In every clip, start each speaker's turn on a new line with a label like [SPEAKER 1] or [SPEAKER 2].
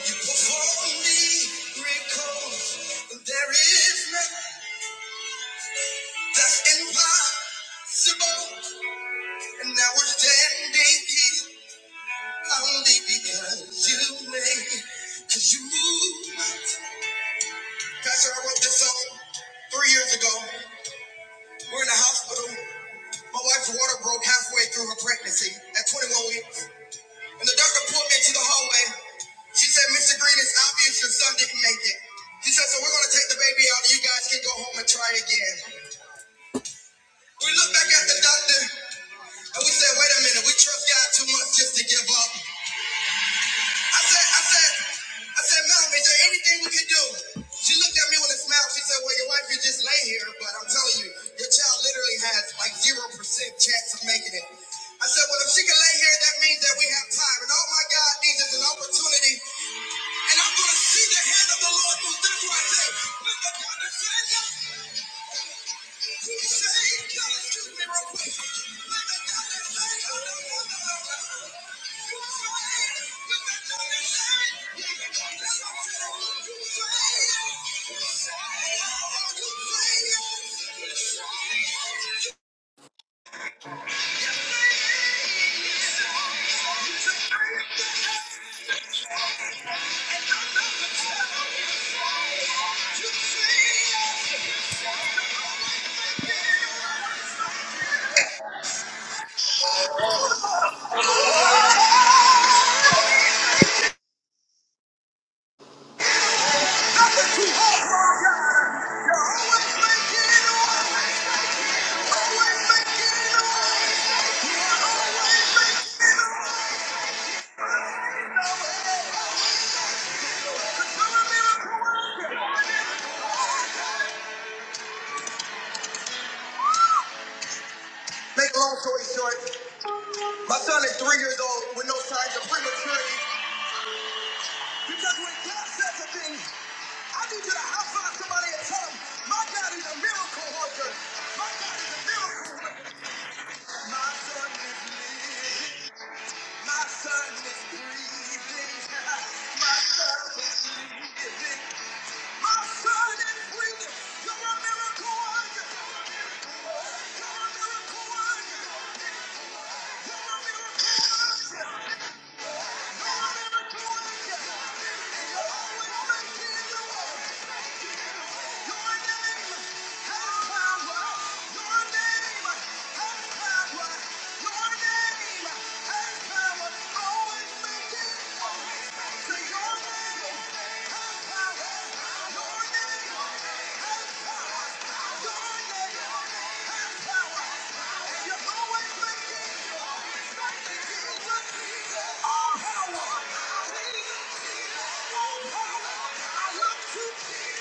[SPEAKER 1] You perform miracles. There is nothing that's impossible. And now we're standing here only because you made, because you moved. mountains. Pastor, I wrote this song three years ago. We're in a hospital. My wife's water broke halfway through her pregnancy at 21 weeks. And the doctor pulled me into the hallway. She said, Mr. Green, it's obvious your son didn't make it. She said, so we're going to take the baby out and you guys can go home and try again. We looked back at the doctor and we said, wait a minute, we trust God too much just to give up. I said, I said, I said, Mom, is there anything we can do? She looked at me with a smile. She said, Well, your wife could just lay here, but I'm telling you, your child literally has like zero percent chance of making it. I said, Well, if she can lay here, that means that we have time. And all my God needs is an opportunity. And I'm gonna see the hand of the Lord move. That's why I say, lift up your hands say, Make a long story short, my son is three years old with no signs of prematurity. because we're I need you to high five somebody and tell them, my God is a miracle worker. My God is a miracle. My son is living. My son is breathing. My son is living. My son is breathing. You're a miracle worker. You're a miracle worker. You're a miracle worker. You're a miracle worker. And you are always make the your All power. I look to Jesus.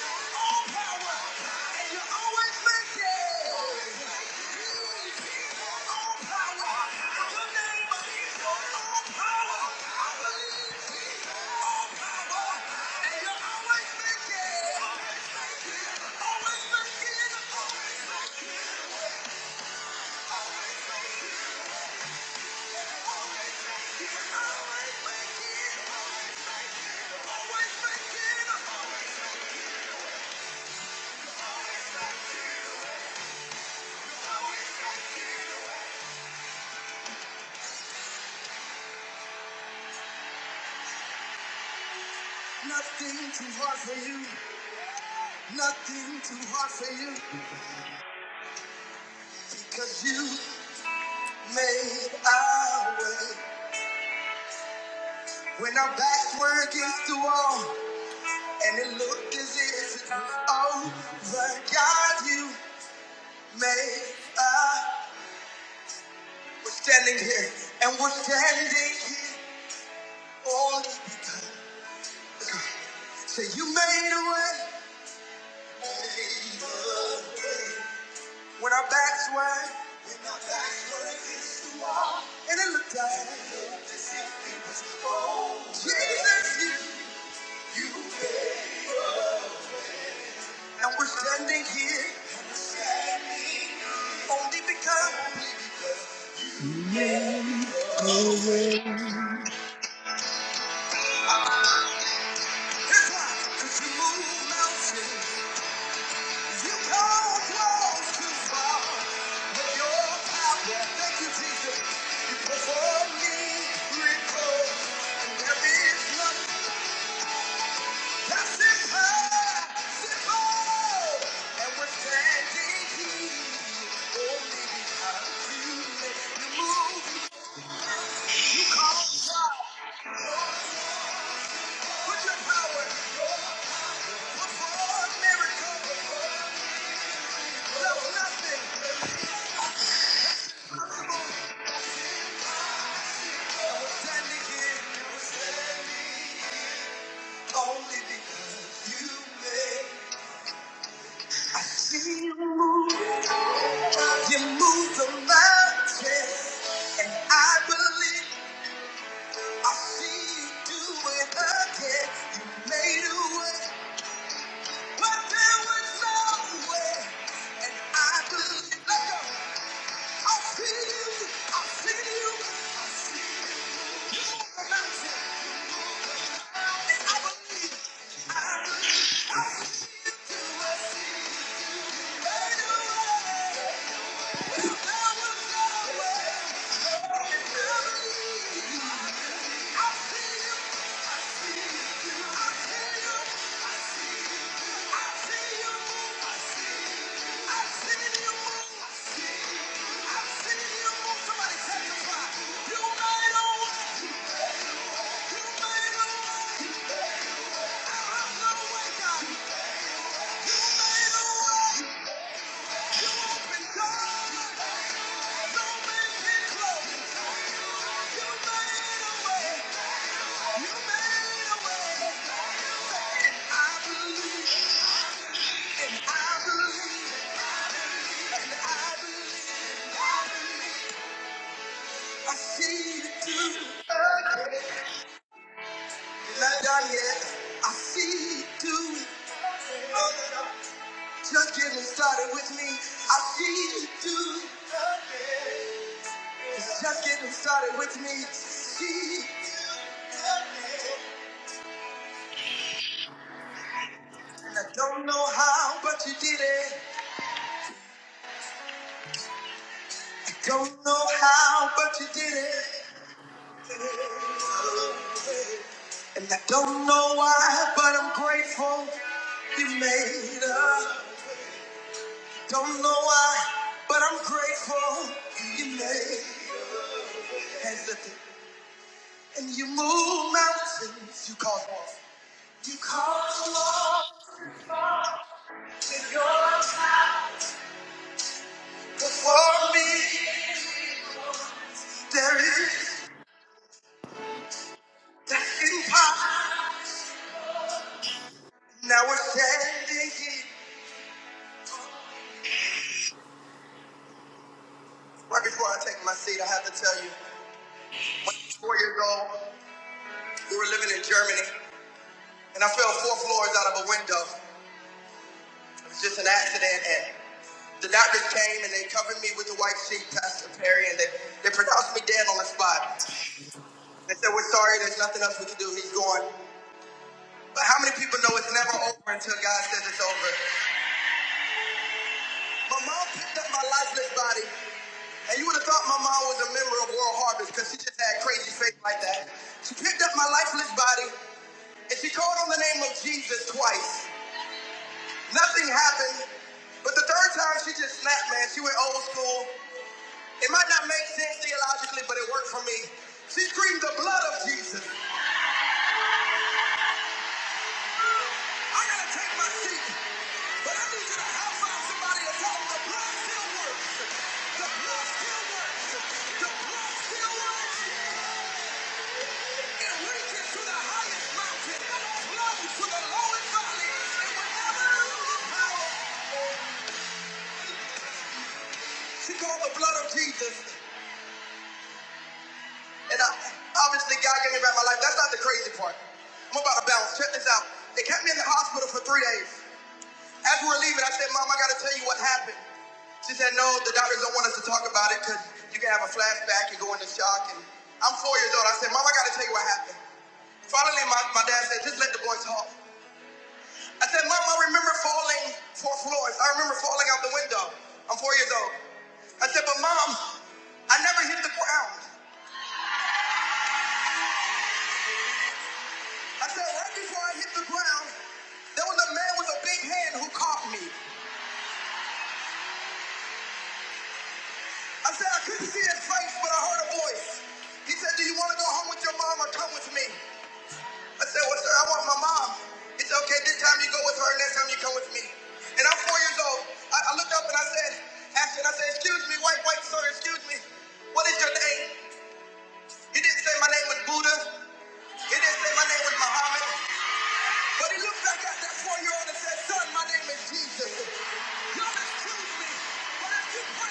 [SPEAKER 1] For you, because you made our way when our backs were against the wall. And it looked as if it was over. God, you made us. We're standing here, and we're standing here on Jesus, you. And we're here's why. Cause you move mountains, you cause walls to fall. With your power, thank you, Jesus. You perform miracles, and there is nothing. Only because you made, I see you move. You move the mountain, and I believe. I see you do it again. You made a way, but there was no way. And I believe, let go. I see you, I see you, I see you. You move the mountain, you move the mountain. And I believe, I believe, I see you do, it. I see you do. it. There was no way, I see you do, it. I see you, I see you move, I see you move. I see you do it. Not done yet. I see you do it. Just getting started with me. I see you do. It's just getting started with me. See, and I don't know how, but you did it. I don't know how, but you did it. And I don't know why, but I'm grateful you made it. Don't know why, but I'm grateful you made it. And you move mountains. You cause walls. You cause walls in your life before me. There is that hidden power. Now we're standing here. Right before I take my seat, I have to tell you, four years old, we were living in Germany, and I fell four floors out of a window. It was just an accident, and the doctors came and they covered me with the white sheet, Pastor Perry, and they, they pronounced me dead on the spot. They said, we're sorry, there's nothing else we can do. He's gone. But how many people know it's never over until God says it's over? My mom picked up my lifeless body, and you would have thought my mom was a member of World Harvest because she just had crazy faith like that. She picked up my lifeless body, and she called on the name of Jesus twice. Nothing happened, but the third time she just snapped, man. She went old school. It might not make sense theologically, but it worked for me. She screamed the blood of Jesus. She called the blood of Jesus, and I, obviously God gave me back my life. That's not the crazy part. I'm about to bounce. Check this out. They kept me in the hospital for three days. As we were leaving, I said, Mom, I got to tell you what happened. She said, No, the doctors don't want us to talk about it because you can have a flashback and go into shock. And I'm four years old. I said, Mom, I got to tell you what happened. Finally, my, my dad said, Just let the boy talk. I said, Mom, I remember falling four floors. I remember falling out the window. I'm four years old. I said, But Mom, I never hit the ground. I said, Right before I hit the ground, there was a man with a big hand who caught me. I said I couldn't see his face, but I heard a voice. He said, Do you want to go home with your mom or come with me? I said, Well, sir, I want my mom. He said, Okay, this time you go with her, next time you come with me. And I'm four years old. I, I looked up and I said, Ashton, I said, Excuse me, white, white, sir, excuse me. What is your name? He didn't say my name was Buddha. He didn't say my name was Muhammad. But he looked back at that four year old and said, Son, my name is Jesus. Y'all excuse me. but if you-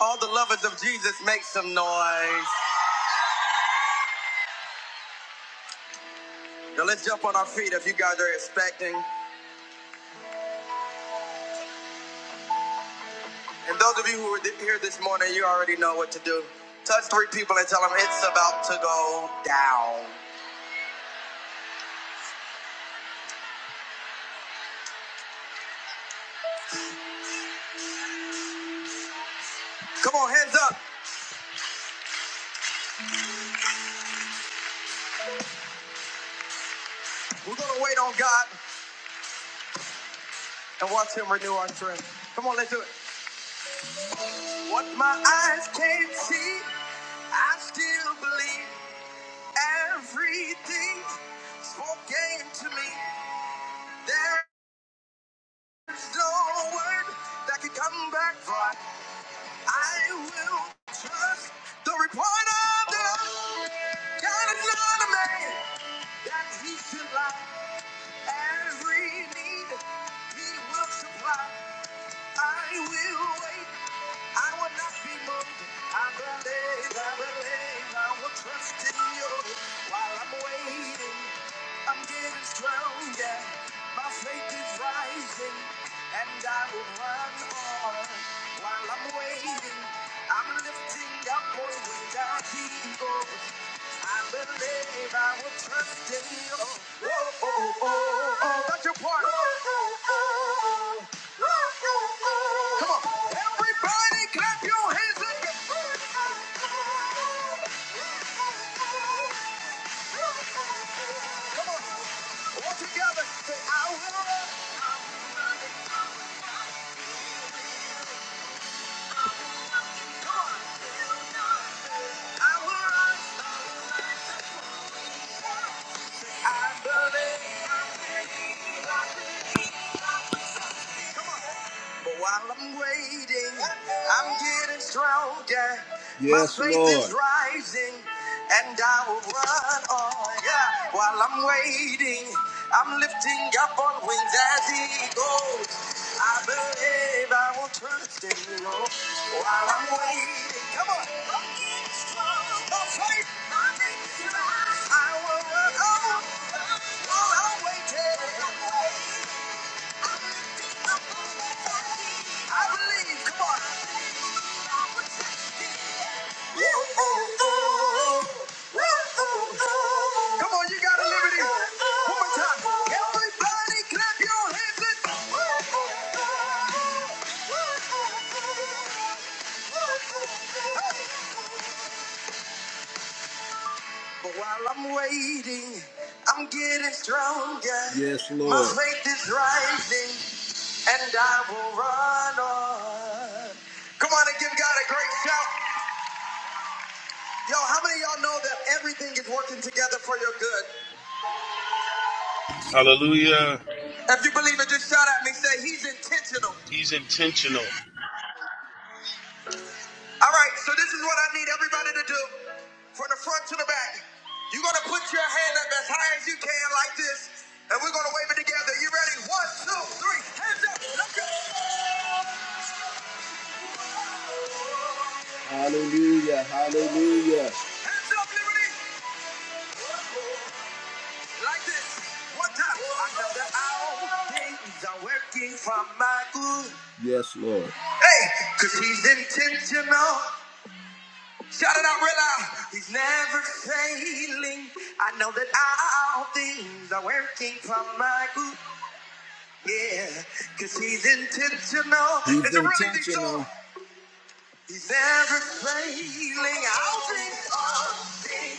[SPEAKER 1] All the lovers of Jesus make some noise. Now let's jump on our feet if you guys are expecting. And those of you who are here this morning, you already know what to do. Touch three people and tell them it's about to go down. Come on, hands up. We're gonna wait on God and watch Him renew our strength. Come on, let's do it. What my eyes can't see, I still believe everything spoken to me. There's no word that can come back. void. I will trust the report of the Lord. God is not a man that he should lie. Every need he will supply. I will wait. I will not be moved. I believe, I believe, I will trust in you. While I'm waiting, I'm getting stronger. My faith is rising, and I will run on. While I'm waiting, I'm lifting up more than I I believe, I will trust in you. I will run. I believe. while I'm waiting, I'm getting stronger. Yes, My faith Lord. is rising, and I will run on. Yeah. While I'm waiting, I'm lifting up on wings as he goes. I believe I will trust in you. While I'm waiting, come on, faith, I will run on. While I'm waiting, I believe. Come on. Come on, you got a liberty. One more time. Everybody clap your hands. and- But while I'm waiting, I'm getting stronger. Yes, Lord. My faith is rising, and I will run on. Come on and give God a great shout. Yo, how many of y'all know that everything is working together for your good?
[SPEAKER 2] Hallelujah.
[SPEAKER 1] If you believe it, just shout at me. Say, He's intentional.
[SPEAKER 2] He's intentional.
[SPEAKER 1] All right, so this is what I need everybody to do from the front to the back. You're gonna put your hand up as high as you can, like this, and we're gonna wave it together. You ready? One, two, three. Hands up. Let's go. Hallelujah. Hallelujah. Hands up, Liberty. Like this. One time. I know that all things are working for my good. Yes, Lord. Hey, because he's intentional. I did not realize he's never failing. I know that all things are working for my good. Yeah, because he's intentional. He's Is it really intentional. so? He's never failing. All things are things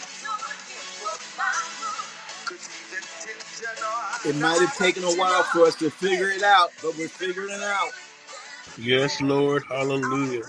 [SPEAKER 1] 'cause he's intentional. It might have taken a while for us to figure it out, but we're figuring it out.
[SPEAKER 2] Yes, Lord. Hallelujah.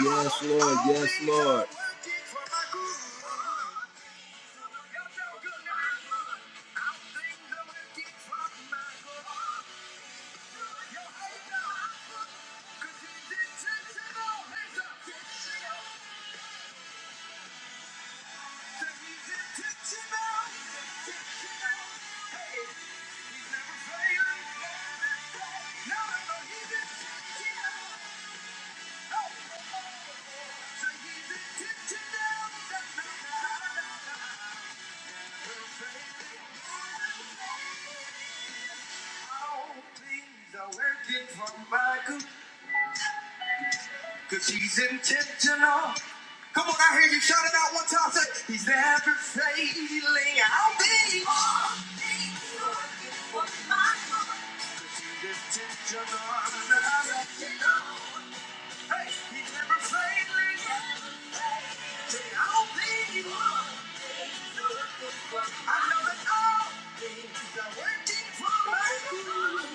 [SPEAKER 1] Yes, Lord. Yes, Lord. All things are working for my good. Cause he's intentional. Come on, I hear you shout it out one time. Say, he's never failing. I'll be. Cause he's intentional. Hey, he never failed Say, I'll be you. I know that all things are working for my good.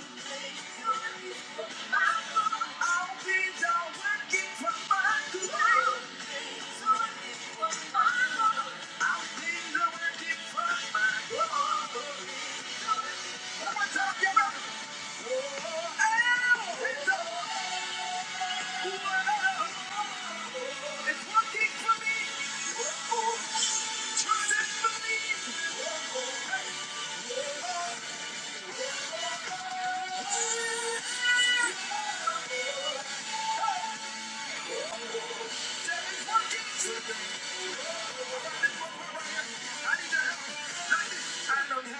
[SPEAKER 1] I know all things are working for my good. all things are working for my good. One more time, y'all.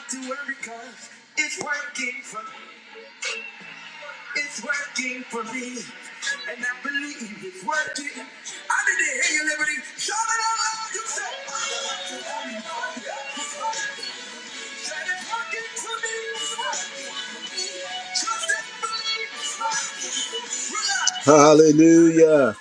[SPEAKER 1] To worry cause it's working for me. it's working for me and I believe it's working. I need to hear you liberty. Shout it out loud, you say it's working Hallelujah.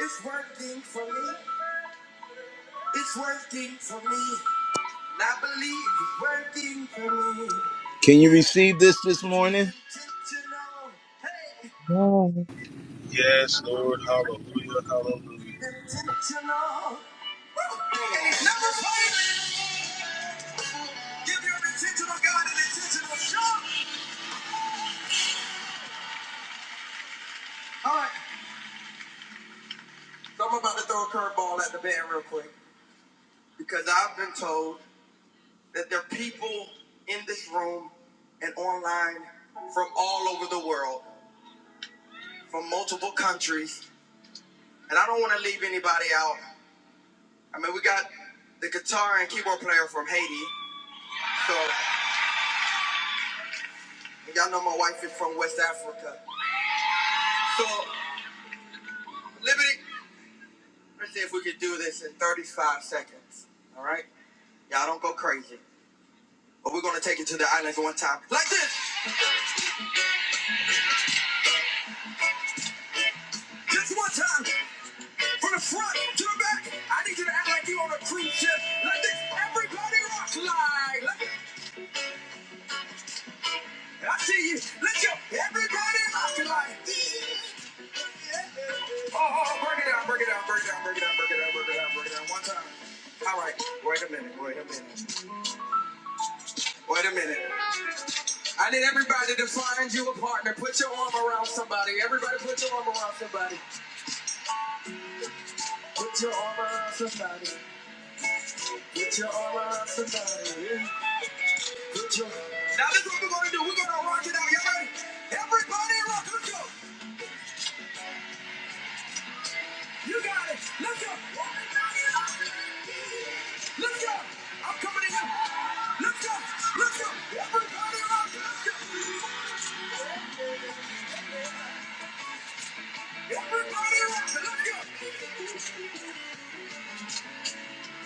[SPEAKER 1] it's working for me. It's working for me. And I believe it's working for me. Can you receive this this morning? Intentional. Hey,
[SPEAKER 3] Amen.
[SPEAKER 2] Yes, Lord. Hallelujah. Hallelujah.
[SPEAKER 1] intentional. Number five, give your intentional God an intentional shot. All right, so I'm about to throw a curveball at the band real quick because I've been told that there are people in this room and online from all over the world from multiple countries, and I don't want to leave anybody out. I mean, we got the guitar and keyboard player from Haiti, so y'all know my wife is from West Africa. So, Liberty, let's see if we can do this in 35 seconds. All right, y'all don't go crazy, but we're gonna take it to the islands one time, like this, just one time, from the front to the back. I need you to act like you are on a cruise ship, like this. Everybody rock like, like this. I see you. Let's go. Everybody rock like. this. Oh, oh, oh, break it down, break it down, break it down, break it down, break it down, break it down, break it down. One time. All right. Wait a minute. Wait a minute. Wait a minute. I need everybody to find you a partner. Put your arm around somebody. Everybody, put your arm around somebody. Put your arm around somebody. Put your arm around somebody. Yeah. Put your. Now this is what we're gonna do. We're gonna rock it out. You ready? Everybody, rock. Let's go. You got it. Let's go. Everybody, rock. it. Look up! I'm coming to you! Look up! Look up! Everybody around you, look up! Everybody around you, look up!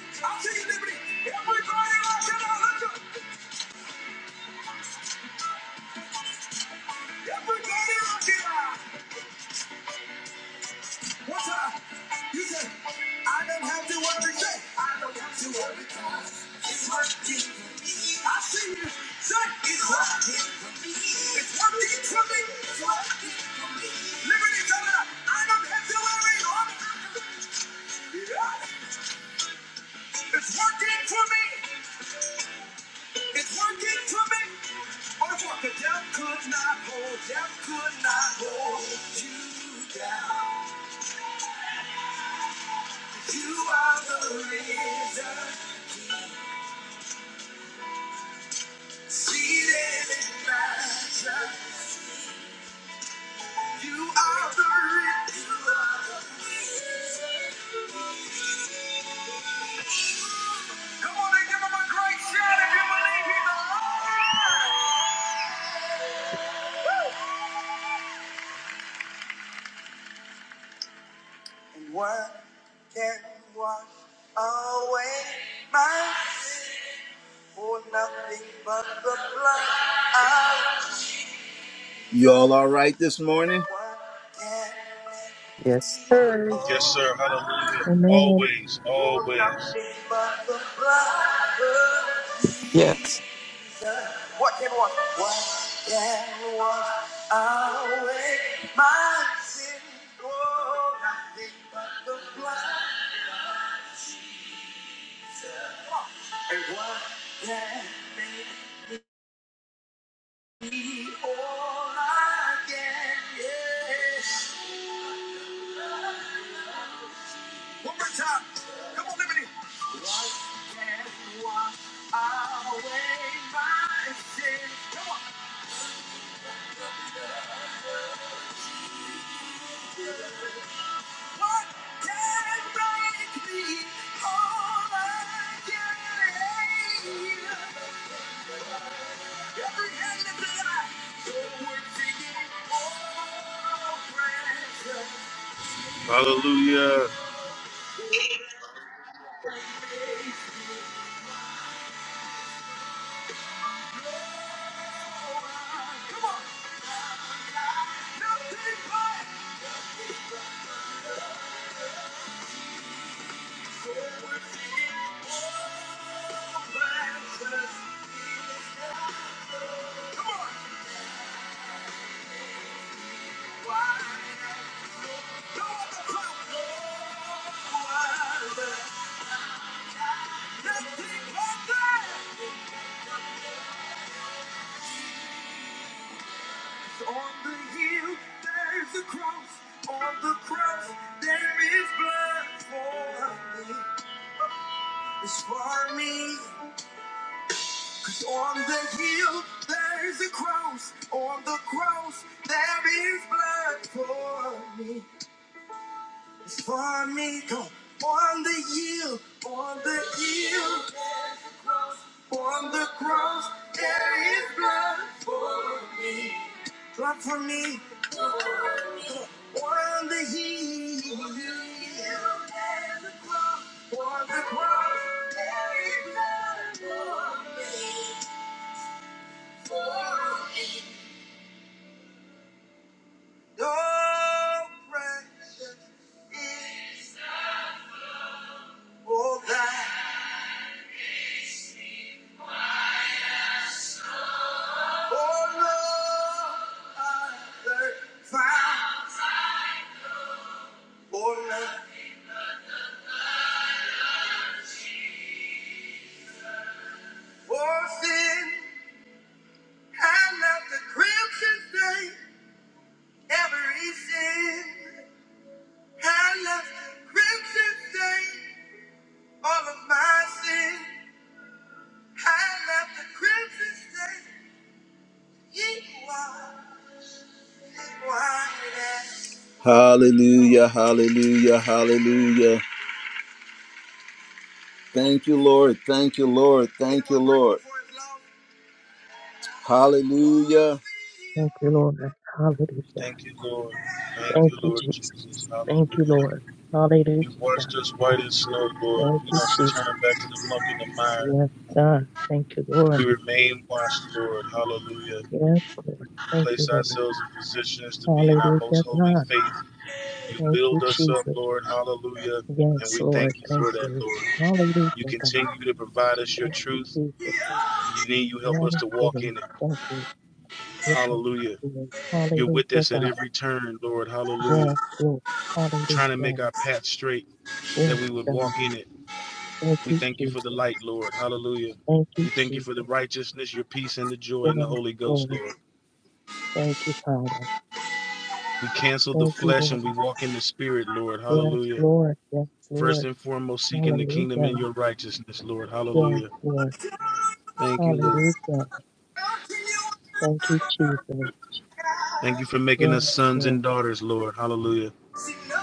[SPEAKER 1] I'll take you liberty! Everybody around you, now, look up! Everybody around you! now. What's up? You say, I don't have to worry, say, I don't have to worry, it's working for me. I see you, say, it's working for me. It's working for me. It's working for me. Liberty, come on! I don't have to worry, Lord! It's working for me. It's working for me. On the walk, the devil could not hold, devil could not hold you down. You are the reason. Seated in majesty. You are the reason. You are the reason. Come on and give him a great shout if you And what can wash away my sin? For nothing but the blood of Jesus. You all all right this morning? What can make
[SPEAKER 4] Yes,
[SPEAKER 1] me
[SPEAKER 4] sir.
[SPEAKER 2] Yes, sir. Hallelujah.
[SPEAKER 1] whole?
[SPEAKER 3] Amen.
[SPEAKER 2] Always.
[SPEAKER 1] Oh,
[SPEAKER 2] Always.
[SPEAKER 1] nothing but the blood of
[SPEAKER 5] Yes.
[SPEAKER 1] Jesus. What can wash? What can wash away my sin? Oh, nothing but the blood of Jesus. And what can make me whole again? Yes. One more time. Come on, Liberty. Wash and wash away my sins. Come on. What can make me whole again? Every hand in the eye, your word to you, oh, precious.
[SPEAKER 2] Hallelujah.
[SPEAKER 1] Come on. Nothing but the precious is the Come on. On the hill there is a cross. On the cross there is blood for me. It's for me. 'Cause on the hill there is a cross. On the cross there is blood for me. It's for me. Go on the hill. On the hill. On the cross, there is blood for me. Blood for me. On the heel. On the cross, there is blood for me. For me. No precious is all that. Oh no, other found. For love, for sin. I love the crimson stain, every sin. I love the crimson stain, all of my sin. I love the crimson stain. I- Hallelujah, hallelujah, hallelujah. Thank you, Lord. Thank you, Lord. Thank you, Lord. Hallelujah.
[SPEAKER 3] Thank you, Lord. Hallelujah.
[SPEAKER 2] Thank you, Lord. Thank
[SPEAKER 3] Thank
[SPEAKER 2] you,
[SPEAKER 3] you,
[SPEAKER 2] Lord
[SPEAKER 3] Jesus.
[SPEAKER 2] Jesus.
[SPEAKER 3] Thank you,
[SPEAKER 2] Hallelujah.
[SPEAKER 3] Lord. Hallelujah.
[SPEAKER 2] You washed us white as snow, Lord.
[SPEAKER 3] Thank
[SPEAKER 2] We
[SPEAKER 3] you,
[SPEAKER 2] don't
[SPEAKER 3] Jesus.
[SPEAKER 2] return back to the muck and the mire.
[SPEAKER 3] Yes, God. Thank you, Lord.
[SPEAKER 2] We remain washed, Lord. Hallelujah.
[SPEAKER 3] Yes, Lord.
[SPEAKER 2] We
[SPEAKER 3] Thank you,
[SPEAKER 2] place
[SPEAKER 3] Lord.
[SPEAKER 2] ourselves in positions to be in our most
[SPEAKER 3] Hallelujah,
[SPEAKER 2] holy
[SPEAKER 3] God.
[SPEAKER 2] faith. You
[SPEAKER 3] Thank you,
[SPEAKER 2] build us up,
[SPEAKER 3] Jesus.
[SPEAKER 2] Lord. Hallelujah. And
[SPEAKER 3] Yes,
[SPEAKER 2] we
[SPEAKER 3] Lord.
[SPEAKER 2] thank you
[SPEAKER 3] Thank
[SPEAKER 2] for that,
[SPEAKER 3] you.
[SPEAKER 2] Lord. You
[SPEAKER 3] Hallelujah, God.
[SPEAKER 2] continue to provide us your
[SPEAKER 3] Thank you,
[SPEAKER 2] truth,
[SPEAKER 3] Jesus.
[SPEAKER 2] and you need you help us
[SPEAKER 3] Yes,
[SPEAKER 2] to walk
[SPEAKER 3] Lord.
[SPEAKER 2] in it.
[SPEAKER 3] Thank you. Yes,
[SPEAKER 2] Hallelujah.
[SPEAKER 3] Lord.
[SPEAKER 2] You're with
[SPEAKER 3] Hallelujah,
[SPEAKER 2] us at
[SPEAKER 3] God.
[SPEAKER 2] every turn, Lord. Hallelujah.
[SPEAKER 3] Yes, Lord.
[SPEAKER 2] Trying to make
[SPEAKER 3] Hallelujah.
[SPEAKER 2] our path straight that
[SPEAKER 3] Yes,
[SPEAKER 2] we would
[SPEAKER 3] God.
[SPEAKER 2] walk in it.
[SPEAKER 3] Thank
[SPEAKER 2] We
[SPEAKER 3] you,
[SPEAKER 2] thank you for the
[SPEAKER 3] Jesus.
[SPEAKER 2] light, Lord. Hallelujah.
[SPEAKER 3] Thank
[SPEAKER 2] We
[SPEAKER 3] you,
[SPEAKER 2] thank you for the
[SPEAKER 3] Jesus.
[SPEAKER 2] righteousness, your peace, and the joy in the
[SPEAKER 3] Yes,
[SPEAKER 2] Holy Ghost,
[SPEAKER 3] Lord.
[SPEAKER 2] Lord.
[SPEAKER 3] Thank you, Father.
[SPEAKER 2] We cancel the
[SPEAKER 3] Thank you,
[SPEAKER 2] flesh and we
[SPEAKER 3] Lord.
[SPEAKER 2] walk in the spirit, Lord.
[SPEAKER 3] Yes,
[SPEAKER 2] Hallelujah.
[SPEAKER 3] Lord. Yes,
[SPEAKER 2] First
[SPEAKER 3] Lord.
[SPEAKER 2] and foremost, seeking the kingdom and
[SPEAKER 3] Hallelujah.
[SPEAKER 2] your righteousness, Lord.
[SPEAKER 3] Yes,
[SPEAKER 2] Hallelujah.
[SPEAKER 3] Lord.
[SPEAKER 2] Thank you, Lord.
[SPEAKER 3] Hallelujah. Thank you, Jesus.
[SPEAKER 2] Thank you for making
[SPEAKER 3] Yes,
[SPEAKER 2] us sons and
[SPEAKER 3] Lord.
[SPEAKER 2] daughters, Lord. Hallelujah.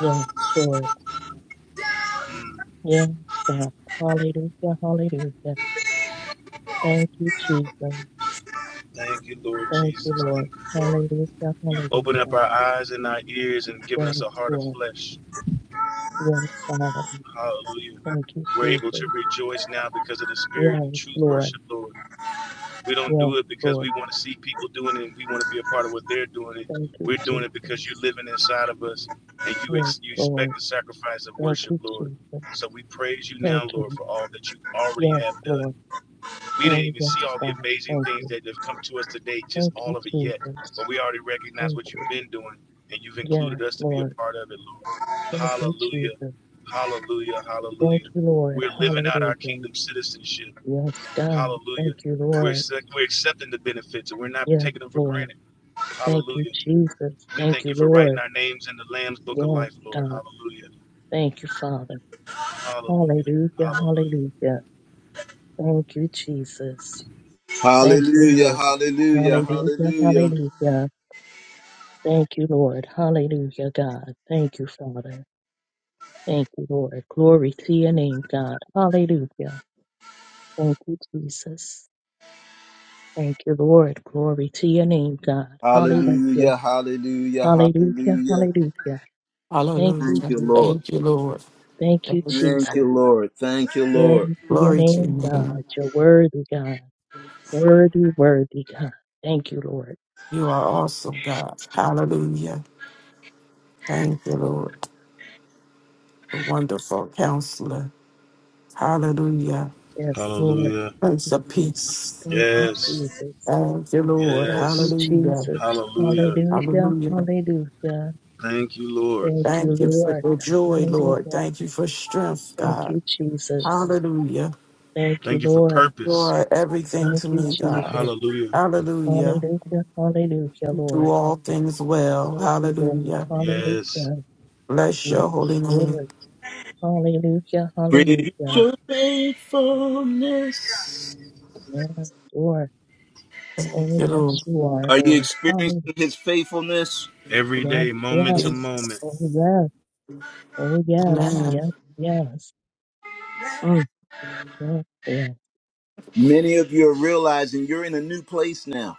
[SPEAKER 3] Yes, Lord.
[SPEAKER 2] Mm,
[SPEAKER 3] Yes, God. Hallelujah. Hallelujah. Thank you, Jesus.
[SPEAKER 2] thank you, Lord
[SPEAKER 3] Thank you,
[SPEAKER 2] Jesus.
[SPEAKER 3] Lord.
[SPEAKER 2] Thank you, Lord.
[SPEAKER 3] Hallelujah.
[SPEAKER 2] You've opened up
[SPEAKER 3] Hallelujah.
[SPEAKER 2] our eyes and our ears and given us
[SPEAKER 3] Yes,
[SPEAKER 2] a heart of
[SPEAKER 3] Lord.
[SPEAKER 2] flesh.
[SPEAKER 3] Yes, Father.
[SPEAKER 2] Hallelujah.
[SPEAKER 3] Thank you,
[SPEAKER 2] We're able to
[SPEAKER 3] Jesus.
[SPEAKER 2] rejoice now because of the spirit and
[SPEAKER 3] Yes,
[SPEAKER 2] truth
[SPEAKER 3] Lord.
[SPEAKER 2] worship, Lord. We don't
[SPEAKER 3] Yes,
[SPEAKER 2] do it because
[SPEAKER 3] Lord.
[SPEAKER 2] we want to see people doing it and we want to be a part of what they're doing it.
[SPEAKER 3] Thank you,
[SPEAKER 2] We're doing it because you're
[SPEAKER 3] Jesus.
[SPEAKER 2] living inside of us and you,
[SPEAKER 3] Yes,
[SPEAKER 2] ex- you
[SPEAKER 3] Lord.
[SPEAKER 2] expect the sacrifice of
[SPEAKER 3] Thank
[SPEAKER 2] worship,
[SPEAKER 3] you,
[SPEAKER 2] Lord.
[SPEAKER 3] Jesus.
[SPEAKER 2] So we praise you now,
[SPEAKER 3] Thank
[SPEAKER 2] Lord,
[SPEAKER 3] you.
[SPEAKER 2] for all that you already
[SPEAKER 3] Yes,
[SPEAKER 2] have done
[SPEAKER 3] Lord.
[SPEAKER 2] we didn't
[SPEAKER 3] Oh,
[SPEAKER 2] even
[SPEAKER 3] yes,
[SPEAKER 2] see all the
[SPEAKER 3] God.
[SPEAKER 2] amazing
[SPEAKER 3] Thank
[SPEAKER 2] things
[SPEAKER 3] you.
[SPEAKER 2] that have come to us today, just
[SPEAKER 3] Thank
[SPEAKER 2] all
[SPEAKER 3] you,
[SPEAKER 2] of it yet.
[SPEAKER 3] Jesus.
[SPEAKER 2] But we already recognize
[SPEAKER 3] Thank
[SPEAKER 2] what you've
[SPEAKER 3] you.
[SPEAKER 2] been doing, and you've included
[SPEAKER 3] Yes,
[SPEAKER 2] us to be a
[SPEAKER 3] Lord.
[SPEAKER 2] part of it, Lord.
[SPEAKER 3] Thank you,
[SPEAKER 2] Hallelujah,
[SPEAKER 3] Jesus.
[SPEAKER 2] hallelujah,
[SPEAKER 3] Thank
[SPEAKER 2] hallelujah.
[SPEAKER 3] you, Lord.
[SPEAKER 2] We're living out our
[SPEAKER 3] Hallelujah.
[SPEAKER 2] kingdom citizenship.
[SPEAKER 3] Yes, God.
[SPEAKER 2] Hallelujah.
[SPEAKER 3] Thank you,
[SPEAKER 2] We're,
[SPEAKER 3] Lord.
[SPEAKER 2] we're accepting the benefits and we're not
[SPEAKER 3] Yes,
[SPEAKER 2] taking them for
[SPEAKER 3] Lord.
[SPEAKER 2] granted.
[SPEAKER 3] Thank you,
[SPEAKER 2] Hallelujah.
[SPEAKER 3] Jesus.
[SPEAKER 2] We
[SPEAKER 3] Thank
[SPEAKER 2] thank
[SPEAKER 3] you,
[SPEAKER 2] you for writing
[SPEAKER 3] Lord.
[SPEAKER 2] our names in the Lamb's Book of
[SPEAKER 3] Yes,
[SPEAKER 2] Life, Lord.
[SPEAKER 3] God.
[SPEAKER 2] Hallelujah.
[SPEAKER 3] Thank you, Father.
[SPEAKER 2] Hallelujah.
[SPEAKER 3] Hallelujah.
[SPEAKER 2] Hallelujah.
[SPEAKER 3] Hallelujah. Thank you, Jesus. Thank you,
[SPEAKER 1] Hallelujah,
[SPEAKER 3] Lord.
[SPEAKER 1] hallelujah,
[SPEAKER 3] Hallelujah.
[SPEAKER 1] hallelujah.
[SPEAKER 3] Hallelujah. Thank you, Lord. Hallelujah, God. Thank you, Father. Thank you, Lord. Glory to your name, God. Hallelujah. Thank you, Jesus. Thank you, Lord. Glory to your name, God. Hallelujah.
[SPEAKER 1] Hallelujah, hallelujah,
[SPEAKER 3] Hallelujah.
[SPEAKER 1] hallelujah.
[SPEAKER 3] Hallelujah. Thank
[SPEAKER 5] Hallelujah.
[SPEAKER 3] you,
[SPEAKER 1] Thank you, Lord.
[SPEAKER 3] Jesus.
[SPEAKER 5] Thank you, Lord.
[SPEAKER 3] Thank
[SPEAKER 5] Thank
[SPEAKER 3] you,
[SPEAKER 5] you.
[SPEAKER 1] Thank
[SPEAKER 3] Jesus.
[SPEAKER 1] you, Lord. Thank you, Lord.
[SPEAKER 3] Glory to your
[SPEAKER 5] Glory to your
[SPEAKER 3] name, God.
[SPEAKER 5] name.
[SPEAKER 3] You're worthy, God. Worthy, worthy, God. Thank you, Lord.
[SPEAKER 5] You are awesome, God. Hallelujah. Thank you, Lord. The wonderful counselor. Hallelujah.
[SPEAKER 3] Yes, Lord.
[SPEAKER 2] Hallelujah.
[SPEAKER 3] Thank
[SPEAKER 5] Prince
[SPEAKER 3] you,
[SPEAKER 5] of
[SPEAKER 3] Jesus.
[SPEAKER 5] peace.
[SPEAKER 3] Thank you,
[SPEAKER 2] Yes.
[SPEAKER 3] Jesus.
[SPEAKER 5] Thank you, Lord.
[SPEAKER 3] Thank you,
[SPEAKER 2] Yes.
[SPEAKER 5] Hallelujah.
[SPEAKER 3] Jesus.
[SPEAKER 2] Hallelujah.
[SPEAKER 3] Hallelujah.
[SPEAKER 5] Hallelujah.
[SPEAKER 3] Hallelujah.
[SPEAKER 2] Thank you, Lord.
[SPEAKER 3] Thank you,
[SPEAKER 5] Thank you for
[SPEAKER 3] Lord.
[SPEAKER 5] your joy, Lord.
[SPEAKER 3] Hallelujah.
[SPEAKER 5] Thank you for strength,
[SPEAKER 3] Thank
[SPEAKER 5] God.
[SPEAKER 3] you, Jesus.
[SPEAKER 5] Hallelujah.
[SPEAKER 3] Thank you,
[SPEAKER 2] Thank you for
[SPEAKER 3] Lord.
[SPEAKER 5] You
[SPEAKER 2] purpose.
[SPEAKER 5] are everything
[SPEAKER 3] Thank
[SPEAKER 5] to
[SPEAKER 3] you,
[SPEAKER 5] me, God.
[SPEAKER 3] Jesus.
[SPEAKER 2] Hallelujah.
[SPEAKER 5] Hallelujah.
[SPEAKER 3] Hallelujah. Hallelujah,
[SPEAKER 5] You do
[SPEAKER 3] Lord.
[SPEAKER 5] all things well.
[SPEAKER 3] Thank you, Lord.
[SPEAKER 5] Hallelujah.
[SPEAKER 2] Yes.
[SPEAKER 3] Hallelujah.
[SPEAKER 5] Bless
[SPEAKER 3] Yes,
[SPEAKER 5] your holy
[SPEAKER 3] Lord.
[SPEAKER 5] name.
[SPEAKER 3] Hallelujah.
[SPEAKER 1] Great is
[SPEAKER 3] Hallelujah.
[SPEAKER 1] your faithfulness.
[SPEAKER 3] Yes, Lord.
[SPEAKER 5] Thank
[SPEAKER 3] Oh,
[SPEAKER 5] you, Lord.
[SPEAKER 3] yes, you are,
[SPEAKER 1] Are you
[SPEAKER 3] Lord. Hallelujah.
[SPEAKER 1] experiencing his faithfulness?
[SPEAKER 2] Every
[SPEAKER 3] Yes,
[SPEAKER 2] day, moment to
[SPEAKER 3] yes.
[SPEAKER 5] Yes.
[SPEAKER 2] moment.
[SPEAKER 3] Oh, yes. Oh, yes.
[SPEAKER 5] Amen.
[SPEAKER 3] Yes, yes. Mm, yes, yes.
[SPEAKER 1] Many of you are realizing you're in a new place now.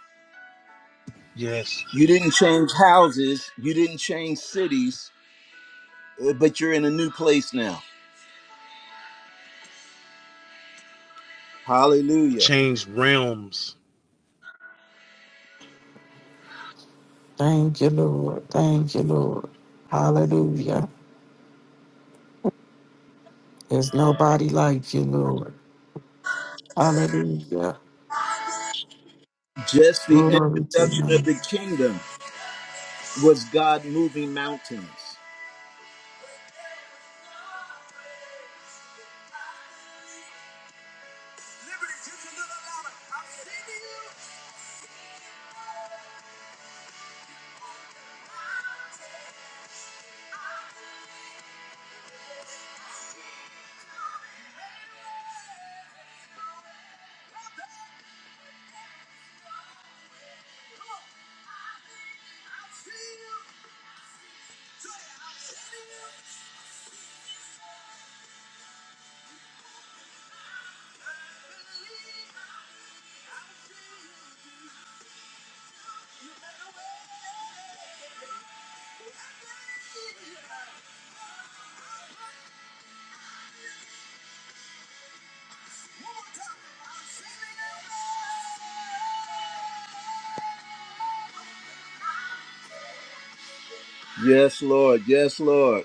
[SPEAKER 2] Yes.
[SPEAKER 1] You didn't change houses, you didn't change cities, uh, but you're in a new place now. Hallelujah.
[SPEAKER 2] Change realms.
[SPEAKER 5] Thank you, Lord. Thank you, Lord. Hallelujah. There's nobody like you, Lord. Hallelujah.
[SPEAKER 1] Just the
[SPEAKER 5] Glory to your
[SPEAKER 1] introduction of the
[SPEAKER 5] name.
[SPEAKER 1] kingdom was God moving mountains. Yes, Lord. Yes, Lord.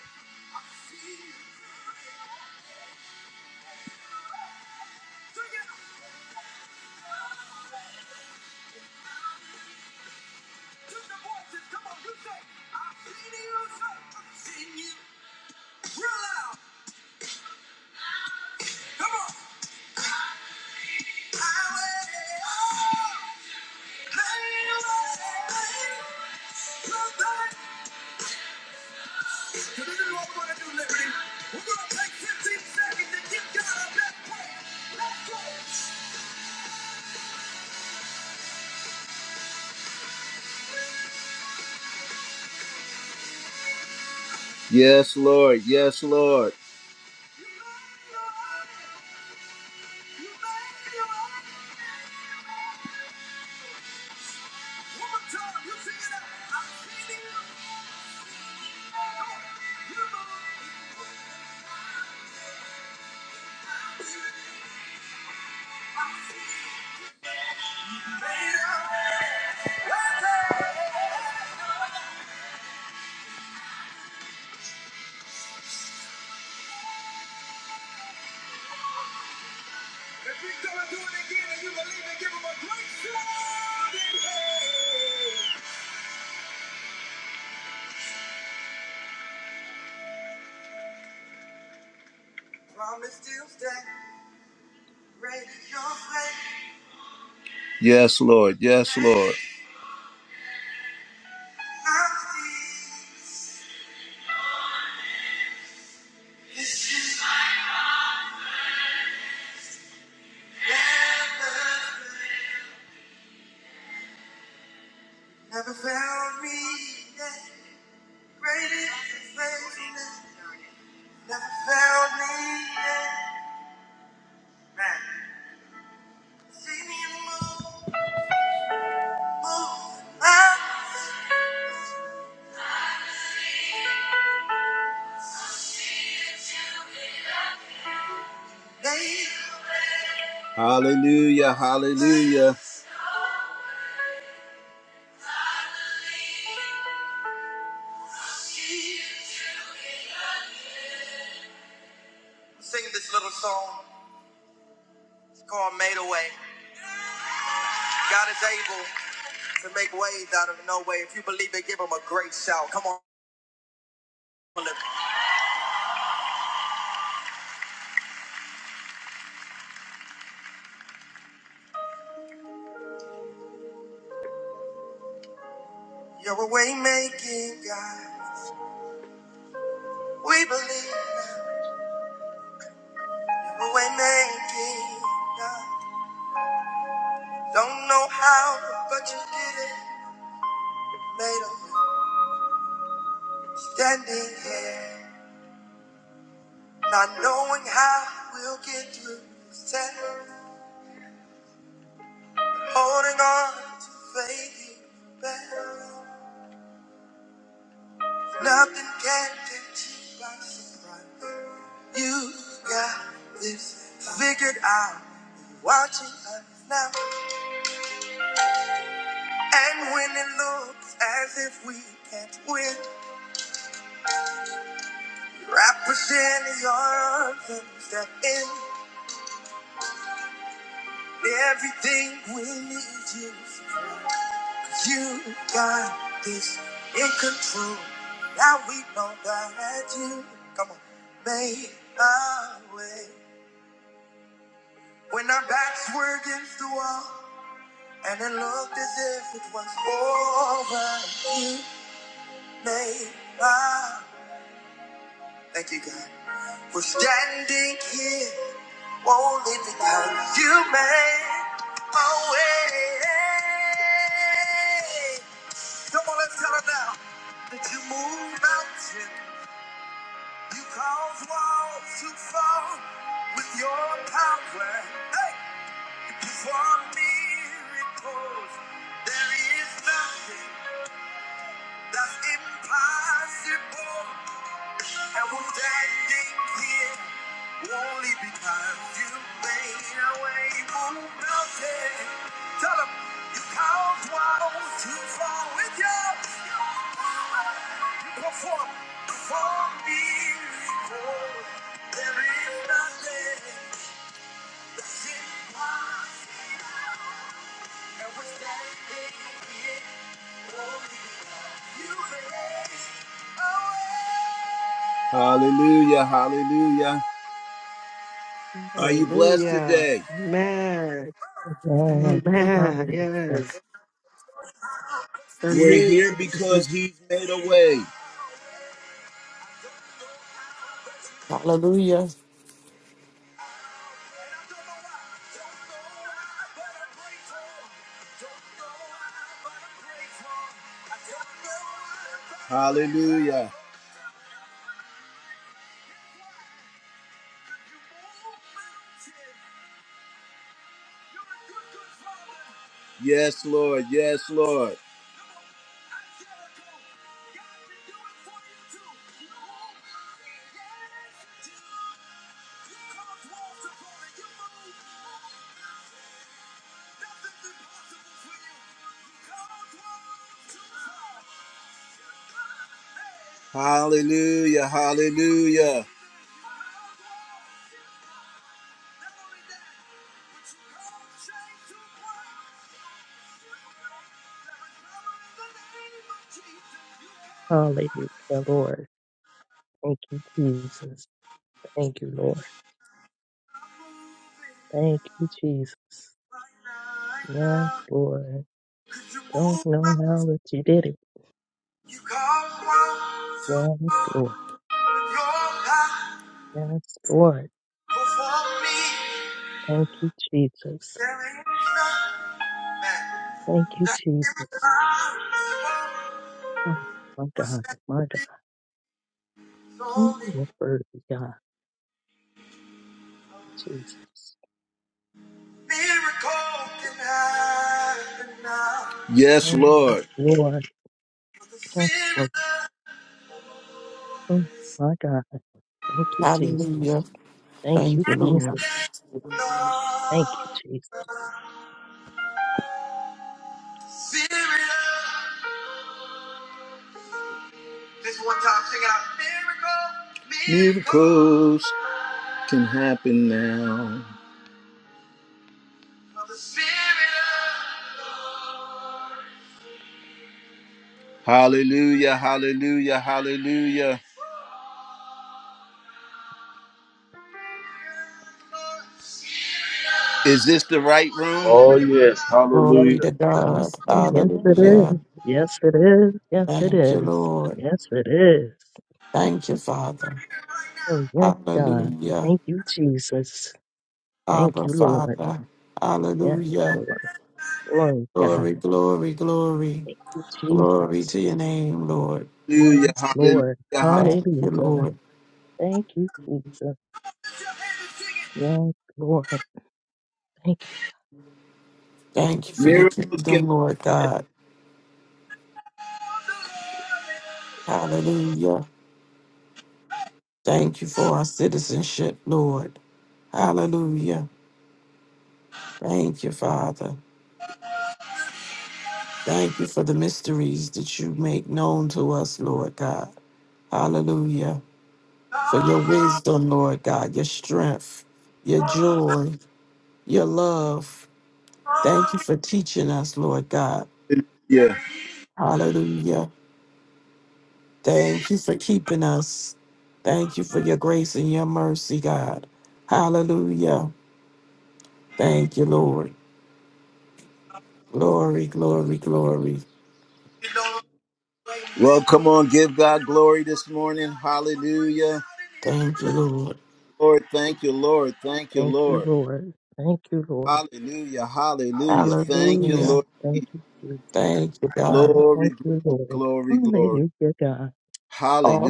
[SPEAKER 1] Yes, Lord. Yes, Lord. Yes, Lord. Yes, Lord. Never found me yet. Great is your faithfulness. Never found me yet. Man. See me in the moonlight, babe. Hallelujah, hallelujah. Sing this little song. It's called Made Away. God is able to make ways out of no way. If you believe it, give him a great shout. Come on. You're a way making God. We believe we were making God. Don't know how, but you did it. Made us standing here, not knowing how we'll get through. Said, holding on to faith in bed. Nothing can get you by surprise. You got this figured out. You're Watching us now, and when it looks as if we can't win, Wrap us in your arms and step in everything we need you. You got this in control. Now we know that you come on made our way. When our backs were against the wall and it looked as if it was over, you made our Thank you, God. We're standing here Only because you made a way. Come on, let's tell it now. That you move mountains, you cause walls to fall with your power. Hey, you perform miracles. There is nothing. That's impossible. And we're standing here only because you made a way through mountain. Tell 'em you count what's wrong with you. You perform for miracle. There is nothing that's impossible. And we're standing here only because you made. Hallelujah, hallelujah. Are you blessed
[SPEAKER 4] Hallelujah.
[SPEAKER 1] today?
[SPEAKER 4] Amen.
[SPEAKER 3] Yes.
[SPEAKER 4] Amen.
[SPEAKER 3] Hallelujah.
[SPEAKER 4] Yes. The
[SPEAKER 1] We're here
[SPEAKER 4] music.
[SPEAKER 1] because He's made a way.
[SPEAKER 5] Hallelujah.
[SPEAKER 1] Hallelujah. Yes, Lord. Yes, Lord. Hallelujah. Hallelujah.
[SPEAKER 3] Hallelujah, Lord. Thank you, Jesus. Thank you, Lord. Thank you, Jesus. Yes, Lord. Don't know how that you did it. Yes, Lord.
[SPEAKER 1] Your life
[SPEAKER 3] Yes, Lord.
[SPEAKER 1] before me.
[SPEAKER 3] Thank you, Jesus. Thank you, Jesus. Oh, my God. My God. Mm, What word of God, Jesus.
[SPEAKER 1] Yes,
[SPEAKER 3] Oh, yes,
[SPEAKER 1] Lord.
[SPEAKER 3] Lord. Yes, Lord. Mm, My God. Thank you,
[SPEAKER 5] Hallelujah.
[SPEAKER 3] Jesus. Thank you,
[SPEAKER 5] Thank you,
[SPEAKER 3] Jesus.
[SPEAKER 5] Lord.
[SPEAKER 3] Thank you, Jesus.
[SPEAKER 1] Miracles can happen now. Hallelujah, hallelujah, hallelujah. Is this the right room?
[SPEAKER 2] Oh, yes.
[SPEAKER 5] Glory
[SPEAKER 2] Hallelujah.
[SPEAKER 5] to God.
[SPEAKER 4] is-
[SPEAKER 3] Oh, yes, it
[SPEAKER 4] in.
[SPEAKER 5] Hallelujah.
[SPEAKER 3] is. Yes, it is. Yes, it
[SPEAKER 5] Thank you,
[SPEAKER 3] is.
[SPEAKER 5] Lord.
[SPEAKER 3] Yes, it is.
[SPEAKER 5] Thank you, Father.
[SPEAKER 3] Oh, yes, God.
[SPEAKER 5] Hallelujah.
[SPEAKER 3] Thank you, Jesus. Thank
[SPEAKER 5] Abba,
[SPEAKER 3] you, Lord.
[SPEAKER 5] Father.
[SPEAKER 3] Yes,
[SPEAKER 5] Hallelujah.
[SPEAKER 3] Lord. Glory, God.
[SPEAKER 5] Glory, glory, glory.
[SPEAKER 3] Thank you,
[SPEAKER 5] Glory
[SPEAKER 3] Jesus.
[SPEAKER 5] to your name, Lord.
[SPEAKER 1] Hallelujah,
[SPEAKER 3] Yes,
[SPEAKER 1] hallelujah,
[SPEAKER 3] Lord.
[SPEAKER 1] hallelujah.
[SPEAKER 5] Thank you,
[SPEAKER 3] Hallelujah.
[SPEAKER 5] Lord.
[SPEAKER 3] Thank you, Jesus. Yes, Lord. Thank you,
[SPEAKER 5] Thank you for your
[SPEAKER 1] Miracles can
[SPEAKER 5] kingdom, Lord God. Hallelujah. Thank you for our citizenship, Lord. Hallelujah. Thank you, Father. Thank you for the mysteries that you make known to us, Lord God. Hallelujah. For your wisdom, Lord God, your strength, your joy, your love. Thank you for teaching us, Lord God.
[SPEAKER 1] happen. Yeah.
[SPEAKER 5] Hallelujah. Thank you for keeping us. Thank you for your grace and your mercy, God. Hallelujah. Thank you, Lord. Glory, glory, glory.
[SPEAKER 1] Well, come on, give God glory this morning. Hallelujah.
[SPEAKER 5] Thank you,
[SPEAKER 3] Lord.
[SPEAKER 5] Lord.
[SPEAKER 1] Lord, thank you, Lord. Thank you,
[SPEAKER 3] Thank you,
[SPEAKER 1] Lord.
[SPEAKER 3] Lord. Thank you, Lord.
[SPEAKER 1] Hallelujah. Hallelujah. Thank you,
[SPEAKER 3] Yes,
[SPEAKER 5] Hallelujah.
[SPEAKER 1] Lord.
[SPEAKER 3] thank you, Jesus.
[SPEAKER 5] Thank you, God.
[SPEAKER 1] Glory,
[SPEAKER 3] Thank
[SPEAKER 1] glory,
[SPEAKER 3] you, Lord.
[SPEAKER 1] glory, glory.
[SPEAKER 3] Hallelujah, God.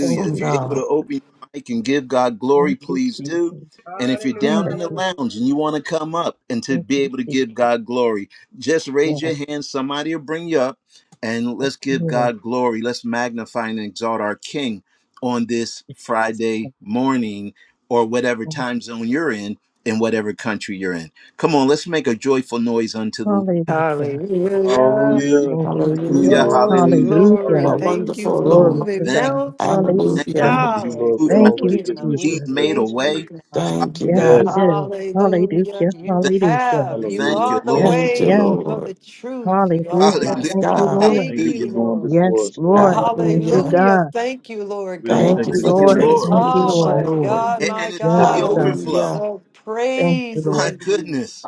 [SPEAKER 3] Thank
[SPEAKER 1] If
[SPEAKER 3] you,
[SPEAKER 1] you're able
[SPEAKER 5] God.
[SPEAKER 1] to
[SPEAKER 3] Jesus.
[SPEAKER 1] open your mic and give God glory,
[SPEAKER 3] Thank you,
[SPEAKER 1] please do.
[SPEAKER 3] Jesus.
[SPEAKER 1] And if you're
[SPEAKER 6] Hallelujah,
[SPEAKER 1] down in the
[SPEAKER 3] Hallelujah.
[SPEAKER 6] hallelujah,
[SPEAKER 1] lounge and you want to come up and to
[SPEAKER 3] Thank
[SPEAKER 1] be
[SPEAKER 3] you,
[SPEAKER 1] able to give
[SPEAKER 3] Jesus.
[SPEAKER 1] God glory, just raise
[SPEAKER 3] Yes,
[SPEAKER 1] your hand. Somebody will bring you up and let's give
[SPEAKER 3] Lord.
[SPEAKER 1] God glory. Let's magnify and exalt our King on this Friday morning or whatever time zone you're in, in whatever country you're in. Come on, let's make a joyful noise unto the
[SPEAKER 3] Hallelujah.
[SPEAKER 4] Hallelujah.
[SPEAKER 1] Lord.
[SPEAKER 2] Hallelujah.
[SPEAKER 3] Thank you,
[SPEAKER 2] Thank you,
[SPEAKER 1] Hallelujah,
[SPEAKER 5] Hallelujah.
[SPEAKER 3] Jesus.
[SPEAKER 2] Lord
[SPEAKER 4] Glory,
[SPEAKER 1] hallelujah.
[SPEAKER 2] Jesus.
[SPEAKER 4] glory.
[SPEAKER 3] Hallelujah.
[SPEAKER 5] What
[SPEAKER 2] Hallelujah.
[SPEAKER 4] Thank you
[SPEAKER 5] wonderful
[SPEAKER 4] for
[SPEAKER 3] Glory
[SPEAKER 5] Lord.
[SPEAKER 3] to
[SPEAKER 4] moving
[SPEAKER 1] Thank you,
[SPEAKER 3] God.
[SPEAKER 1] Lord. Thank
[SPEAKER 4] mountains.
[SPEAKER 1] you,
[SPEAKER 3] Hallelujah.
[SPEAKER 5] Hallelujah.
[SPEAKER 1] Lord.
[SPEAKER 2] Thank you,
[SPEAKER 1] He's
[SPEAKER 2] Lord,
[SPEAKER 1] moved
[SPEAKER 2] for
[SPEAKER 3] Thank you,
[SPEAKER 2] already
[SPEAKER 4] Hallelujah.
[SPEAKER 2] giving us your
[SPEAKER 4] We
[SPEAKER 1] He's
[SPEAKER 3] Jesus.
[SPEAKER 1] made a
[SPEAKER 2] presence,
[SPEAKER 4] thank you,
[SPEAKER 1] way.
[SPEAKER 2] Lord.
[SPEAKER 4] God.
[SPEAKER 1] Ha-
[SPEAKER 5] Thank you,
[SPEAKER 3] Yes,
[SPEAKER 5] God.
[SPEAKER 3] we
[SPEAKER 2] Yes.
[SPEAKER 3] do.
[SPEAKER 4] Hallelujah.
[SPEAKER 3] Hallelujah.
[SPEAKER 1] Thank
[SPEAKER 4] You
[SPEAKER 3] Hallelujah.
[SPEAKER 1] you,
[SPEAKER 4] have. You
[SPEAKER 1] thank
[SPEAKER 2] Hallelujah.
[SPEAKER 1] you,
[SPEAKER 4] are the
[SPEAKER 1] Lord.
[SPEAKER 3] Yes,
[SPEAKER 5] Thank you,
[SPEAKER 3] yes.
[SPEAKER 4] way. You are the
[SPEAKER 5] Lord.
[SPEAKER 4] truth. You are the
[SPEAKER 3] Hallelujah.
[SPEAKER 4] light.
[SPEAKER 5] Yes,
[SPEAKER 3] Thank
[SPEAKER 4] We
[SPEAKER 1] Hallelujah.
[SPEAKER 3] you,
[SPEAKER 5] God.
[SPEAKER 3] Lord.
[SPEAKER 4] thank
[SPEAKER 2] Thank you
[SPEAKER 1] Hallelujah.
[SPEAKER 2] for
[SPEAKER 4] you,
[SPEAKER 2] going
[SPEAKER 4] Lord.
[SPEAKER 2] before
[SPEAKER 3] Yes,
[SPEAKER 2] us, Lord.
[SPEAKER 3] Lord. Thank
[SPEAKER 2] Hallelujah.
[SPEAKER 3] you,
[SPEAKER 5] Hallelujah.
[SPEAKER 4] Hallelujah.
[SPEAKER 3] God.
[SPEAKER 4] Thank you, Lord
[SPEAKER 2] We don't
[SPEAKER 3] Thank
[SPEAKER 5] Thank you
[SPEAKER 2] take
[SPEAKER 3] you,
[SPEAKER 2] this
[SPEAKER 5] for
[SPEAKER 4] God.
[SPEAKER 1] Thank
[SPEAKER 2] for
[SPEAKER 5] the
[SPEAKER 1] you,
[SPEAKER 3] Lord.
[SPEAKER 2] granted,
[SPEAKER 1] Lord.
[SPEAKER 2] Lord,
[SPEAKER 3] Thank
[SPEAKER 2] that
[SPEAKER 3] you,
[SPEAKER 2] you've
[SPEAKER 4] Oh,
[SPEAKER 5] transformation,
[SPEAKER 3] Lord.
[SPEAKER 4] my
[SPEAKER 2] already
[SPEAKER 5] Lord.
[SPEAKER 2] been
[SPEAKER 4] God,
[SPEAKER 1] And,
[SPEAKER 2] doing
[SPEAKER 4] my
[SPEAKER 1] and
[SPEAKER 2] what
[SPEAKER 1] it's
[SPEAKER 2] you
[SPEAKER 1] to
[SPEAKER 3] Yes,
[SPEAKER 1] the
[SPEAKER 2] said,
[SPEAKER 4] God.
[SPEAKER 3] God.
[SPEAKER 2] Lord.
[SPEAKER 5] Hallelujah.
[SPEAKER 1] overflow.
[SPEAKER 4] The
[SPEAKER 3] Thank you,
[SPEAKER 4] praise is
[SPEAKER 1] My
[SPEAKER 3] Lord.
[SPEAKER 4] in you.
[SPEAKER 1] goodness.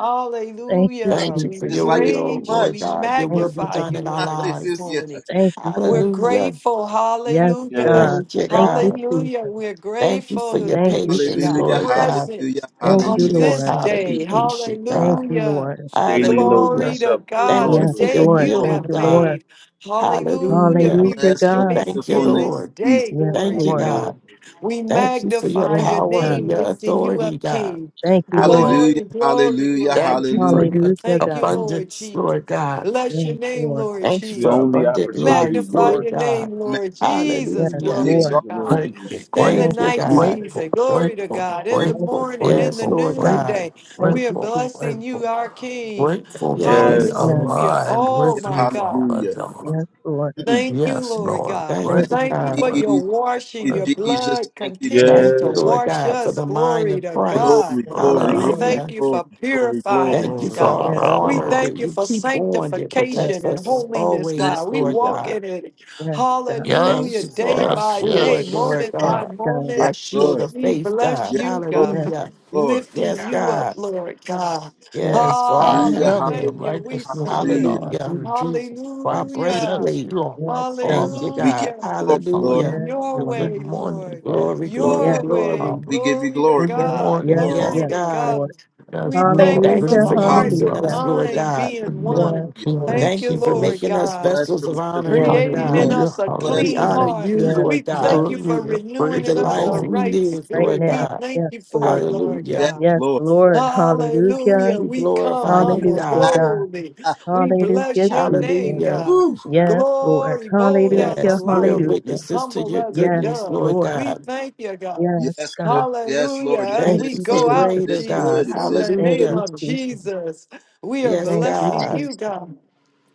[SPEAKER 3] Thank you,
[SPEAKER 5] Thank
[SPEAKER 1] Sometimes
[SPEAKER 5] you
[SPEAKER 4] We
[SPEAKER 5] for
[SPEAKER 3] Jesus.
[SPEAKER 1] it's
[SPEAKER 5] your
[SPEAKER 1] like it's
[SPEAKER 5] will,
[SPEAKER 1] too
[SPEAKER 4] praise you.
[SPEAKER 5] Lord
[SPEAKER 4] We
[SPEAKER 1] much.
[SPEAKER 5] God. Your
[SPEAKER 3] Thank
[SPEAKER 5] will be
[SPEAKER 3] you,
[SPEAKER 4] magnify
[SPEAKER 5] done
[SPEAKER 3] God.
[SPEAKER 4] you,
[SPEAKER 5] in our
[SPEAKER 4] Lord, this
[SPEAKER 5] lives.
[SPEAKER 1] Hallelujah.
[SPEAKER 4] morning.
[SPEAKER 3] Thank you, thank
[SPEAKER 4] We're
[SPEAKER 3] you.
[SPEAKER 5] Hallelujah.
[SPEAKER 4] grateful.
[SPEAKER 3] Yes,
[SPEAKER 4] Hallelujah.
[SPEAKER 3] God.
[SPEAKER 2] Yes.
[SPEAKER 5] Thank you,
[SPEAKER 3] Thank you,
[SPEAKER 5] God.
[SPEAKER 3] Jesus.
[SPEAKER 4] Hallelujah. We're
[SPEAKER 5] Thank you for
[SPEAKER 4] grateful to
[SPEAKER 5] your
[SPEAKER 3] Thank
[SPEAKER 4] be
[SPEAKER 3] you,
[SPEAKER 4] here,
[SPEAKER 5] patience,
[SPEAKER 3] Jesus.
[SPEAKER 4] God,
[SPEAKER 1] Hallelujah.
[SPEAKER 5] Lord God,
[SPEAKER 4] present
[SPEAKER 1] Hallelujah.
[SPEAKER 5] and
[SPEAKER 3] Thank you,
[SPEAKER 4] on
[SPEAKER 5] teaching
[SPEAKER 1] Hallelujah.
[SPEAKER 5] us
[SPEAKER 4] this
[SPEAKER 3] Lord.
[SPEAKER 5] how to be
[SPEAKER 4] day.
[SPEAKER 5] patient,
[SPEAKER 3] Thank
[SPEAKER 5] God.
[SPEAKER 3] you,
[SPEAKER 4] Hallelujah.
[SPEAKER 3] Lord.
[SPEAKER 1] Thank
[SPEAKER 2] Daily loading
[SPEAKER 5] Hallelujah.
[SPEAKER 4] Glory
[SPEAKER 2] us
[SPEAKER 4] to
[SPEAKER 2] up,
[SPEAKER 1] you,
[SPEAKER 2] Lord.
[SPEAKER 4] God,
[SPEAKER 5] Thank you
[SPEAKER 4] a
[SPEAKER 1] Lord.
[SPEAKER 3] Yes,
[SPEAKER 5] for
[SPEAKER 1] Thank
[SPEAKER 2] Hallelujah.
[SPEAKER 5] your
[SPEAKER 4] day
[SPEAKER 1] you,
[SPEAKER 3] Lord.
[SPEAKER 4] you
[SPEAKER 1] Lord.
[SPEAKER 5] healing,
[SPEAKER 3] Thank
[SPEAKER 4] have
[SPEAKER 3] you,
[SPEAKER 5] God.
[SPEAKER 3] Lord.
[SPEAKER 4] made. Hallelujah.
[SPEAKER 5] Hallelujah.
[SPEAKER 4] We
[SPEAKER 3] Hallelujah,
[SPEAKER 1] Bless the
[SPEAKER 3] God.
[SPEAKER 4] rejoice
[SPEAKER 5] Thank you,
[SPEAKER 1] wonderful
[SPEAKER 4] in
[SPEAKER 1] name of
[SPEAKER 4] this
[SPEAKER 5] Lord.
[SPEAKER 1] Jesus.
[SPEAKER 4] day.
[SPEAKER 3] Yes,
[SPEAKER 4] Glory
[SPEAKER 2] Thank
[SPEAKER 5] Thank you,
[SPEAKER 4] to
[SPEAKER 2] you,
[SPEAKER 3] Lord.
[SPEAKER 2] Lord.
[SPEAKER 5] God.
[SPEAKER 4] God. We
[SPEAKER 5] Thank you for your
[SPEAKER 4] magnify
[SPEAKER 3] Yes,
[SPEAKER 4] your
[SPEAKER 5] power
[SPEAKER 3] God.
[SPEAKER 5] and
[SPEAKER 4] name,
[SPEAKER 5] your
[SPEAKER 4] lifting you up,
[SPEAKER 5] authority, God.
[SPEAKER 4] King.
[SPEAKER 3] Thank you,
[SPEAKER 5] Hallelujah.
[SPEAKER 3] Lord.
[SPEAKER 1] Hallelujah.
[SPEAKER 4] Glory, glory,
[SPEAKER 1] Hallelujah.
[SPEAKER 4] glory. to
[SPEAKER 5] Thank you
[SPEAKER 1] Hallelujah.
[SPEAKER 5] for your
[SPEAKER 3] Hallelujah,
[SPEAKER 4] Thank
[SPEAKER 3] God.
[SPEAKER 4] you, Lord
[SPEAKER 5] abundance,
[SPEAKER 4] Jesus.
[SPEAKER 5] Lord God.
[SPEAKER 4] Bless your
[SPEAKER 3] Yes,
[SPEAKER 4] name,
[SPEAKER 3] Lord.
[SPEAKER 4] Lord
[SPEAKER 5] Thank you
[SPEAKER 2] The
[SPEAKER 5] for
[SPEAKER 4] Jesus.
[SPEAKER 2] only
[SPEAKER 5] abundant
[SPEAKER 3] Yes,
[SPEAKER 5] life,
[SPEAKER 2] opportunities,
[SPEAKER 4] Magnify
[SPEAKER 3] God.
[SPEAKER 5] Lord
[SPEAKER 2] Lord.
[SPEAKER 4] your
[SPEAKER 5] God.
[SPEAKER 4] name,
[SPEAKER 1] Man,
[SPEAKER 4] Lord Jesus.
[SPEAKER 3] Yes,
[SPEAKER 1] we
[SPEAKER 5] Hallelujah.
[SPEAKER 4] Glory
[SPEAKER 2] Thank
[SPEAKER 4] to
[SPEAKER 3] Lord.
[SPEAKER 1] exalt
[SPEAKER 2] you, Lord
[SPEAKER 1] you.
[SPEAKER 4] God.
[SPEAKER 7] grateful,
[SPEAKER 2] Jesus.
[SPEAKER 4] In the
[SPEAKER 3] Thank
[SPEAKER 5] Thank you,
[SPEAKER 3] you,
[SPEAKER 7] grateful,
[SPEAKER 4] night
[SPEAKER 1] We give
[SPEAKER 5] God.
[SPEAKER 3] Jesus.
[SPEAKER 7] grateful,
[SPEAKER 4] season, glory to
[SPEAKER 7] grateful,
[SPEAKER 4] God. In the
[SPEAKER 3] Thank
[SPEAKER 7] grateful,
[SPEAKER 3] you,
[SPEAKER 4] morning, in
[SPEAKER 5] Yes,
[SPEAKER 4] the
[SPEAKER 3] Jesus.
[SPEAKER 7] grateful,
[SPEAKER 5] Lord God.
[SPEAKER 7] grateful,
[SPEAKER 4] noonday,
[SPEAKER 3] Thank
[SPEAKER 4] we are
[SPEAKER 3] you,
[SPEAKER 7] grateful,
[SPEAKER 3] Jesus.
[SPEAKER 4] blessing you,
[SPEAKER 7] grateful,
[SPEAKER 4] our King.
[SPEAKER 7] grateful to
[SPEAKER 1] thanks.
[SPEAKER 7] be
[SPEAKER 5] Yes,
[SPEAKER 2] Yes,
[SPEAKER 3] Yes,
[SPEAKER 5] Lord.
[SPEAKER 4] Hallelujah.
[SPEAKER 7] aligned
[SPEAKER 4] Oh,
[SPEAKER 7] with
[SPEAKER 4] my
[SPEAKER 7] you,
[SPEAKER 1] Hallelujah.
[SPEAKER 4] God.
[SPEAKER 7] Father
[SPEAKER 1] Hallelujah.
[SPEAKER 7] God.
[SPEAKER 3] yes, Lord.
[SPEAKER 1] Hmm.
[SPEAKER 4] Thank you,
[SPEAKER 7] Yes,
[SPEAKER 4] Lord
[SPEAKER 7] Lord,
[SPEAKER 4] God.
[SPEAKER 3] Thank
[SPEAKER 5] Thank
[SPEAKER 1] Thank
[SPEAKER 5] you,
[SPEAKER 3] you,
[SPEAKER 7] grateful,
[SPEAKER 4] Thank you
[SPEAKER 3] Jesus.
[SPEAKER 1] you,
[SPEAKER 5] God.
[SPEAKER 4] for your
[SPEAKER 1] Jesus. Thank
[SPEAKER 4] washing.
[SPEAKER 1] you,
[SPEAKER 4] Your
[SPEAKER 7] grateful.
[SPEAKER 1] Jesus.
[SPEAKER 4] blood
[SPEAKER 1] Thank you,
[SPEAKER 3] Yes,
[SPEAKER 4] continues
[SPEAKER 1] Jesus.
[SPEAKER 5] Thank you,
[SPEAKER 4] to
[SPEAKER 2] yes,
[SPEAKER 3] God.
[SPEAKER 5] Lord
[SPEAKER 4] wash
[SPEAKER 5] God, for
[SPEAKER 4] us.
[SPEAKER 5] the mind
[SPEAKER 4] Glory
[SPEAKER 5] of
[SPEAKER 4] to God.
[SPEAKER 1] Glory,
[SPEAKER 5] Christ.
[SPEAKER 3] Yes,
[SPEAKER 1] glory,
[SPEAKER 3] Lord.
[SPEAKER 4] We
[SPEAKER 7] grateful.
[SPEAKER 1] glory,
[SPEAKER 4] thank
[SPEAKER 5] Hallelujah.
[SPEAKER 4] you
[SPEAKER 1] glory,
[SPEAKER 4] for
[SPEAKER 1] glory,
[SPEAKER 4] purifying
[SPEAKER 1] glory.
[SPEAKER 5] Thank
[SPEAKER 4] us,
[SPEAKER 5] you for
[SPEAKER 4] God.
[SPEAKER 5] our
[SPEAKER 3] Yes,
[SPEAKER 4] We
[SPEAKER 5] armor
[SPEAKER 3] God.
[SPEAKER 4] thank
[SPEAKER 5] that
[SPEAKER 4] you
[SPEAKER 5] you
[SPEAKER 4] for
[SPEAKER 5] keep on that
[SPEAKER 3] Yes,
[SPEAKER 5] protects
[SPEAKER 4] sanctification and
[SPEAKER 3] Lord.
[SPEAKER 5] us
[SPEAKER 4] holiness,
[SPEAKER 1] Thank
[SPEAKER 5] always,
[SPEAKER 4] God. We
[SPEAKER 1] you,
[SPEAKER 5] Lord
[SPEAKER 1] Lord.
[SPEAKER 4] walk
[SPEAKER 5] God.
[SPEAKER 4] in it.
[SPEAKER 3] Yes, God.
[SPEAKER 5] Thank
[SPEAKER 4] Hallelujah.
[SPEAKER 5] you
[SPEAKER 7] Yes,
[SPEAKER 5] for
[SPEAKER 4] Day
[SPEAKER 5] our
[SPEAKER 7] yes,
[SPEAKER 4] by day,
[SPEAKER 5] sword,
[SPEAKER 7] yes.
[SPEAKER 5] Lord
[SPEAKER 4] moment
[SPEAKER 3] Yes,
[SPEAKER 4] by
[SPEAKER 5] God,
[SPEAKER 3] God.
[SPEAKER 1] Yes,
[SPEAKER 5] our
[SPEAKER 4] moment.
[SPEAKER 5] shield
[SPEAKER 1] Lord.
[SPEAKER 5] of
[SPEAKER 4] We
[SPEAKER 5] faith,
[SPEAKER 4] bless
[SPEAKER 5] God.
[SPEAKER 1] Yes,
[SPEAKER 4] you,
[SPEAKER 1] Lord,
[SPEAKER 3] yes,
[SPEAKER 4] God.
[SPEAKER 5] Hallelujah.
[SPEAKER 1] Lord.
[SPEAKER 4] Lifting
[SPEAKER 5] Yes,
[SPEAKER 4] you up,
[SPEAKER 5] God.
[SPEAKER 4] Lord God.
[SPEAKER 3] yes,
[SPEAKER 5] Yes, for our
[SPEAKER 7] I
[SPEAKER 4] Ah,
[SPEAKER 1] Hallelujah,
[SPEAKER 4] we
[SPEAKER 7] am
[SPEAKER 5] helmet.
[SPEAKER 7] the
[SPEAKER 4] thank you.
[SPEAKER 1] hallelujah,
[SPEAKER 4] We
[SPEAKER 7] righteousness of
[SPEAKER 1] hallelujah.
[SPEAKER 4] submit.
[SPEAKER 7] God
[SPEAKER 5] Hallelujah.
[SPEAKER 7] through
[SPEAKER 3] yes,
[SPEAKER 7] Jesus
[SPEAKER 5] our
[SPEAKER 7] Christ.
[SPEAKER 1] Mm.
[SPEAKER 4] Hallelujah.
[SPEAKER 7] Yes,
[SPEAKER 5] breastplate.
[SPEAKER 7] you are
[SPEAKER 3] yes,
[SPEAKER 7] my
[SPEAKER 3] done
[SPEAKER 5] Thank you,
[SPEAKER 3] it.
[SPEAKER 7] Father.
[SPEAKER 1] We give
[SPEAKER 5] God.
[SPEAKER 4] Hallelujah.
[SPEAKER 1] you glory, Lord.
[SPEAKER 7] Hallelujah.
[SPEAKER 5] Hallelujah.
[SPEAKER 3] Yes,
[SPEAKER 4] Your
[SPEAKER 7] Good
[SPEAKER 3] Lord.
[SPEAKER 4] way,
[SPEAKER 7] morning,
[SPEAKER 4] Lord.
[SPEAKER 7] Daddy.
[SPEAKER 5] Glory,
[SPEAKER 1] We
[SPEAKER 7] Good
[SPEAKER 5] glory,
[SPEAKER 4] Your
[SPEAKER 1] give
[SPEAKER 3] Yes,
[SPEAKER 1] you
[SPEAKER 7] morning,
[SPEAKER 1] glory.
[SPEAKER 4] way.
[SPEAKER 5] glory.
[SPEAKER 7] Father.
[SPEAKER 1] We give you
[SPEAKER 4] Glory to
[SPEAKER 1] glory.
[SPEAKER 7] Good
[SPEAKER 1] We give
[SPEAKER 3] yes,
[SPEAKER 1] you
[SPEAKER 4] God.
[SPEAKER 7] morning,
[SPEAKER 3] yes,
[SPEAKER 1] glory.
[SPEAKER 5] Yes,
[SPEAKER 4] Glory
[SPEAKER 3] yes,
[SPEAKER 7] Father.
[SPEAKER 4] to
[SPEAKER 5] God.
[SPEAKER 3] Lord.
[SPEAKER 4] God.
[SPEAKER 7] Yes,
[SPEAKER 4] We thank
[SPEAKER 7] Lord.
[SPEAKER 4] you
[SPEAKER 5] Thank
[SPEAKER 7] Good
[SPEAKER 4] for
[SPEAKER 5] you
[SPEAKER 3] Hallelujah,
[SPEAKER 5] for
[SPEAKER 4] the
[SPEAKER 1] Hallelujah,
[SPEAKER 4] heart
[SPEAKER 7] morning,
[SPEAKER 4] and the
[SPEAKER 5] using us,
[SPEAKER 7] brother.
[SPEAKER 3] hallelujah.
[SPEAKER 5] Lord
[SPEAKER 4] mind
[SPEAKER 5] God.
[SPEAKER 7] Good
[SPEAKER 4] being
[SPEAKER 3] Yes,
[SPEAKER 4] one.
[SPEAKER 7] morning,
[SPEAKER 1] hallelujah.
[SPEAKER 3] Lord.
[SPEAKER 7] Kingdom
[SPEAKER 4] Thank
[SPEAKER 5] Thank
[SPEAKER 4] you,
[SPEAKER 5] you for
[SPEAKER 4] Lord
[SPEAKER 7] Seekers.
[SPEAKER 5] making us
[SPEAKER 4] God,
[SPEAKER 1] Bless
[SPEAKER 5] vessels
[SPEAKER 1] the
[SPEAKER 5] of honor,
[SPEAKER 1] wonderful name
[SPEAKER 3] Yes,
[SPEAKER 5] Lord
[SPEAKER 1] of
[SPEAKER 4] creating in
[SPEAKER 5] God.
[SPEAKER 1] Jesus.
[SPEAKER 3] Lord.
[SPEAKER 4] us
[SPEAKER 7] Hallelujah,
[SPEAKER 4] a
[SPEAKER 1] Bless
[SPEAKER 5] We
[SPEAKER 4] clean
[SPEAKER 5] honor
[SPEAKER 7] hallelujah,
[SPEAKER 1] the
[SPEAKER 4] heart.
[SPEAKER 5] you,
[SPEAKER 1] wonderful
[SPEAKER 3] Yes,
[SPEAKER 5] Lord
[SPEAKER 4] We
[SPEAKER 3] yes.
[SPEAKER 5] God,
[SPEAKER 4] thank you for
[SPEAKER 7] hallelujah.
[SPEAKER 4] renewing
[SPEAKER 5] with
[SPEAKER 7] Praise
[SPEAKER 5] the
[SPEAKER 4] in
[SPEAKER 7] the
[SPEAKER 3] That's
[SPEAKER 4] us a
[SPEAKER 5] life
[SPEAKER 3] right.
[SPEAKER 7] Lord.
[SPEAKER 5] we
[SPEAKER 4] right
[SPEAKER 5] live,
[SPEAKER 3] Right
[SPEAKER 5] Lord
[SPEAKER 4] spirit.
[SPEAKER 3] now.
[SPEAKER 4] We
[SPEAKER 5] God.
[SPEAKER 4] thank
[SPEAKER 3] Yes,
[SPEAKER 4] you for it,
[SPEAKER 3] Lord.
[SPEAKER 4] Lord
[SPEAKER 1] name. Yes,
[SPEAKER 5] Hallelujah.
[SPEAKER 4] God.
[SPEAKER 3] Yes,
[SPEAKER 1] Lord.
[SPEAKER 3] Lord. Hallelujah.
[SPEAKER 4] Hallelujah.
[SPEAKER 5] We
[SPEAKER 4] We come
[SPEAKER 5] glorify you,
[SPEAKER 4] humble,
[SPEAKER 3] Hallelujah,
[SPEAKER 5] God.
[SPEAKER 3] God.
[SPEAKER 4] boldly. We
[SPEAKER 3] Hallelujah,
[SPEAKER 4] bless your name,
[SPEAKER 3] Jesus.
[SPEAKER 5] Hallelujah.
[SPEAKER 4] God.
[SPEAKER 3] Yes, Lord.
[SPEAKER 4] Glory, bold as a
[SPEAKER 3] Hallelujah,
[SPEAKER 5] Yes, we are
[SPEAKER 4] lion,
[SPEAKER 3] hallelujah.
[SPEAKER 5] witnesses to
[SPEAKER 4] humble
[SPEAKER 5] your
[SPEAKER 4] as a
[SPEAKER 3] Yes,
[SPEAKER 5] goodness,
[SPEAKER 4] dove.
[SPEAKER 5] Lord
[SPEAKER 3] Lord.
[SPEAKER 4] We
[SPEAKER 5] God.
[SPEAKER 4] thank you, God.
[SPEAKER 3] Yes,
[SPEAKER 1] Yes,
[SPEAKER 3] God.
[SPEAKER 1] Lord. Yes,
[SPEAKER 4] Hallelujah.
[SPEAKER 1] Lord. Is
[SPEAKER 4] As
[SPEAKER 3] Thank
[SPEAKER 5] Thank
[SPEAKER 4] we
[SPEAKER 5] you
[SPEAKER 1] this
[SPEAKER 3] you,
[SPEAKER 5] for
[SPEAKER 4] go
[SPEAKER 1] good? Is
[SPEAKER 4] out,
[SPEAKER 3] Jesus.
[SPEAKER 5] greater,
[SPEAKER 1] this
[SPEAKER 5] God.
[SPEAKER 1] good?
[SPEAKER 4] Jesus,
[SPEAKER 1] Is
[SPEAKER 4] in
[SPEAKER 1] this
[SPEAKER 4] the
[SPEAKER 1] good?
[SPEAKER 3] Thank
[SPEAKER 1] Thank
[SPEAKER 4] name
[SPEAKER 3] you,
[SPEAKER 5] Hallelujah.
[SPEAKER 4] of
[SPEAKER 3] Jesus.
[SPEAKER 4] Jesus, we are
[SPEAKER 5] Yes,
[SPEAKER 3] Thank you,
[SPEAKER 4] blessing
[SPEAKER 5] God.
[SPEAKER 4] you,
[SPEAKER 3] Jesus.
[SPEAKER 4] God,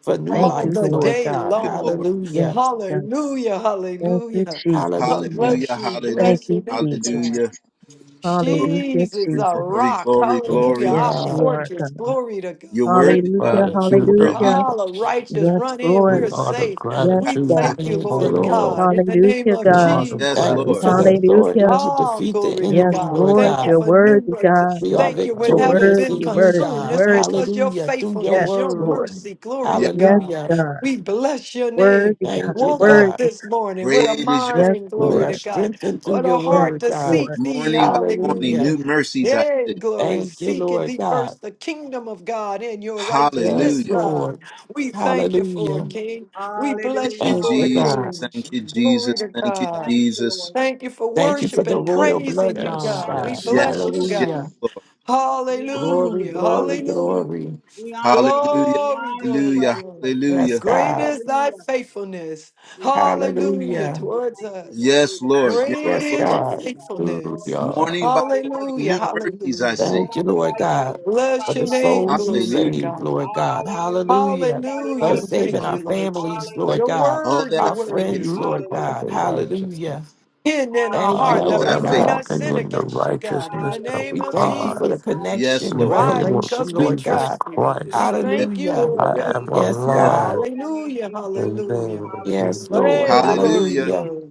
[SPEAKER 5] for new
[SPEAKER 3] Thank
[SPEAKER 4] all
[SPEAKER 3] you,
[SPEAKER 5] life,
[SPEAKER 4] the
[SPEAKER 3] Lord.
[SPEAKER 5] Lord
[SPEAKER 4] day
[SPEAKER 5] God.
[SPEAKER 1] you, Lord.
[SPEAKER 4] long.
[SPEAKER 3] Yes,
[SPEAKER 5] Hallelujah.
[SPEAKER 3] God.
[SPEAKER 4] Hallelujah.
[SPEAKER 3] Thank you,
[SPEAKER 4] Hallelujah.
[SPEAKER 3] Jesus.
[SPEAKER 5] Hallelujah.
[SPEAKER 4] Bless
[SPEAKER 1] Hallelujah.
[SPEAKER 4] you.
[SPEAKER 1] Hallelujah.
[SPEAKER 3] Thank
[SPEAKER 4] Bless your
[SPEAKER 3] you,
[SPEAKER 4] name,
[SPEAKER 3] Jesus.
[SPEAKER 4] God.
[SPEAKER 1] Hallelujah. Glory,
[SPEAKER 3] Hallelujah,
[SPEAKER 4] Jesus, a
[SPEAKER 3] Jesus.
[SPEAKER 1] glory,
[SPEAKER 4] rock.
[SPEAKER 1] glory,
[SPEAKER 5] Thank
[SPEAKER 4] Hallelujah.
[SPEAKER 5] you,
[SPEAKER 1] glory.
[SPEAKER 4] Our
[SPEAKER 3] Yes, you
[SPEAKER 5] God.
[SPEAKER 3] are God.
[SPEAKER 4] fortress. Glory to God.
[SPEAKER 1] You're
[SPEAKER 4] Thank
[SPEAKER 1] worthy,
[SPEAKER 4] you,
[SPEAKER 1] God.
[SPEAKER 3] Hallelujah,
[SPEAKER 4] Lord.
[SPEAKER 1] You're
[SPEAKER 7] Gratitude of
[SPEAKER 3] hallelujah.
[SPEAKER 1] worthy.
[SPEAKER 4] All the righteous
[SPEAKER 3] Yes,
[SPEAKER 4] run in.
[SPEAKER 3] Lord.
[SPEAKER 7] we
[SPEAKER 4] We're
[SPEAKER 7] are the
[SPEAKER 4] safe.
[SPEAKER 1] Ha,
[SPEAKER 3] Yes,
[SPEAKER 4] We
[SPEAKER 7] gratitude
[SPEAKER 3] God.
[SPEAKER 1] ha.
[SPEAKER 4] thank
[SPEAKER 7] of the
[SPEAKER 4] you,
[SPEAKER 5] Thank you,
[SPEAKER 4] Lord
[SPEAKER 7] Holy
[SPEAKER 5] Lord.
[SPEAKER 7] Ghost.
[SPEAKER 4] God, in the name
[SPEAKER 3] Hallelujah,
[SPEAKER 4] of
[SPEAKER 7] We
[SPEAKER 3] God.
[SPEAKER 7] are the
[SPEAKER 1] yes,
[SPEAKER 5] Thank you
[SPEAKER 1] Lord.
[SPEAKER 5] for the
[SPEAKER 4] Jesus.
[SPEAKER 7] gratitude of
[SPEAKER 5] authority
[SPEAKER 3] Hallelujah.
[SPEAKER 5] to
[SPEAKER 4] Oh,
[SPEAKER 5] defeat the
[SPEAKER 4] glory to
[SPEAKER 3] Yes,
[SPEAKER 5] enemy,
[SPEAKER 7] God.
[SPEAKER 4] God.
[SPEAKER 5] Lord
[SPEAKER 3] Lord.
[SPEAKER 4] Thank you
[SPEAKER 5] God.
[SPEAKER 3] You're
[SPEAKER 4] for new
[SPEAKER 3] worthy,
[SPEAKER 4] mercy.
[SPEAKER 3] God.
[SPEAKER 5] We
[SPEAKER 7] We
[SPEAKER 5] are
[SPEAKER 4] Thank you
[SPEAKER 7] are-
[SPEAKER 4] when
[SPEAKER 3] You're
[SPEAKER 4] having
[SPEAKER 5] victorious
[SPEAKER 4] been
[SPEAKER 3] worthy,
[SPEAKER 5] in you,
[SPEAKER 3] worthy,
[SPEAKER 4] consumed.
[SPEAKER 5] God.
[SPEAKER 4] It's
[SPEAKER 3] worthy.
[SPEAKER 4] because your
[SPEAKER 5] Hallelujah. Through your
[SPEAKER 3] Yes,
[SPEAKER 4] faithfulness, your
[SPEAKER 3] Lord.
[SPEAKER 5] word.
[SPEAKER 4] mercy. Glory
[SPEAKER 1] Yes,
[SPEAKER 4] to
[SPEAKER 3] Yes,
[SPEAKER 4] God.
[SPEAKER 5] Hallelujah.
[SPEAKER 3] God.
[SPEAKER 4] We bless your name.
[SPEAKER 3] Worthy, God.
[SPEAKER 5] Thank you,
[SPEAKER 4] Woke up
[SPEAKER 5] God.
[SPEAKER 3] Worthy.
[SPEAKER 4] this morning with a
[SPEAKER 1] great is your
[SPEAKER 3] Yes,
[SPEAKER 4] mind.
[SPEAKER 5] We
[SPEAKER 4] Glory
[SPEAKER 1] faithfulness.
[SPEAKER 5] are
[SPEAKER 4] to
[SPEAKER 3] Lord.
[SPEAKER 4] God
[SPEAKER 5] strengthened through
[SPEAKER 4] for
[SPEAKER 5] your
[SPEAKER 4] the
[SPEAKER 3] Yes,
[SPEAKER 4] heart
[SPEAKER 5] word,
[SPEAKER 4] to
[SPEAKER 5] God.
[SPEAKER 3] Lord.
[SPEAKER 4] seek thee.
[SPEAKER 1] Morning by morning,
[SPEAKER 5] Hallelujah.
[SPEAKER 4] Hallelujah.
[SPEAKER 1] new mercies I
[SPEAKER 4] Yay,
[SPEAKER 1] see.
[SPEAKER 4] glory.
[SPEAKER 5] Thank you,
[SPEAKER 4] Seek
[SPEAKER 5] Lord
[SPEAKER 4] thee
[SPEAKER 5] God.
[SPEAKER 4] first, the kingdom of God and your
[SPEAKER 5] Yes,
[SPEAKER 4] righteousness,
[SPEAKER 1] Hallelujah.
[SPEAKER 4] God.
[SPEAKER 5] Lord.
[SPEAKER 4] We thank you for it,
[SPEAKER 5] Hallelujah.
[SPEAKER 4] King. We
[SPEAKER 1] Thank
[SPEAKER 4] bless
[SPEAKER 6] hallelujah,
[SPEAKER 4] you
[SPEAKER 1] you,
[SPEAKER 5] Thank
[SPEAKER 4] for
[SPEAKER 5] you,
[SPEAKER 4] it,
[SPEAKER 1] Jesus.
[SPEAKER 5] God.
[SPEAKER 6] hallelujah.
[SPEAKER 4] King.
[SPEAKER 1] Thank you,
[SPEAKER 4] Glory
[SPEAKER 1] Jesus.
[SPEAKER 4] to
[SPEAKER 1] Thank you,
[SPEAKER 4] God.
[SPEAKER 6] Thank you,
[SPEAKER 1] Jesus.
[SPEAKER 6] Lord.
[SPEAKER 4] Thank you for
[SPEAKER 5] Thank
[SPEAKER 6] Thank
[SPEAKER 5] you
[SPEAKER 6] you,
[SPEAKER 5] for
[SPEAKER 4] worship
[SPEAKER 5] the
[SPEAKER 4] and
[SPEAKER 6] Jesus.
[SPEAKER 5] royal
[SPEAKER 4] praising you,
[SPEAKER 6] We
[SPEAKER 5] bloodline,
[SPEAKER 7] Yes,
[SPEAKER 4] God.
[SPEAKER 6] honor
[SPEAKER 4] We
[SPEAKER 5] God.
[SPEAKER 7] yes,
[SPEAKER 6] you,
[SPEAKER 1] Yes,
[SPEAKER 6] we
[SPEAKER 4] bless you,
[SPEAKER 1] Lord.
[SPEAKER 6] honor
[SPEAKER 1] Yes,
[SPEAKER 7] yes.
[SPEAKER 6] you,
[SPEAKER 4] God.
[SPEAKER 5] Hallelujah.
[SPEAKER 1] Lord.
[SPEAKER 6] we honor
[SPEAKER 5] Glory,
[SPEAKER 6] you,
[SPEAKER 4] Hallelujah.
[SPEAKER 5] glory,
[SPEAKER 4] Hallelujah.
[SPEAKER 6] hallelujah.
[SPEAKER 5] glory.
[SPEAKER 6] We honor you,
[SPEAKER 1] Hallelujah.
[SPEAKER 6] we
[SPEAKER 4] Glory,
[SPEAKER 6] honor your
[SPEAKER 4] glory,
[SPEAKER 1] Hallelujah.
[SPEAKER 6] presence,
[SPEAKER 4] glory.
[SPEAKER 6] Holy
[SPEAKER 1] Hallelujah.
[SPEAKER 5] Yes,
[SPEAKER 6] Spirit,
[SPEAKER 4] Great
[SPEAKER 5] God.
[SPEAKER 4] is thy
[SPEAKER 6] hallelujah.
[SPEAKER 4] faithfulness.
[SPEAKER 6] We thank you, we
[SPEAKER 4] Hallelujah
[SPEAKER 6] thank
[SPEAKER 5] Hallelujah.
[SPEAKER 6] you, we
[SPEAKER 4] towards
[SPEAKER 6] thank you.
[SPEAKER 4] us.
[SPEAKER 1] Yes,
[SPEAKER 6] Glory to God,
[SPEAKER 1] Lord. Yes,
[SPEAKER 4] Great
[SPEAKER 5] Yes,
[SPEAKER 4] is
[SPEAKER 1] Lord.
[SPEAKER 4] your
[SPEAKER 6] glory
[SPEAKER 5] God.
[SPEAKER 6] to God, glory
[SPEAKER 4] faithfulness.
[SPEAKER 6] to God.
[SPEAKER 7] Hallelujah.
[SPEAKER 1] Morning by
[SPEAKER 6] Nobody like
[SPEAKER 1] morning,
[SPEAKER 6] you,
[SPEAKER 4] Hallelujah,
[SPEAKER 1] new
[SPEAKER 6] Lord.
[SPEAKER 1] mercies I
[SPEAKER 4] hallelujah.
[SPEAKER 1] see.
[SPEAKER 5] Thank you,
[SPEAKER 6] Nobody
[SPEAKER 5] Lord
[SPEAKER 6] like you,
[SPEAKER 5] God,
[SPEAKER 6] Lord.
[SPEAKER 5] for
[SPEAKER 4] Bless
[SPEAKER 6] Nobody
[SPEAKER 5] the
[SPEAKER 4] your
[SPEAKER 6] like you,
[SPEAKER 4] name,
[SPEAKER 5] souls
[SPEAKER 6] Lord.
[SPEAKER 5] you
[SPEAKER 4] glory to
[SPEAKER 1] Hallelujah.
[SPEAKER 5] saved,
[SPEAKER 4] God.
[SPEAKER 5] Lord God.
[SPEAKER 6] Hallelujah. There's
[SPEAKER 5] Hallelujah.
[SPEAKER 6] nobody
[SPEAKER 5] For
[SPEAKER 4] Hallelujah.
[SPEAKER 6] like
[SPEAKER 7] Thank
[SPEAKER 6] you,
[SPEAKER 7] you.
[SPEAKER 5] saving
[SPEAKER 4] Thank
[SPEAKER 5] our
[SPEAKER 4] you,
[SPEAKER 6] Jesus.
[SPEAKER 4] Lord Jesus.
[SPEAKER 5] families,
[SPEAKER 7] Thank
[SPEAKER 5] Lord
[SPEAKER 4] Your
[SPEAKER 6] Hallelujah.
[SPEAKER 5] God,
[SPEAKER 1] All
[SPEAKER 4] word,
[SPEAKER 1] that
[SPEAKER 4] your
[SPEAKER 1] I
[SPEAKER 5] our
[SPEAKER 7] you.
[SPEAKER 1] needed,
[SPEAKER 5] friends,
[SPEAKER 4] word.
[SPEAKER 7] You
[SPEAKER 5] Lord
[SPEAKER 7] are
[SPEAKER 6] Hallelujah.
[SPEAKER 7] the
[SPEAKER 5] God.
[SPEAKER 6] Glory,
[SPEAKER 7] righteousness.
[SPEAKER 5] Hallelujah.
[SPEAKER 4] Hidden in our
[SPEAKER 5] Thank
[SPEAKER 1] great
[SPEAKER 5] you,
[SPEAKER 4] heart
[SPEAKER 1] is
[SPEAKER 6] Hallelujah,
[SPEAKER 7] I
[SPEAKER 4] that
[SPEAKER 5] Lord
[SPEAKER 1] thy
[SPEAKER 4] we
[SPEAKER 7] am
[SPEAKER 4] may
[SPEAKER 1] faith.
[SPEAKER 5] God.
[SPEAKER 6] glory.
[SPEAKER 4] not
[SPEAKER 7] walking
[SPEAKER 4] sin
[SPEAKER 7] in the
[SPEAKER 4] against you, God, in the
[SPEAKER 7] righteousness of
[SPEAKER 4] name
[SPEAKER 5] We
[SPEAKER 6] Hallelujah,
[SPEAKER 4] of
[SPEAKER 5] thank you
[SPEAKER 7] God.
[SPEAKER 5] for
[SPEAKER 6] glory.
[SPEAKER 5] the
[SPEAKER 4] Jesus.
[SPEAKER 1] Yes,
[SPEAKER 6] Hallelujah,
[SPEAKER 5] connection, the
[SPEAKER 7] In
[SPEAKER 1] Lord.
[SPEAKER 7] the
[SPEAKER 6] glory.
[SPEAKER 4] Why?
[SPEAKER 7] name of
[SPEAKER 4] Because
[SPEAKER 5] revelation,
[SPEAKER 4] we
[SPEAKER 5] Lord
[SPEAKER 7] Jesus
[SPEAKER 5] God.
[SPEAKER 4] trust you,
[SPEAKER 6] Thank
[SPEAKER 4] God.
[SPEAKER 6] you,
[SPEAKER 4] We
[SPEAKER 7] Christ,
[SPEAKER 1] Yes,
[SPEAKER 6] Jesus.
[SPEAKER 4] thank you,
[SPEAKER 6] Thank
[SPEAKER 5] Hallelujah.
[SPEAKER 1] Lord.
[SPEAKER 6] you,
[SPEAKER 4] Lord
[SPEAKER 7] I
[SPEAKER 1] Yes,
[SPEAKER 4] God.
[SPEAKER 7] am
[SPEAKER 6] Jesus.
[SPEAKER 1] Lord.
[SPEAKER 5] Yes,
[SPEAKER 1] Yes,
[SPEAKER 5] God.
[SPEAKER 7] alive.
[SPEAKER 1] Lord.
[SPEAKER 6] Thank
[SPEAKER 4] Hallelujah.
[SPEAKER 6] you,
[SPEAKER 7] In the
[SPEAKER 6] Jesus.
[SPEAKER 4] Hallelujah.
[SPEAKER 7] name of
[SPEAKER 5] Yes,
[SPEAKER 7] Jesus.
[SPEAKER 6] Hallelujah. We
[SPEAKER 5] Lord.
[SPEAKER 4] Hey,
[SPEAKER 6] bless your
[SPEAKER 4] glory,
[SPEAKER 6] holy
[SPEAKER 1] Hallelujah.
[SPEAKER 5] Hallelujah.
[SPEAKER 6] name.
[SPEAKER 4] glory.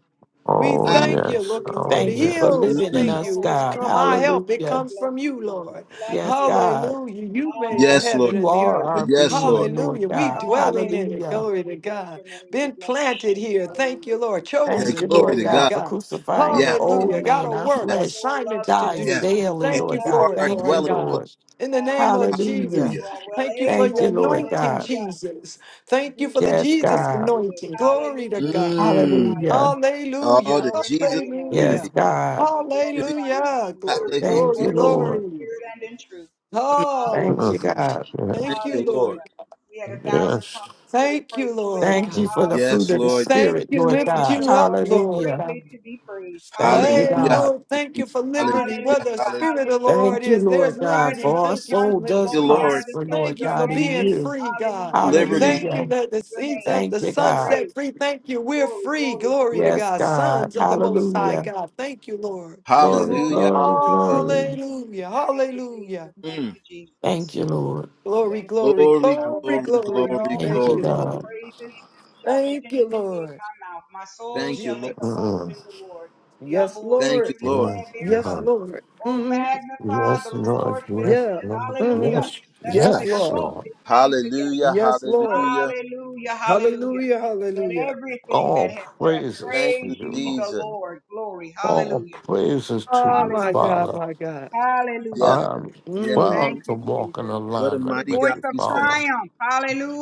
[SPEAKER 4] We
[SPEAKER 6] We
[SPEAKER 7] Oh,
[SPEAKER 1] Ah,
[SPEAKER 6] bless
[SPEAKER 4] thank
[SPEAKER 6] your
[SPEAKER 4] you,
[SPEAKER 7] yes.
[SPEAKER 6] holy
[SPEAKER 4] looking to
[SPEAKER 7] Oh,
[SPEAKER 6] name.
[SPEAKER 4] the
[SPEAKER 5] Thank you
[SPEAKER 7] yes.
[SPEAKER 5] for
[SPEAKER 1] mm,
[SPEAKER 6] We
[SPEAKER 1] mm,
[SPEAKER 4] hills.
[SPEAKER 6] bless
[SPEAKER 5] living in
[SPEAKER 1] mm.
[SPEAKER 4] Thank
[SPEAKER 6] your
[SPEAKER 5] us,
[SPEAKER 4] you.
[SPEAKER 6] holy
[SPEAKER 4] It's
[SPEAKER 5] God.
[SPEAKER 4] come
[SPEAKER 6] name.
[SPEAKER 4] our help. It
[SPEAKER 6] We
[SPEAKER 5] Hallelujah.
[SPEAKER 4] comes
[SPEAKER 6] bless
[SPEAKER 4] from
[SPEAKER 6] you,
[SPEAKER 4] you,
[SPEAKER 6] Lord. We
[SPEAKER 4] Lord.
[SPEAKER 6] bless
[SPEAKER 5] Yes,
[SPEAKER 6] you, Lord.
[SPEAKER 5] God.
[SPEAKER 4] Hallelujah. You made the
[SPEAKER 1] yes,
[SPEAKER 4] heaven
[SPEAKER 1] Lord.
[SPEAKER 5] You
[SPEAKER 4] and the
[SPEAKER 5] are
[SPEAKER 4] earth.
[SPEAKER 1] Yes,
[SPEAKER 6] Hallelujah.
[SPEAKER 1] Lord.
[SPEAKER 5] our
[SPEAKER 1] Yes, Lord.
[SPEAKER 5] being, Lord
[SPEAKER 4] Hallelujah. We
[SPEAKER 5] God.
[SPEAKER 4] dwelling in it.
[SPEAKER 5] Hallelujah.
[SPEAKER 6] Hallelujah.
[SPEAKER 4] Glory
[SPEAKER 6] We
[SPEAKER 4] to
[SPEAKER 6] bless
[SPEAKER 4] God.
[SPEAKER 6] your name. We
[SPEAKER 4] Been
[SPEAKER 6] bless your
[SPEAKER 4] planted
[SPEAKER 6] name.
[SPEAKER 4] here. Thank you,
[SPEAKER 6] Hallelujah.
[SPEAKER 4] Lord.
[SPEAKER 6] Thank you,
[SPEAKER 1] Hey,
[SPEAKER 5] Thank you,
[SPEAKER 4] Chosen.
[SPEAKER 6] Jesus.
[SPEAKER 1] glory
[SPEAKER 5] Lord
[SPEAKER 1] to
[SPEAKER 4] Glory to
[SPEAKER 5] God,
[SPEAKER 1] God.
[SPEAKER 5] for
[SPEAKER 4] God.
[SPEAKER 5] crucifying
[SPEAKER 6] My
[SPEAKER 5] the
[SPEAKER 1] Yeah,
[SPEAKER 6] soul
[SPEAKER 1] yeah,
[SPEAKER 5] old
[SPEAKER 4] Hallelujah.
[SPEAKER 6] loves
[SPEAKER 4] Got
[SPEAKER 5] man.
[SPEAKER 4] to
[SPEAKER 6] you,
[SPEAKER 5] Our
[SPEAKER 6] Lord.
[SPEAKER 4] work,
[SPEAKER 1] yeah,
[SPEAKER 6] My
[SPEAKER 5] flesh
[SPEAKER 6] soul loves
[SPEAKER 4] assignments
[SPEAKER 6] you,
[SPEAKER 4] to
[SPEAKER 5] dies
[SPEAKER 6] Lord.
[SPEAKER 1] yeah.
[SPEAKER 4] do.
[SPEAKER 6] My
[SPEAKER 5] daily,
[SPEAKER 1] And
[SPEAKER 6] soul
[SPEAKER 4] Thank you
[SPEAKER 5] Lord
[SPEAKER 1] you
[SPEAKER 6] loves
[SPEAKER 5] God.
[SPEAKER 1] are
[SPEAKER 4] for
[SPEAKER 6] you,
[SPEAKER 4] it,
[SPEAKER 1] our
[SPEAKER 6] Lord.
[SPEAKER 5] Thank you,
[SPEAKER 4] Lord
[SPEAKER 1] dwelling
[SPEAKER 4] God.
[SPEAKER 1] place.
[SPEAKER 5] Lord.
[SPEAKER 4] In the name of
[SPEAKER 6] Hallelujah.
[SPEAKER 4] Jesus,
[SPEAKER 6] You
[SPEAKER 5] Hallelujah.
[SPEAKER 1] Hallelujah.
[SPEAKER 6] are well
[SPEAKER 4] thank you for
[SPEAKER 5] Thank
[SPEAKER 4] your
[SPEAKER 5] you,
[SPEAKER 6] able,
[SPEAKER 5] Lord
[SPEAKER 4] anointing,
[SPEAKER 5] God.
[SPEAKER 6] hallelujah,
[SPEAKER 4] Jesus.
[SPEAKER 6] to
[SPEAKER 4] Thank
[SPEAKER 6] do
[SPEAKER 4] you for the
[SPEAKER 6] what you
[SPEAKER 5] Yes,
[SPEAKER 4] Jesus
[SPEAKER 6] said you
[SPEAKER 5] God.
[SPEAKER 6] would.
[SPEAKER 4] anointing. Glory to
[SPEAKER 6] Hallelujah. We
[SPEAKER 4] God.
[SPEAKER 1] Mm.
[SPEAKER 6] glorify your
[SPEAKER 5] Hallelujah.
[SPEAKER 6] name. We
[SPEAKER 1] Oh,
[SPEAKER 4] Hallelujah.
[SPEAKER 1] the
[SPEAKER 6] glorify
[SPEAKER 1] Jesus
[SPEAKER 6] your name.
[SPEAKER 5] Yes,
[SPEAKER 4] Hallelujah.
[SPEAKER 1] community.
[SPEAKER 5] God.
[SPEAKER 6] We glorify your name.
[SPEAKER 4] Hallelujah.
[SPEAKER 6] We
[SPEAKER 4] Glory,
[SPEAKER 6] honor you. We
[SPEAKER 5] Thank
[SPEAKER 4] glory,
[SPEAKER 1] Hallelujah.
[SPEAKER 5] you,
[SPEAKER 6] worship you in
[SPEAKER 5] Lord.
[SPEAKER 4] glory.
[SPEAKER 6] spirit and in truth.
[SPEAKER 1] Mm,
[SPEAKER 5] Thank you,
[SPEAKER 7] Mm,
[SPEAKER 6] Hallelujah.
[SPEAKER 4] Hallelujah.
[SPEAKER 5] God.
[SPEAKER 1] thank
[SPEAKER 4] Thank you,
[SPEAKER 1] you,
[SPEAKER 4] Lord.
[SPEAKER 1] Lord.
[SPEAKER 6] Hallelujah. We had a thousand
[SPEAKER 7] Yes.
[SPEAKER 6] times we couldn't
[SPEAKER 4] Thank you,
[SPEAKER 6] praise you
[SPEAKER 4] Lord
[SPEAKER 6] enough.
[SPEAKER 5] Thank you
[SPEAKER 7] Yes.
[SPEAKER 4] God.
[SPEAKER 5] for the fruit
[SPEAKER 1] Yes,
[SPEAKER 5] of the
[SPEAKER 6] Hallelujah.
[SPEAKER 1] Lord. Yes.
[SPEAKER 4] Thank
[SPEAKER 5] Spirit,
[SPEAKER 4] you.
[SPEAKER 1] Lord.
[SPEAKER 5] Lord
[SPEAKER 6] Great
[SPEAKER 4] Lift
[SPEAKER 6] is
[SPEAKER 5] God.
[SPEAKER 6] the
[SPEAKER 4] you up,
[SPEAKER 6] Lord and
[SPEAKER 4] Lord
[SPEAKER 5] Hallelujah.
[SPEAKER 6] greatly
[SPEAKER 4] God.
[SPEAKER 6] to be praised.
[SPEAKER 5] Thank
[SPEAKER 1] Hallelujah.
[SPEAKER 5] you,
[SPEAKER 4] Hey,
[SPEAKER 6] Hallelujah.
[SPEAKER 5] God.
[SPEAKER 4] Lord, thank you for
[SPEAKER 1] Hallelujah.
[SPEAKER 4] liberty. Where
[SPEAKER 1] Hallelujah.
[SPEAKER 4] the
[SPEAKER 6] Hallelujah.
[SPEAKER 1] Hallelujah.
[SPEAKER 4] Spirit of the
[SPEAKER 6] Hallelujah.
[SPEAKER 4] Lord
[SPEAKER 5] Thank you,
[SPEAKER 4] is,
[SPEAKER 6] From
[SPEAKER 5] Lord
[SPEAKER 4] there's
[SPEAKER 6] the
[SPEAKER 5] God,
[SPEAKER 4] liberty.
[SPEAKER 5] for
[SPEAKER 6] rising of
[SPEAKER 5] our
[SPEAKER 6] the
[SPEAKER 4] Thank you
[SPEAKER 6] sun
[SPEAKER 4] for
[SPEAKER 5] soul
[SPEAKER 6] to the
[SPEAKER 5] does
[SPEAKER 6] going
[SPEAKER 4] liberty.
[SPEAKER 6] down
[SPEAKER 1] Lord.
[SPEAKER 6] of the
[SPEAKER 5] prosper,
[SPEAKER 6] same,
[SPEAKER 5] Lord
[SPEAKER 4] Thank you
[SPEAKER 6] your
[SPEAKER 4] for
[SPEAKER 5] God, in
[SPEAKER 4] being
[SPEAKER 6] name.
[SPEAKER 5] you.
[SPEAKER 4] free, God.
[SPEAKER 6] Hallelujah. Your
[SPEAKER 1] Liberty.
[SPEAKER 4] Thank you
[SPEAKER 5] Hallelujah.
[SPEAKER 6] name.
[SPEAKER 4] that the
[SPEAKER 6] Your
[SPEAKER 4] seeds
[SPEAKER 6] name
[SPEAKER 4] of
[SPEAKER 6] is
[SPEAKER 4] the
[SPEAKER 5] Thank
[SPEAKER 6] to
[SPEAKER 5] you,
[SPEAKER 6] be
[SPEAKER 4] sun
[SPEAKER 5] God.
[SPEAKER 4] set
[SPEAKER 6] praised.
[SPEAKER 4] free. Thank you. We're
[SPEAKER 6] Glory,
[SPEAKER 4] free.
[SPEAKER 6] glory,
[SPEAKER 4] Glory to
[SPEAKER 6] glory,
[SPEAKER 5] Yes,
[SPEAKER 4] God.
[SPEAKER 5] God.
[SPEAKER 4] Sons of the
[SPEAKER 6] glory,
[SPEAKER 4] Most High
[SPEAKER 6] glory,
[SPEAKER 5] Hallelujah.
[SPEAKER 4] God. Thank you, Lord.
[SPEAKER 5] Glory,
[SPEAKER 6] glory,
[SPEAKER 1] Hallelujah.
[SPEAKER 5] glory,
[SPEAKER 6] glory.
[SPEAKER 1] hallelujah.
[SPEAKER 5] glory.
[SPEAKER 4] Hallelujah.
[SPEAKER 6] Thank you,
[SPEAKER 4] Hallelujah.
[SPEAKER 6] Jesus. Thank
[SPEAKER 1] Mm.
[SPEAKER 6] you,
[SPEAKER 5] Thank
[SPEAKER 6] Jesus.
[SPEAKER 5] you, Lord.
[SPEAKER 4] Glory,
[SPEAKER 6] Thank you,
[SPEAKER 4] glory,
[SPEAKER 6] Jesus.
[SPEAKER 1] Glory,
[SPEAKER 6] I will
[SPEAKER 4] glory,
[SPEAKER 6] bless
[SPEAKER 1] glory,
[SPEAKER 6] the Lord
[SPEAKER 4] glory.
[SPEAKER 6] at
[SPEAKER 4] We
[SPEAKER 1] glory,
[SPEAKER 6] all
[SPEAKER 5] Thank
[SPEAKER 4] thank
[SPEAKER 5] you,
[SPEAKER 6] times,
[SPEAKER 4] you,
[SPEAKER 1] glory.
[SPEAKER 6] and his
[SPEAKER 4] Lord.
[SPEAKER 5] God.
[SPEAKER 6] praises shall
[SPEAKER 4] Thank you,
[SPEAKER 6] continually be in
[SPEAKER 4] Lord.
[SPEAKER 6] my mouth. My soul
[SPEAKER 1] Thank you,
[SPEAKER 6] shall
[SPEAKER 1] Lord.
[SPEAKER 6] make a
[SPEAKER 4] Jesus.
[SPEAKER 6] boast
[SPEAKER 7] Mm,
[SPEAKER 6] in the Lord. The
[SPEAKER 4] Yes,
[SPEAKER 6] humble will hear
[SPEAKER 1] Thank you,
[SPEAKER 4] Lord.
[SPEAKER 6] and be
[SPEAKER 7] Yes,
[SPEAKER 1] Lord.
[SPEAKER 6] glad
[SPEAKER 7] Lord.
[SPEAKER 4] Yes,
[SPEAKER 6] thereof.
[SPEAKER 4] Lord.
[SPEAKER 6] Oh,
[SPEAKER 4] hmm
[SPEAKER 6] magnify
[SPEAKER 7] Yes,
[SPEAKER 6] the
[SPEAKER 7] Lord.
[SPEAKER 6] Lord with
[SPEAKER 7] Yes,
[SPEAKER 4] Yeah.
[SPEAKER 6] me.
[SPEAKER 7] Lord.
[SPEAKER 6] Hallelujah.
[SPEAKER 4] hmm
[SPEAKER 7] Yes.
[SPEAKER 6] Let us
[SPEAKER 4] Yes,
[SPEAKER 7] Yes,
[SPEAKER 4] Lord.
[SPEAKER 6] exalt
[SPEAKER 7] Lord.
[SPEAKER 6] his name together.
[SPEAKER 1] Hallelujah.
[SPEAKER 4] Yes, Lord.
[SPEAKER 1] Hallelujah.
[SPEAKER 6] Hallelujah. Hallelujah.
[SPEAKER 4] Hallelujah.
[SPEAKER 6] Let
[SPEAKER 4] Hallelujah.
[SPEAKER 6] everything
[SPEAKER 7] All
[SPEAKER 6] that has breath
[SPEAKER 7] praises
[SPEAKER 1] Thank
[SPEAKER 7] to
[SPEAKER 6] praise
[SPEAKER 1] you,
[SPEAKER 7] you,
[SPEAKER 6] ye the
[SPEAKER 7] Lord.
[SPEAKER 1] Jesus.
[SPEAKER 6] Lord. Glory.
[SPEAKER 7] All
[SPEAKER 6] Hallelujah.
[SPEAKER 7] praises to
[SPEAKER 4] Oh,
[SPEAKER 7] you,
[SPEAKER 4] my
[SPEAKER 6] Hallelujah.
[SPEAKER 4] God,
[SPEAKER 7] Father.
[SPEAKER 4] my God.
[SPEAKER 1] Yeah.
[SPEAKER 6] Hallelujah.
[SPEAKER 7] I'm
[SPEAKER 1] Yeah.
[SPEAKER 6] Thank
[SPEAKER 7] proud
[SPEAKER 4] Mm.
[SPEAKER 7] to
[SPEAKER 6] you,
[SPEAKER 7] walk in
[SPEAKER 6] Jesus.
[SPEAKER 1] What a
[SPEAKER 6] With
[SPEAKER 7] alignment
[SPEAKER 6] a
[SPEAKER 1] mighty
[SPEAKER 7] with
[SPEAKER 6] voice
[SPEAKER 1] God
[SPEAKER 7] you,
[SPEAKER 6] of
[SPEAKER 1] we serve.
[SPEAKER 7] Father.
[SPEAKER 6] triumph.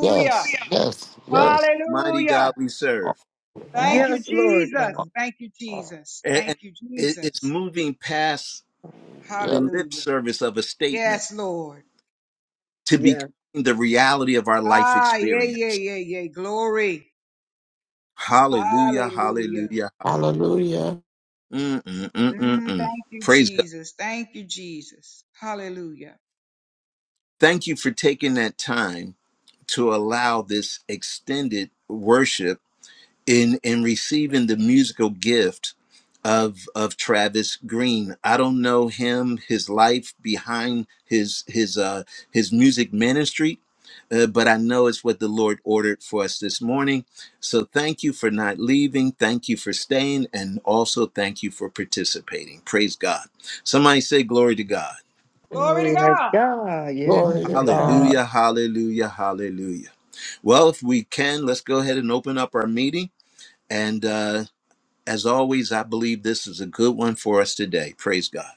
[SPEAKER 7] Yes, yes,
[SPEAKER 1] What
[SPEAKER 7] yes.
[SPEAKER 1] a mighty
[SPEAKER 6] Hallelujah.
[SPEAKER 1] God we
[SPEAKER 7] Oh,
[SPEAKER 1] serve.
[SPEAKER 7] oh,
[SPEAKER 6] Thank you,
[SPEAKER 4] Yes, Lord.
[SPEAKER 6] Jesus.
[SPEAKER 4] God.
[SPEAKER 6] Thank you,
[SPEAKER 7] oh,
[SPEAKER 6] Jesus.
[SPEAKER 1] And,
[SPEAKER 6] Thank
[SPEAKER 1] and
[SPEAKER 6] you,
[SPEAKER 1] it- it's
[SPEAKER 6] Jesus.
[SPEAKER 1] moving past the
[SPEAKER 7] yeah.
[SPEAKER 1] lip
[SPEAKER 6] Hallelujah.
[SPEAKER 1] service of a statement
[SPEAKER 6] Yes, Lord.
[SPEAKER 1] to becoming
[SPEAKER 4] Yeah.
[SPEAKER 1] the reality of our life
[SPEAKER 6] Ah, yeah, yeah,
[SPEAKER 1] experience.
[SPEAKER 6] yeah, yeah. Glory.
[SPEAKER 1] Hallelujah.
[SPEAKER 6] Hallelujah.
[SPEAKER 1] Hallelujah.
[SPEAKER 5] Hallelujah.
[SPEAKER 1] Mm, mm, mm, mm,
[SPEAKER 6] Mm,
[SPEAKER 1] mm.
[SPEAKER 6] thank you,
[SPEAKER 1] Praise God.
[SPEAKER 6] Jesus. Thank you, Jesus. Hallelujah.
[SPEAKER 1] Thank you for taking that time to allow this extended worship in in receiving the musical gift of of Travis Green. I don't know him, his life behind his his uh his music ministry, uh, but I know it's what the Lord ordered for us this morning. So thank you for not leaving, thank you for staying, and also thank you for participating. Praise God. Somebody say glory to God.
[SPEAKER 6] Glory to
[SPEAKER 4] Glory to
[SPEAKER 6] God.
[SPEAKER 4] God.
[SPEAKER 5] Glory
[SPEAKER 4] Yeah.
[SPEAKER 3] Glory
[SPEAKER 5] to
[SPEAKER 3] to God.
[SPEAKER 5] God.
[SPEAKER 1] Hallelujah, hallelujah, hallelujah. Well, if we can, let's go ahead and open up our meeting. And uh, As always, I believe this is a good one for us today. Praise God.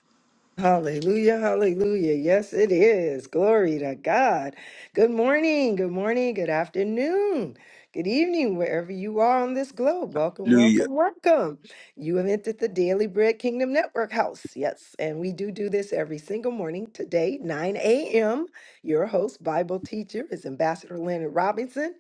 [SPEAKER 4] Hallelujah, hallelujah. Yes, it is. Glory to God. Good morning, good morning, good afternoon, good evening, wherever you are on this globe. Welcome,
[SPEAKER 1] Hallelujah.
[SPEAKER 4] welcome, welcome. You have entered the Daily Bread Kingdom Network house. Yes, and we do do this every single morning. Today, 9 a.m., your host, Bible teacher, is Ambassador Leonard Robinson.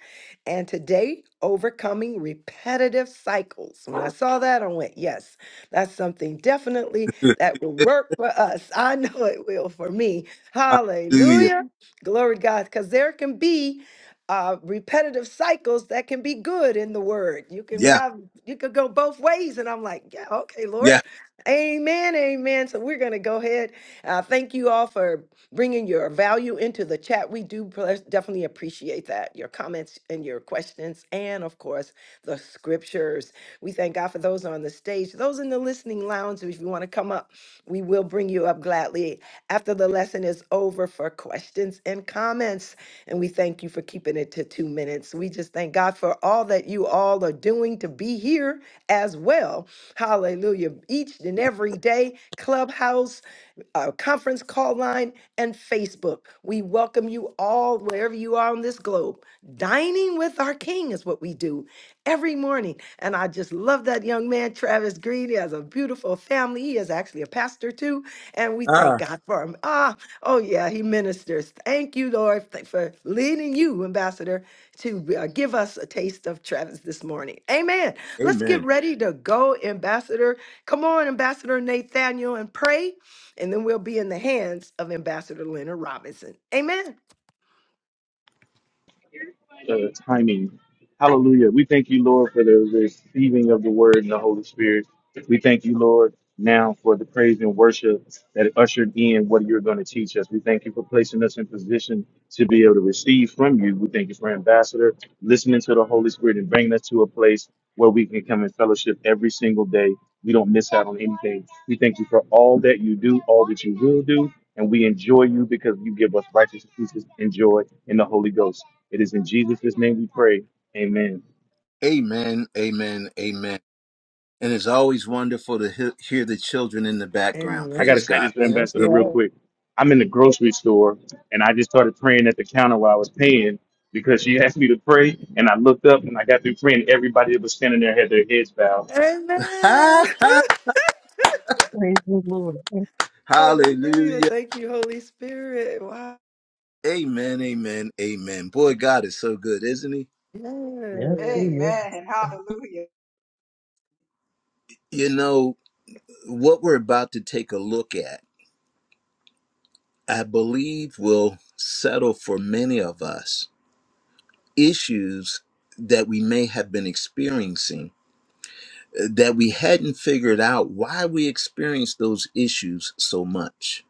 [SPEAKER 4] And today, overcoming repetitive cycles. When I saw that, I went, yes, that's something definitely that will work for us. I know it will for me.
[SPEAKER 1] Hallelujah.
[SPEAKER 4] Hallelujah. Glory to God. Because there can be uh, repetitive cycles that can be good in the word. You can
[SPEAKER 1] Yeah.
[SPEAKER 4] have, you could go both ways. And I'm like, yeah, okay, Lord.
[SPEAKER 1] Yeah.
[SPEAKER 4] Amen. Amen. So we're going to go ahead. Uh, thank you all for bringing your value into the chat. We do pres- definitely appreciate that. Your comments and your questions, and of course, the scriptures. We thank God for those on the stage, those in the listening lounge. If you want to come up, we will bring you up gladly after the lesson is over for questions and comments. And we thank you for keeping it to two minutes. We just thank God for all that you all are doing to be here as well. Hallelujah. Each and every day, Clubhouse, uh, conference call line, and Facebook. We welcome you all wherever you are on this globe. Dining with our King is what we do every morning. And I just love that young man, Travis Green. He has a beautiful family. He is actually a pastor too. And we thank
[SPEAKER 1] Ah.
[SPEAKER 4] God for him. Ah, oh yeah, he ministers. Thank you, Lord, th- for leading you, Ambassador, to uh, give us a taste of Travis this morning. Amen. Let's get
[SPEAKER 1] Amen.
[SPEAKER 4] ready to go, Ambassador. Come on, Ambassador Nathaniel, and pray. And then we'll be in the hands of Ambassador Leonard Robinson. Amen.
[SPEAKER 2] the timing. Hallelujah. We thank you, Lord, for the receiving of the word and the Holy Spirit. We thank you, Lord, now for the praise and worship that ushered in what you're going to teach us. We thank you for placing us in position to be able to receive from you. We thank you for Ambassador listening to the Holy Spirit and bringing us to a place where we can come in fellowship every single day We don't miss out on anything. We thank you for all that you do, all that you will do, and we enjoy you because you give us righteous pieces and joy in the Holy Ghost. It is in Jesus' name we pray. Amen.
[SPEAKER 1] Amen, amen, amen. And it's always wonderful to he- hear the children in the background.
[SPEAKER 2] I
[SPEAKER 4] Amen.
[SPEAKER 2] got to
[SPEAKER 1] Praise
[SPEAKER 2] say
[SPEAKER 1] God.
[SPEAKER 2] this to
[SPEAKER 4] That's
[SPEAKER 2] Ambassador
[SPEAKER 1] You-
[SPEAKER 2] real
[SPEAKER 4] right.
[SPEAKER 2] quick. I'm in the grocery store and I just started praying at the counter while I was paying because she asked me to pray. And I looked up and I got through praying. Everybody that was standing there had their heads bowed.
[SPEAKER 4] Amen.
[SPEAKER 3] Praise the Lord. Yes,
[SPEAKER 4] Hallelujah.
[SPEAKER 1] Hallelujah.
[SPEAKER 4] Thank you, Holy Spirit. Wow.
[SPEAKER 1] Amen, amen, amen. Boy, God is so good, isn't He?
[SPEAKER 3] yes, He
[SPEAKER 4] Yes.
[SPEAKER 3] is.
[SPEAKER 6] Amen. Hallelujah.
[SPEAKER 1] You know, what we're about to take a look at, I believe, will settle for many of us issues that we may have been experiencing uh, that we hadn't figured out why we experienced those issues so much.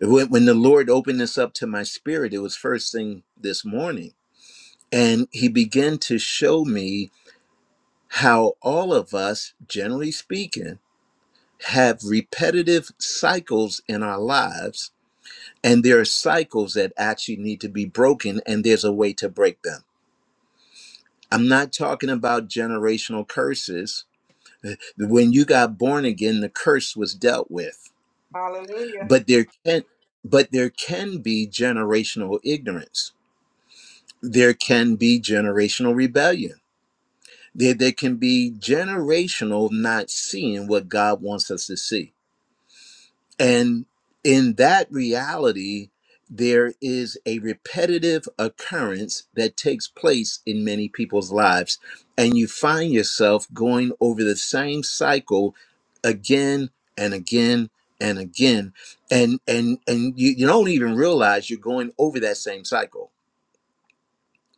[SPEAKER 1] When, when the Lord opened this up to my spirit, it was first thing this morning, and He began to show me how all of us, generally speaking, have repetitive cycles in our lives, and there are cycles that actually need to be broken, and there's a way to break them. I'm not talking about generational curses. When you got born again, the curse was dealt with.
[SPEAKER 6] Hallelujah.
[SPEAKER 1] But there can but there can be generational ignorance. There can be generational rebellion. There, there can be generational not seeing what God wants us to see. And in that reality, there is a repetitive occurrence that takes place in many people's lives. And you find yourself going over the same cycle again and again and again. And and and you, you don't even realize you're going over that same cycle.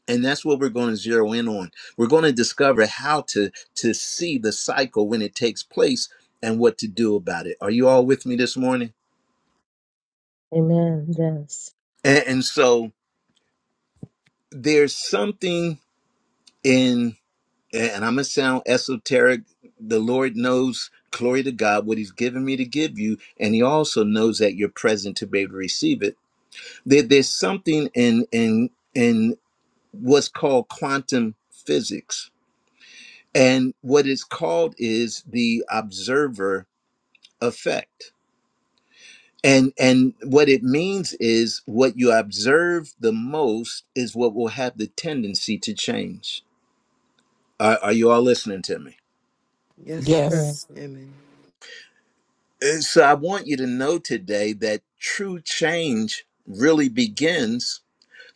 [SPEAKER 1] And that's what we're going to zero in on. We're going to discover how to to see the cycle when it takes place and what to do about it. Are you all with me this morning?
[SPEAKER 3] Amen. Yes.
[SPEAKER 1] And, and so there's something in, and I'm going to sound esoteric. The Lord knows, glory to God, what He's given me to give you. And He also knows that you're present to be able to receive it. There, there's something in, in, in what's called quantum physics. And what it's called is the observer effect. And, and what it means is what you observe the most is what will have the tendency to change Are, are you all listening to me?
[SPEAKER 4] Yes, sir.
[SPEAKER 3] Yeah.
[SPEAKER 5] Yes.
[SPEAKER 4] Amen.
[SPEAKER 1] Uh, So I want you to know today that true change really begins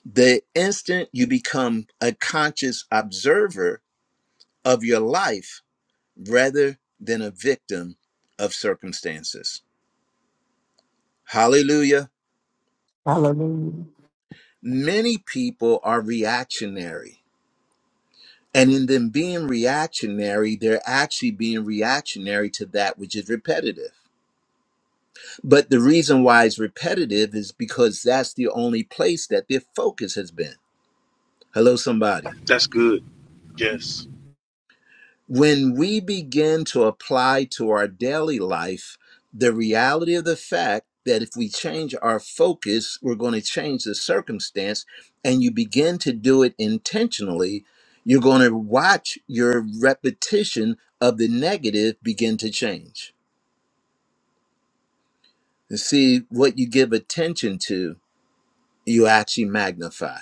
[SPEAKER 1] the instant you become a conscious observer of your life rather than a victim of circumstances. Hallelujah.
[SPEAKER 5] Hallelujah.
[SPEAKER 1] Many people are reactionary. And in them being reactionary, they're actually being reactionary to that which is repetitive. But the reason why it's repetitive is because that's the only place that their focus has been. Hello, somebody.
[SPEAKER 2] That's good. Yes.
[SPEAKER 1] When we begin to apply to our daily life the reality of the fact that if we change our focus, we're going to change the circumstance, and you begin to do it intentionally, you're going to watch your repetition of the negative begin to change. You see, what you give attention to, you actually magnify.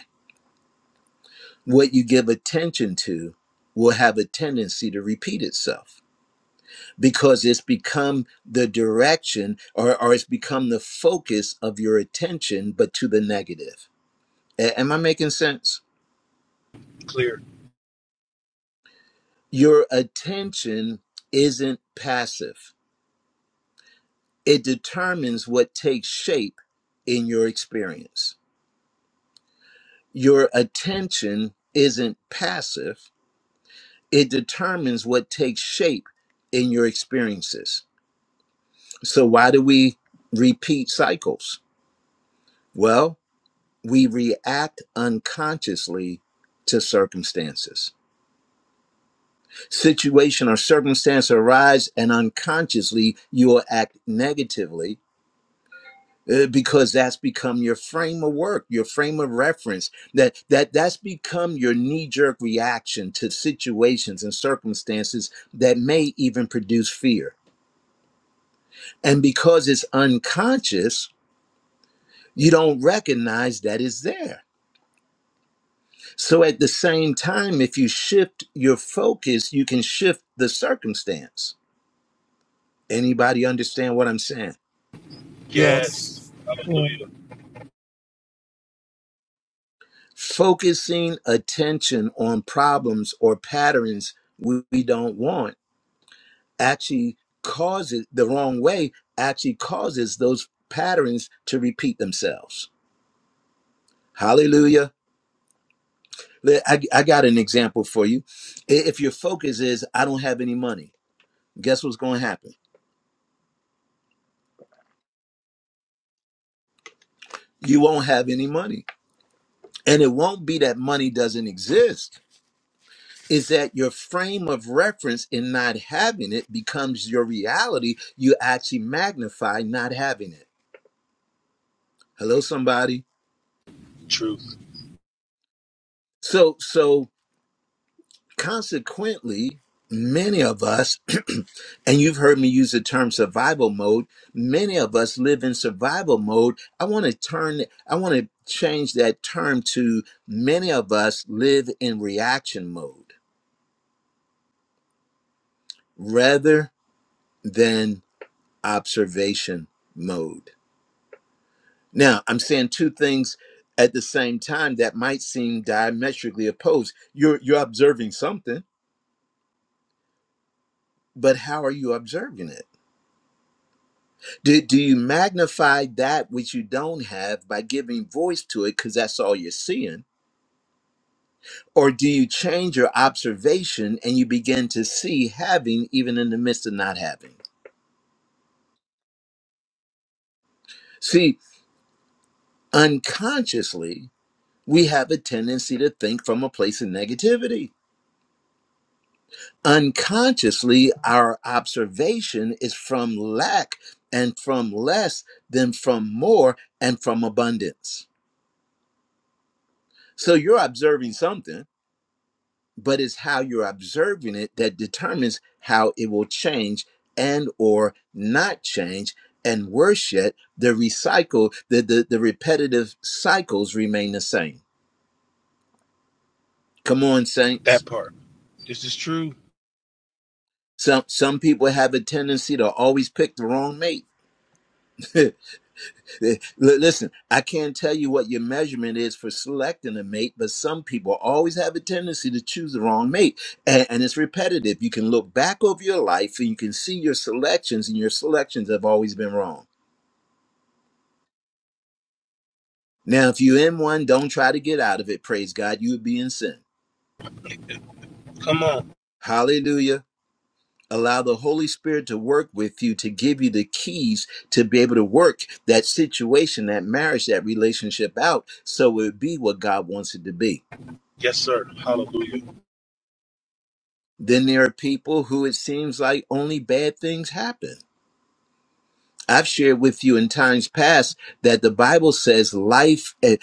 [SPEAKER 1] what you give attention to will have a tendency to repeat itself because it's become the direction or, or it's become the focus of your attention, but to the negative. A- am I making sense?
[SPEAKER 2] Clear.
[SPEAKER 1] Your attention isn't passive, it determines what takes shape in your experience. Your attention isn't passive, it determines what takes shape in your experiences So, why do we repeat cycles? Well, we react unconsciously to circumstances. Situation or circumstance arise, and unconsciously you will act negatively uh, because that's become your frame of work, your frame of reference. That that that's become your knee-jerk reaction to situations and circumstances that may even produce fear. And because it's unconscious, you don't recognize that it's there So at the same time, if you shift your focus, you can shift the circumstance. Anybody understand what I'm saying?
[SPEAKER 2] Yes.
[SPEAKER 5] Yes.
[SPEAKER 3] Yeah.
[SPEAKER 2] Hallelujah.
[SPEAKER 1] Focusing attention on problems or patterns we we don't want actually causes the wrong way, actually causes those patterns to repeat themselves. Hallelujah. Le- I, I got an example for you. I- If your focus is, I don't have any money, guess what's going to happen? You won't have any money And it won't be that money doesn't exist. Is that your frame of reference in not having it becomes your reality? You actually magnify not having it. Hello, somebody.
[SPEAKER 2] Truth.
[SPEAKER 1] So, so consequently, many of us, and you've heard me use the term survival mode. Many of us live in survival mode. I want to turn. I want to change that term to many of us live in reaction mode rather than observation mode. Now, I'm saying two things at the same time that might seem diametrically opposed. You're you're observing something, but how are you observing it? Do, do you magnify that which you don't have by giving voice to it because that's all you're seeing? Or do you change your observation and you begin to see having even in the midst of not having? See, unconsciously, we have a tendency to think from a place of negativity unconsciously our observation is from lack and from less than from more and from abundance so you're observing something but it's how you're observing it that determines how it will change and or not change and worse yet the recycle the the, the repetitive cycles remain the same come on
[SPEAKER 2] That
[SPEAKER 1] saints
[SPEAKER 2] part. This is true.
[SPEAKER 1] some some people have a tendency to always pick the wrong mate Eh, li- Listen, I can't tell you what your measurement is for selecting a mate, but some people always have a tendency to choose the wrong mate. And, and it's repetitive. You can look back over your life and you can see your selections, and your selections have always been wrong. Now, if you're in one, don't try to get out of it. Praise God, you would be in sin.
[SPEAKER 2] Come on.
[SPEAKER 1] Hallelujah. Allow the Holy Spirit to work with you to give you the keys to be able to work that situation, that marriage, that relationship out so it would be what God wants it to be.
[SPEAKER 2] Yes, sir. Hallelujah.
[SPEAKER 1] Then there are people who it seems like only bad things happen. I've shared with you in times past that the Bible says life, uh,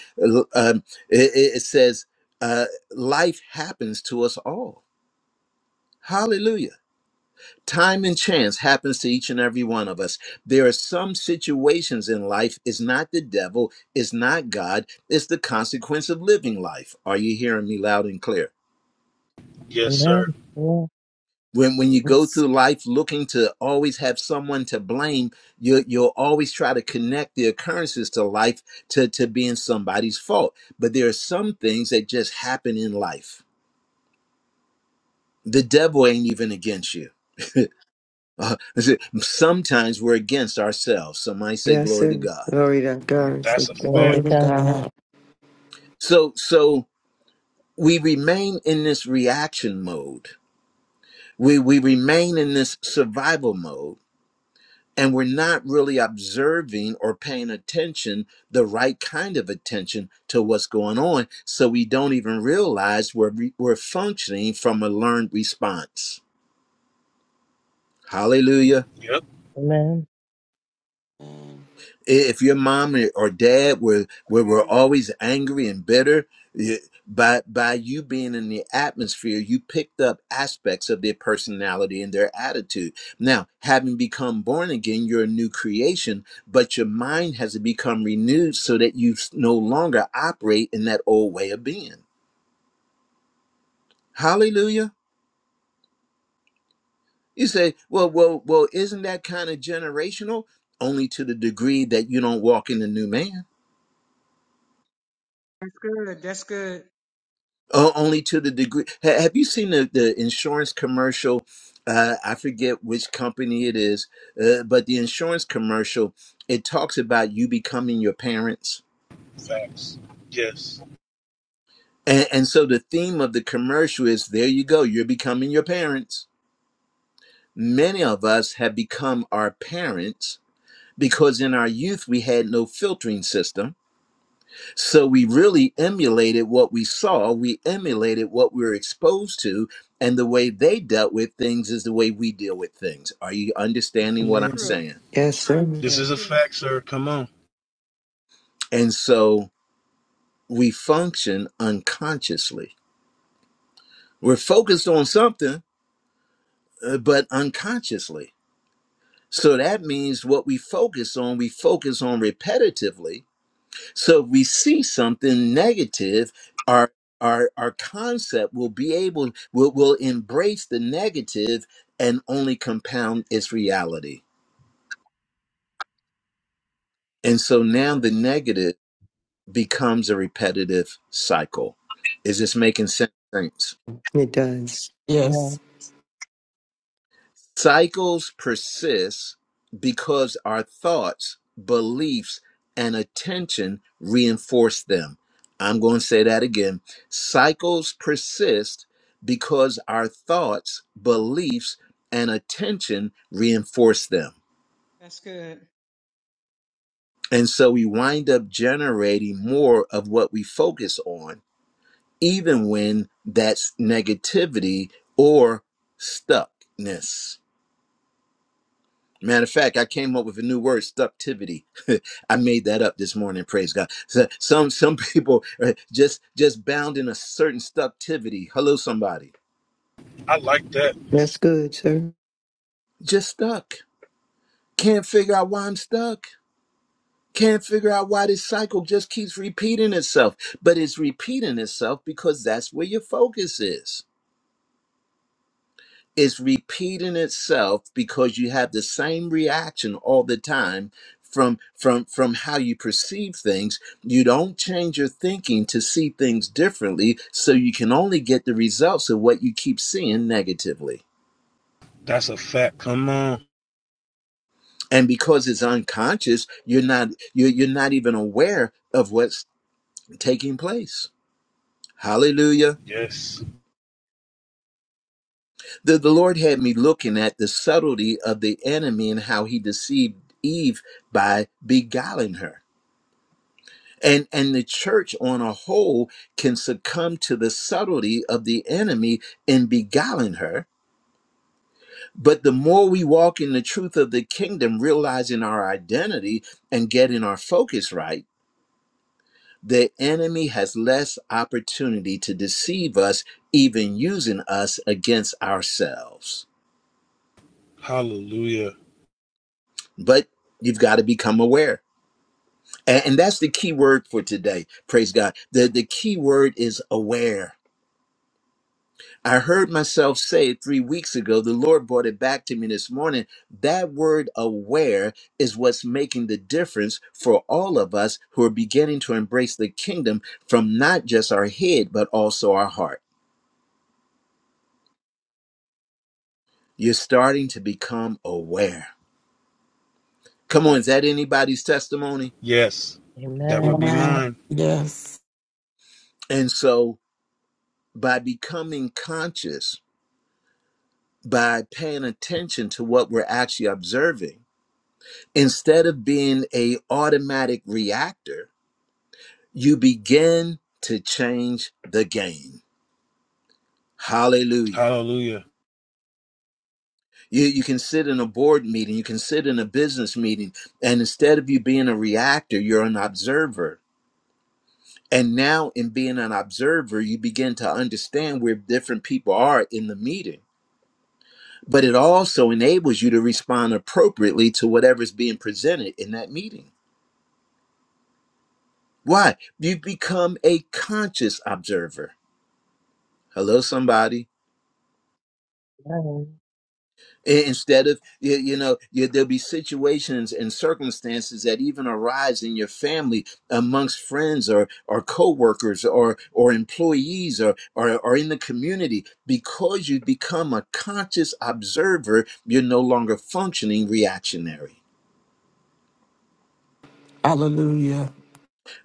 [SPEAKER 1] um, it, it says uh, life happens to us all. Hallelujah. Time and chance happens to each and every one of us. There are some situations in life, it's not the devil, it's not God, it's the consequence of living life. Are you hearing me loud and clear?
[SPEAKER 2] Yes, sir.
[SPEAKER 3] Amen. Yeah.
[SPEAKER 1] when when you go
[SPEAKER 5] Yes.
[SPEAKER 1] through life looking to always have someone to blame you you'll always try to connect the occurrences to life to to being somebody's fault but there are some things that just happen in life the devil ain't even against you sometimes we're against ourselves somebody say
[SPEAKER 4] Yes,
[SPEAKER 1] glory to
[SPEAKER 4] sir.
[SPEAKER 1] god
[SPEAKER 4] Glory to God.
[SPEAKER 2] That's
[SPEAKER 4] Thank
[SPEAKER 2] a
[SPEAKER 4] you.
[SPEAKER 3] Glory to
[SPEAKER 5] Glory to
[SPEAKER 2] fact.
[SPEAKER 3] God.
[SPEAKER 5] God.
[SPEAKER 1] so so we remain in this reaction mode we we remain in this survival mode and we're not really observing or paying attention the right kind of attention to what's going on so we don't even realize we're, re- we're functioning from a learned response hallelujah
[SPEAKER 2] Yep.
[SPEAKER 3] Amen.
[SPEAKER 1] if your mom or dad were were, were
[SPEAKER 6] Amen.
[SPEAKER 1] always angry and bitter y- by by you being in the atmosphere you picked up aspects of their personality and their attitude now having become born again you're a new creation but your mind has to become renewed so that you s- no longer operate in that old way of being hallelujah you say well well well isn't that kind of generational only to the degree that you don't walk in the new man
[SPEAKER 6] That's good. That's good.
[SPEAKER 1] Oh, only to the degree. Ha- have you seen the, the insurance commercial? Uh, I forget which company it is, uh, but the insurance commercial it talks about you becoming your parents,
[SPEAKER 2] Facts. Yes.
[SPEAKER 1] and, and so the theme of the commercial is there you go, you're becoming your parents. Many of us have become our parents because in our youth we had no filtering system So we really emulated what we saw, we emulated what we were exposed to, and the way they dealt with things is the way we deal with things. Are you understanding what I'm
[SPEAKER 4] Amen.
[SPEAKER 6] True.
[SPEAKER 1] saying?
[SPEAKER 4] Yes, sir.
[SPEAKER 2] This
[SPEAKER 6] That's
[SPEAKER 3] Yeah.
[SPEAKER 2] is a
[SPEAKER 6] true.
[SPEAKER 2] fact, sir. Come on.
[SPEAKER 1] And so we function unconsciously. We're focused on something, uh, but unconsciously. So that means what we focus on, we focus on repetitively So if we see something negative, our our our concept will be able will will embrace the negative and only compound its reality. And so now the
[SPEAKER 8] Yes.
[SPEAKER 1] negative becomes a repetitive cycle. Is this making sense?
[SPEAKER 4] It does.
[SPEAKER 3] yeah.
[SPEAKER 5] Yes.
[SPEAKER 1] Cycles persist because our thoughts, beliefs, and attention reinforce them. I'm going to say that again. Cycles persist because our thoughts, beliefs, and attention reinforce them.
[SPEAKER 6] That's good.
[SPEAKER 1] And so we wind up generating more of what we focus on, even when that's negativity or stuckness. Matter of fact, I came up with a new word, stucktivity. I made that up this morning. Praise God. So some some people are just just bound in a certain stucktivity. Hello, somebody.
[SPEAKER 2] I like that.
[SPEAKER 4] That's good, sir.
[SPEAKER 1] Just stuck. Can't figure out why I'm stuck. Can't figure out why this cycle just keeps repeating itself. But it's repeating itself because that's where your focus is. It's repeating itself because you have the same reaction all the time from from from how you perceive things you don't change your thinking to see things differently so you can only get the results of what you keep seeing negatively
[SPEAKER 2] That's a fact. Come on.
[SPEAKER 1] and because it's unconscious you're not you're, you're not even aware of what's taking place hallelujah
[SPEAKER 2] Yes.
[SPEAKER 1] the, the lord had me looking at the subtlety of the enemy and how he deceived eve by beguiling her and and the church on a whole can succumb to the subtlety of the enemy in beguiling her but the more we walk in the truth of the kingdom realizing our identity and getting our focus right the enemy has less opportunity to deceive us even using us against ourselves
[SPEAKER 2] Hallelujah.
[SPEAKER 1] but you've got to become aware and, and that's the key word for today praise god the, the key word is aware I heard myself say three weeks ago. The Lord brought it back to me this morning. That word aware is what's making the difference for all of us who are beginning to embrace the kingdom from not just our head, but also our heart. You're starting to become aware. Come on, is that anybody's testimony?
[SPEAKER 2] Yes. That would
[SPEAKER 3] Amen.
[SPEAKER 2] be
[SPEAKER 5] Amen.
[SPEAKER 2] mine.
[SPEAKER 5] Yes.
[SPEAKER 1] And so, by becoming conscious, by paying attention to what we're actually observing, instead of being a automatic reactor, you begin to change the game. Hallelujah.
[SPEAKER 2] Hallelujah.
[SPEAKER 1] You, you can sit in a board meeting, you can sit in a business meeting, and instead of you being a reactor, you're an observer. And now, in being an observer, you begin to understand where different people are in the meeting. But it also enables you to respond appropriately to whatever's being presented in that meeting. Why? You become a conscious observer. Hello, somebody.
[SPEAKER 3] Amen.
[SPEAKER 1] I- Instead of, you, you know, you, there'll be situations and circumstances that even arise in your family amongst friends or, or coworkers or, or employees or, or, or in the community. Because you become a conscious observer, you're no longer functioning reactionary.
[SPEAKER 5] Hallelujah.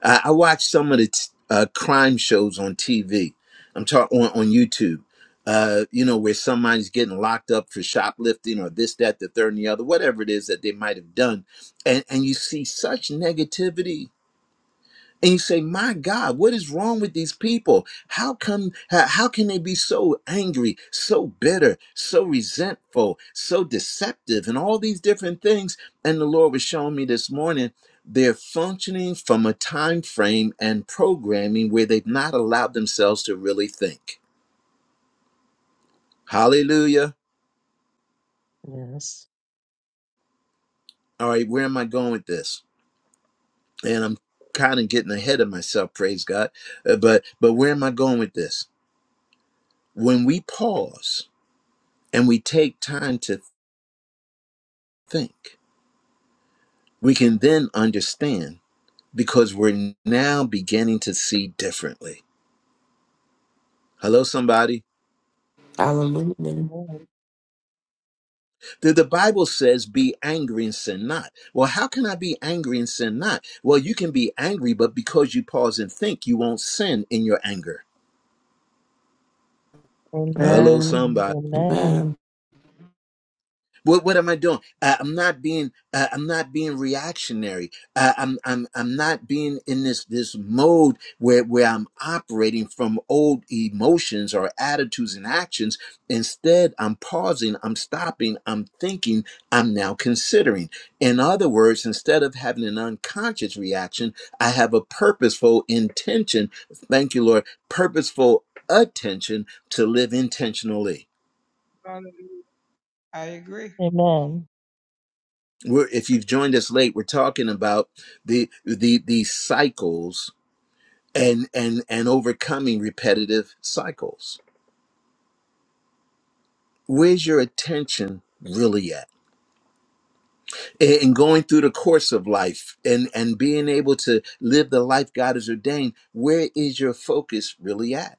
[SPEAKER 1] I, I watch some of the t- uh, crime shows on TV. I'm talking on, on YouTube. Uh, you know, where somebody's getting locked up for shoplifting or this, that, the third, and the other, whatever it is that they might have done, and and you see such negativity and you say my god what is wrong with these people how come how, how can they be so angry so bitter so resentful so deceptive and all these different things and the lord was showing me this morning they're functioning from a time frame and programming where they've not allowed themselves to really think hallelujah
[SPEAKER 3] Yes.
[SPEAKER 1] all right where am i going with this and i'm kind of getting ahead of myself praise god Uh, but but where am i going with this when we pause and we take time to think, we can then understand because we're now beginning to see differently. Hello, somebody.
[SPEAKER 5] Hallelujah.
[SPEAKER 3] Amen.
[SPEAKER 1] The, the Bible says, be angry and sin not. Well, how can I be angry and sin not? Well, you can be angry, but because you pause and think, you won't sin in your anger.
[SPEAKER 3] Amen.
[SPEAKER 1] Hello,
[SPEAKER 5] Amen.
[SPEAKER 1] somebody.
[SPEAKER 3] Amen.
[SPEAKER 5] Amen.
[SPEAKER 1] What what am I doing? Uh, I'm not being uh, I'm not being reactionary. Uh, I'm I'm I'm not being in this this mode where where I'm operating from old emotions or attitudes and actions. Instead, I'm pausing. I'm stopping. I'm thinking. I'm now considering. In other words, instead of having an unconscious reaction, I have a purposeful intention. Thank you, Lord. Purposeful attention to live intentionally.
[SPEAKER 6] Hallelujah. I agree.
[SPEAKER 3] Amen.
[SPEAKER 1] we're if you've joined us late we're talking about the the the cycles and and and overcoming repetitive cycles where's your attention really at A- and going through the course of life and and being able to live the life god has ordained where is your focus really at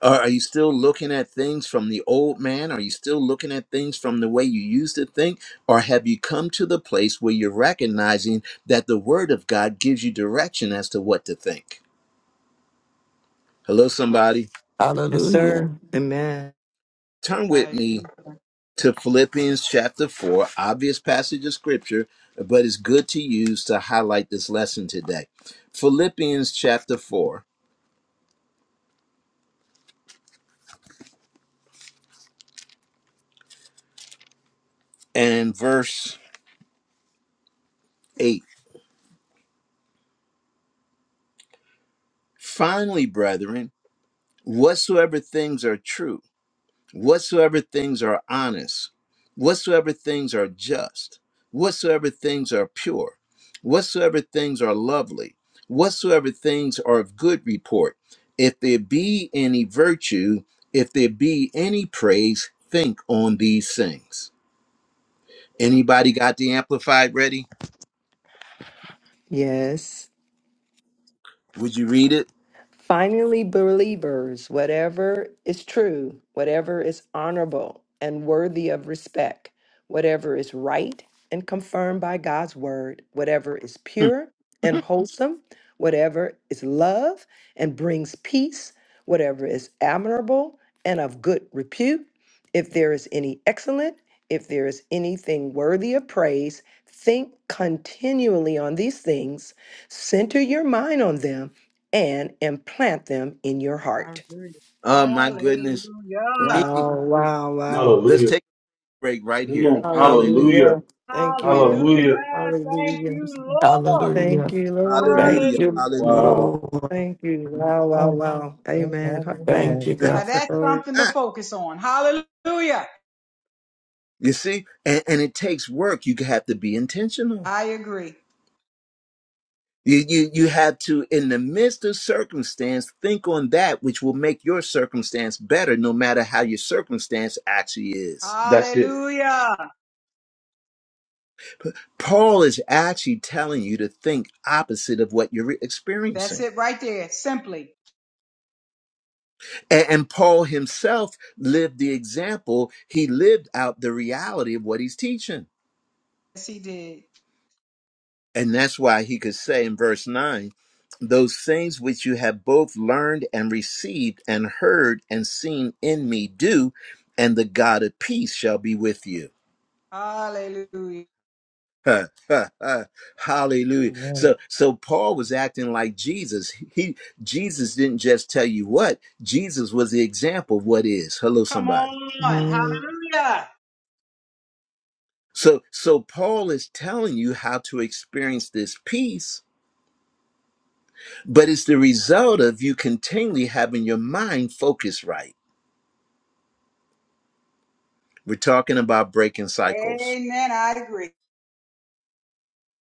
[SPEAKER 1] Are, are you still looking at things from the old man? Are you still looking at things from the way you used to think? Or have you come to the place where you're recognizing that the Word of God gives you direction as to what to think? Hello, somebody.
[SPEAKER 4] Yes,
[SPEAKER 5] Hallelujah.
[SPEAKER 4] sir. Amen.
[SPEAKER 1] Turn
[SPEAKER 6] I
[SPEAKER 1] with me
[SPEAKER 6] agree. sir.
[SPEAKER 1] to Philippians chapter 4, obvious passage of scripture, but it's good to use to highlight this lesson today. Philippians chapter 4 and verse 8. Finally, brethren, whatsoever things are true whatsoever things are honest, whatsoever things are just, whatsoever things are pure, whatsoever things are lovely, whatsoever things are of good report, if there be any virtue, if there be any praise, think on these things. Anybody got the amplified ready?
[SPEAKER 4] Yes.
[SPEAKER 1] Would you read it?
[SPEAKER 4] Finally, believers, whatever is true, whatever is honorable and worthy of respect, whatever is right and confirmed by God's word, whatever is pure and wholesome, whatever is love and brings peace, whatever is admirable and of good repute, if there is any excellent, if there is anything worthy of praise, think continually on these things, center your mind on them and implant them in your
[SPEAKER 6] I
[SPEAKER 4] heart.
[SPEAKER 6] agree.
[SPEAKER 1] Oh my goodness. Me,
[SPEAKER 6] Hallelujah.
[SPEAKER 4] Wow, wow, wow.
[SPEAKER 1] let's take a break right
[SPEAKER 2] Come
[SPEAKER 1] here.
[SPEAKER 2] on.
[SPEAKER 1] Hallelujah.
[SPEAKER 2] Yeah.
[SPEAKER 4] Hallelujah. Thank you, Lord.
[SPEAKER 6] Hallelujah. Thank
[SPEAKER 4] Hallelujah.
[SPEAKER 6] you, Lord.
[SPEAKER 5] Hallelujah.
[SPEAKER 4] Thank you, Lord.
[SPEAKER 5] Thank
[SPEAKER 1] Hallelujah.
[SPEAKER 5] you,
[SPEAKER 6] Hallelujah.
[SPEAKER 1] Hallelujah.
[SPEAKER 2] Oh,
[SPEAKER 5] Lord.
[SPEAKER 4] Thank you. Wow, wow,
[SPEAKER 3] Amen.
[SPEAKER 4] wow. Amen.
[SPEAKER 5] Thank
[SPEAKER 4] Amen.
[SPEAKER 5] you,
[SPEAKER 3] Amen.
[SPEAKER 6] Now
[SPEAKER 5] God.
[SPEAKER 6] that's
[SPEAKER 4] Lord.
[SPEAKER 6] something to focus on. Hallelujah.
[SPEAKER 1] You see, and, and it takes work. You have to be intentional.
[SPEAKER 6] I agree.
[SPEAKER 1] You, you you have to, in the midst of circumstance, think on that which will make your circumstance better, no matter how your circumstance actually is.
[SPEAKER 2] that's it.
[SPEAKER 6] Hallelujah.
[SPEAKER 1] Paul is actually telling you to think opposite of what you're
[SPEAKER 6] That's
[SPEAKER 1] experiencing.
[SPEAKER 6] it right there. Simply.
[SPEAKER 1] A- and Paul himself lived the example, he lived out the reality of what he's teaching.
[SPEAKER 6] Yes, he did.
[SPEAKER 1] And that's why he could say in verse 9, those things which you have both learned and received and heard and seen in me do, and the God of peace shall be with you.
[SPEAKER 6] Hallelujah.
[SPEAKER 1] Ha, ha, ha. Hallelujah. So
[SPEAKER 3] Amen.
[SPEAKER 1] so Paul was acting like Jesus. He Jesus didn't just tell you what, Jesus was the example of what is. Hello
[SPEAKER 6] Come
[SPEAKER 1] somebody.
[SPEAKER 6] on.
[SPEAKER 4] Mhm.
[SPEAKER 6] Hallelujah.
[SPEAKER 1] So so Paul is telling you how to experience this peace but it's the result of you continually having your mind focused right. We're talking about breaking cycles.
[SPEAKER 6] Amen. I agree.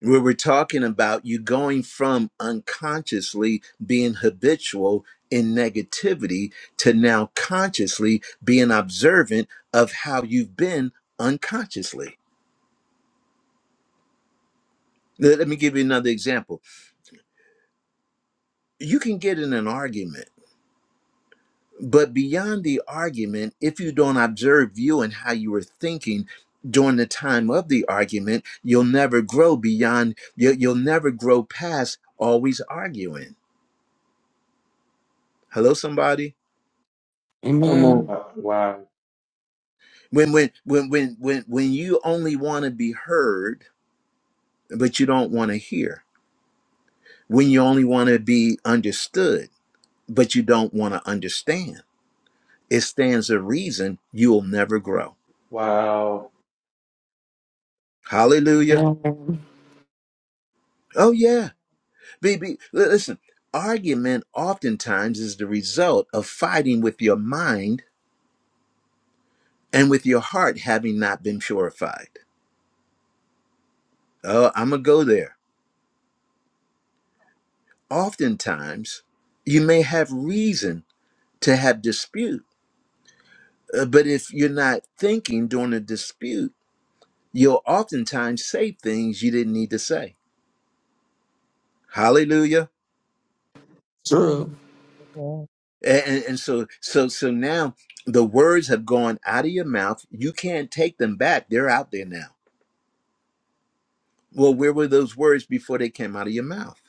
[SPEAKER 1] Where we're talking about you going from unconsciously being habitual in negativity to now consciously being observant of how you've been unconsciously. Let let me give you another example. You can get in an argument But beyond the argument, if you don't observe you and how you were thinking during the time of the argument, you'll never grow beyond, you- you'll never grow past always arguing. Hello, somebody?
[SPEAKER 2] Come on.
[SPEAKER 5] Amen.
[SPEAKER 2] Uh, Wow.
[SPEAKER 1] When, when, when, when, when, when you only want to be heard, but you don't want to hear, when you only want to be understood, but you don't want to understand, it stands a reason you'll never grow.
[SPEAKER 2] Wow.
[SPEAKER 1] Hallelujah.
[SPEAKER 5] Amen.
[SPEAKER 1] Oh, yeah. Be, be, listen, argument oftentimes is the result of fighting with your mind and with your heart having not been purified. Oh, I'm going to go there. Oftentimes, you may have reason to have dispute, uh, but if you're not thinking during a dispute, you'll oftentimes say things you didn't need to say. Hallelujah.
[SPEAKER 3] Amen.
[SPEAKER 5] True.
[SPEAKER 3] Amen. Yeah.
[SPEAKER 1] A- and and so so so now the words have gone out of your mouth. You can't take them back. They're out there now. Well, where were those words before they came out of your mouth?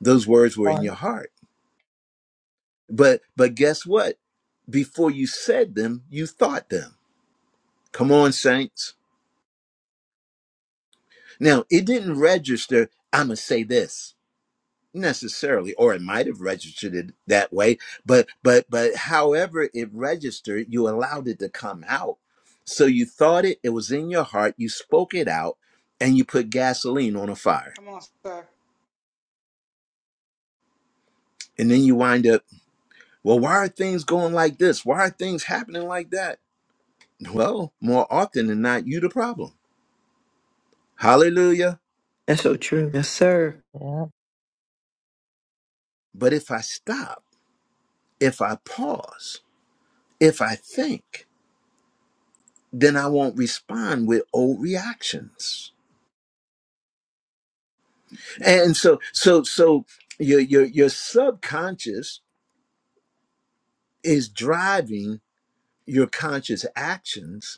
[SPEAKER 1] Those words were in your
[SPEAKER 3] Heart.
[SPEAKER 1] heart. But but guess what? Before you said them, you thought them. Come on, saints. Now, it didn't register, I'ma say this necessarily, or it might have registered it that way, but but but however it registered, you allowed it to come out. So you thought it, it was in your heart, you spoke it out, and you put gasoline on a fire.
[SPEAKER 6] Come on, sir.
[SPEAKER 1] And then you wind up Well, why are things going like this? Why are things happening like that? Well, more often than not, you the problem. Hallelujah.
[SPEAKER 4] That's so true. Yes, sir.
[SPEAKER 3] Yeah.
[SPEAKER 1] But if I stop, if I pause, if I think, then I won't respond with old reactions. And so, so, so your your your subconscious is driving your conscious actions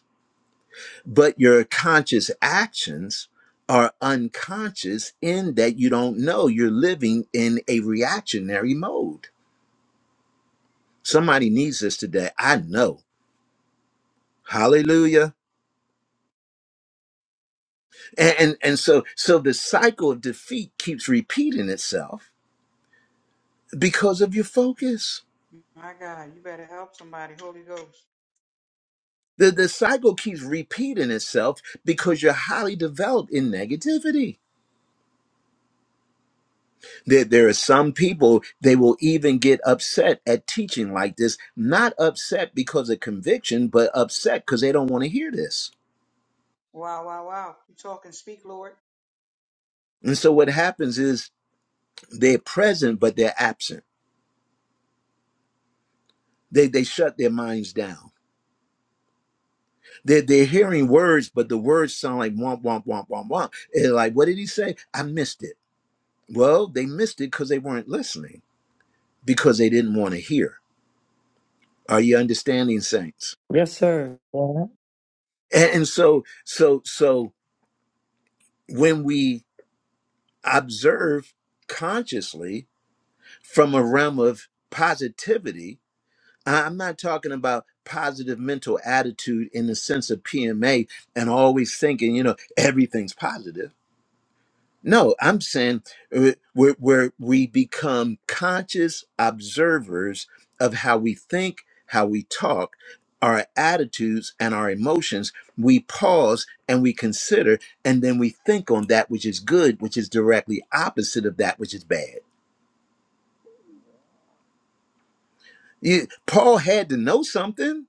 [SPEAKER 1] but your conscious actions are unconscious in that you don't know you're living in a reactionary mode somebody needs this today i know hallelujah and and, and so so the cycle of defeat keeps repeating itself because of your focus
[SPEAKER 6] My God, you better help somebody. Holy Ghost.
[SPEAKER 1] the, the cycle keeps repeating itself because you're highly developed in negativity There, there are some people, they will even get upset at teaching like this, not upset because of conviction, but upset because they don't want to hear this.
[SPEAKER 6] Wow, wow, wow. You talk and speak, Lord.
[SPEAKER 1] And so what happens is they're present, but they're absent. They, they shut their minds down. They're, they're hearing words, but the words sound like womp, womp, womp, womp, womp. And like, what did he say? I missed it. Well, they missed it because they weren't listening, because they didn't want to hear. Are you understanding, saints?
[SPEAKER 4] Yes, sir.
[SPEAKER 3] Yeah.
[SPEAKER 1] And, and so, so, so when we observe consciously from a realm of positivity. I- am not talking about positive mental attitude in the sense of PMA and always thinking, you know, everything's positive. No, I'm saying uh, where, where we become conscious observers of how we think, how we talk, our attitudes, and our emotions. We pause and we consider, and then we think on that which is good, which is directly opposite of that which is bad. You, Paul had to know something.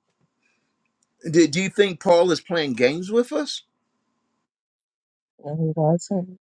[SPEAKER 1] Did do you think Paul is playing games with us?
[SPEAKER 3] No, he wasn't.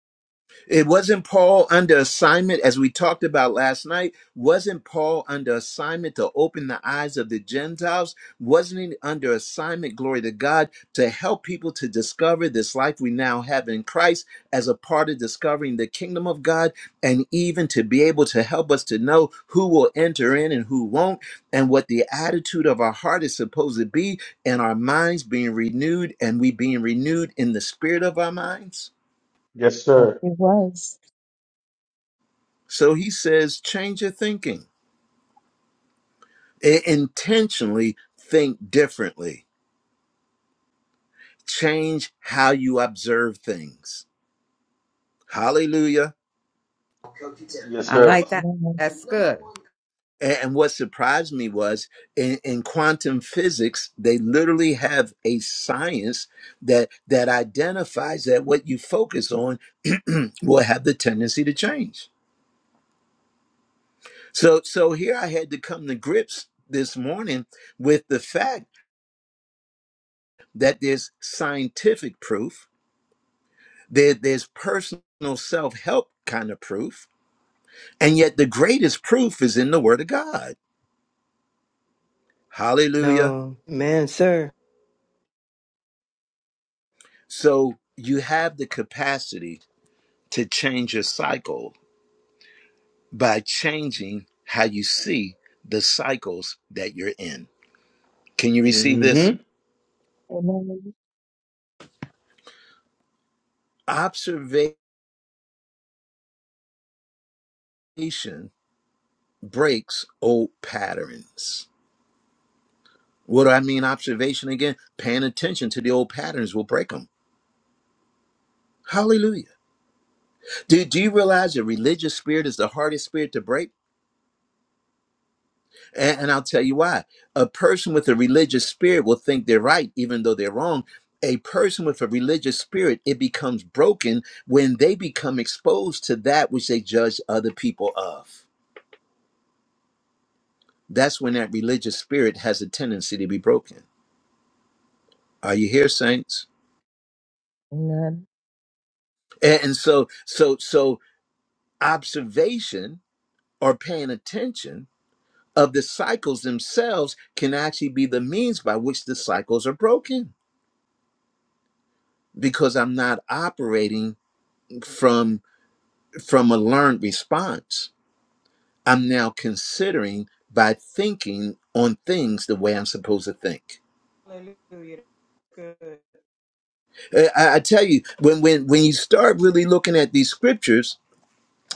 [SPEAKER 1] It wasn't Paul under assignment, as we talked about last night. Wasn't Paul under assignment to open the eyes of the Gentiles? Wasn't he under assignment, glory to God, to help people to discover this life we now have in Christ as a part of discovering the kingdom of God and even to be able to help us to know who will enter in and who won't and what the attitude of our heart is supposed to be and our minds being renewed and we being renewed in the spirit of our minds?
[SPEAKER 2] Yes,
[SPEAKER 3] Yes,
[SPEAKER 2] sir.
[SPEAKER 3] he was.
[SPEAKER 1] So he says, change your thinking. I- intentionally think differently. Change how you observe things. Hallelujah.
[SPEAKER 2] Yes,
[SPEAKER 9] I
[SPEAKER 2] sir.
[SPEAKER 9] like that.
[SPEAKER 3] Amen.
[SPEAKER 9] That's good.
[SPEAKER 1] And, and what surprised me was in, in quantum physics, they literally have a science that that identifies that what you focus on will have the tendency to change. So so here I had to come to grips this morning with the fact that there's scientific proof There, there's personal self help kind of proof. And yet, the greatest proof is in the Word of God. Hallelujah.
[SPEAKER 4] No. Amen, sir.
[SPEAKER 1] So, you have the capacity to change your cycle by changing how you see the cycles that you're in. Can you receive this?
[SPEAKER 2] Mm-hmm.
[SPEAKER 3] Amen.
[SPEAKER 1] Observation breaks old patterns. What do I mean, observation again? Paying attention to the old patterns will break them. Hallelujah. Do, do you realize a religious spirit is the hardest spirit to break? And, and I'll tell you why. A person with a religious spirit will think they're right, even though they're wrong. A person with a religious spirit, it becomes broken when they become exposed to that which they judge other people of. That's when that religious spirit has a tendency to be broken. Are you here, saints?
[SPEAKER 3] Amen.
[SPEAKER 1] And, and so, so, so observation or paying attention of the cycles themselves can actually be the means by which the cycles are broken because i'm not operating from from a learned response i'm now considering by thinking on things the way i'm supposed to think
[SPEAKER 6] Hallelujah. Good.
[SPEAKER 1] Uh, i, I tell you when when when you start really looking at these scriptures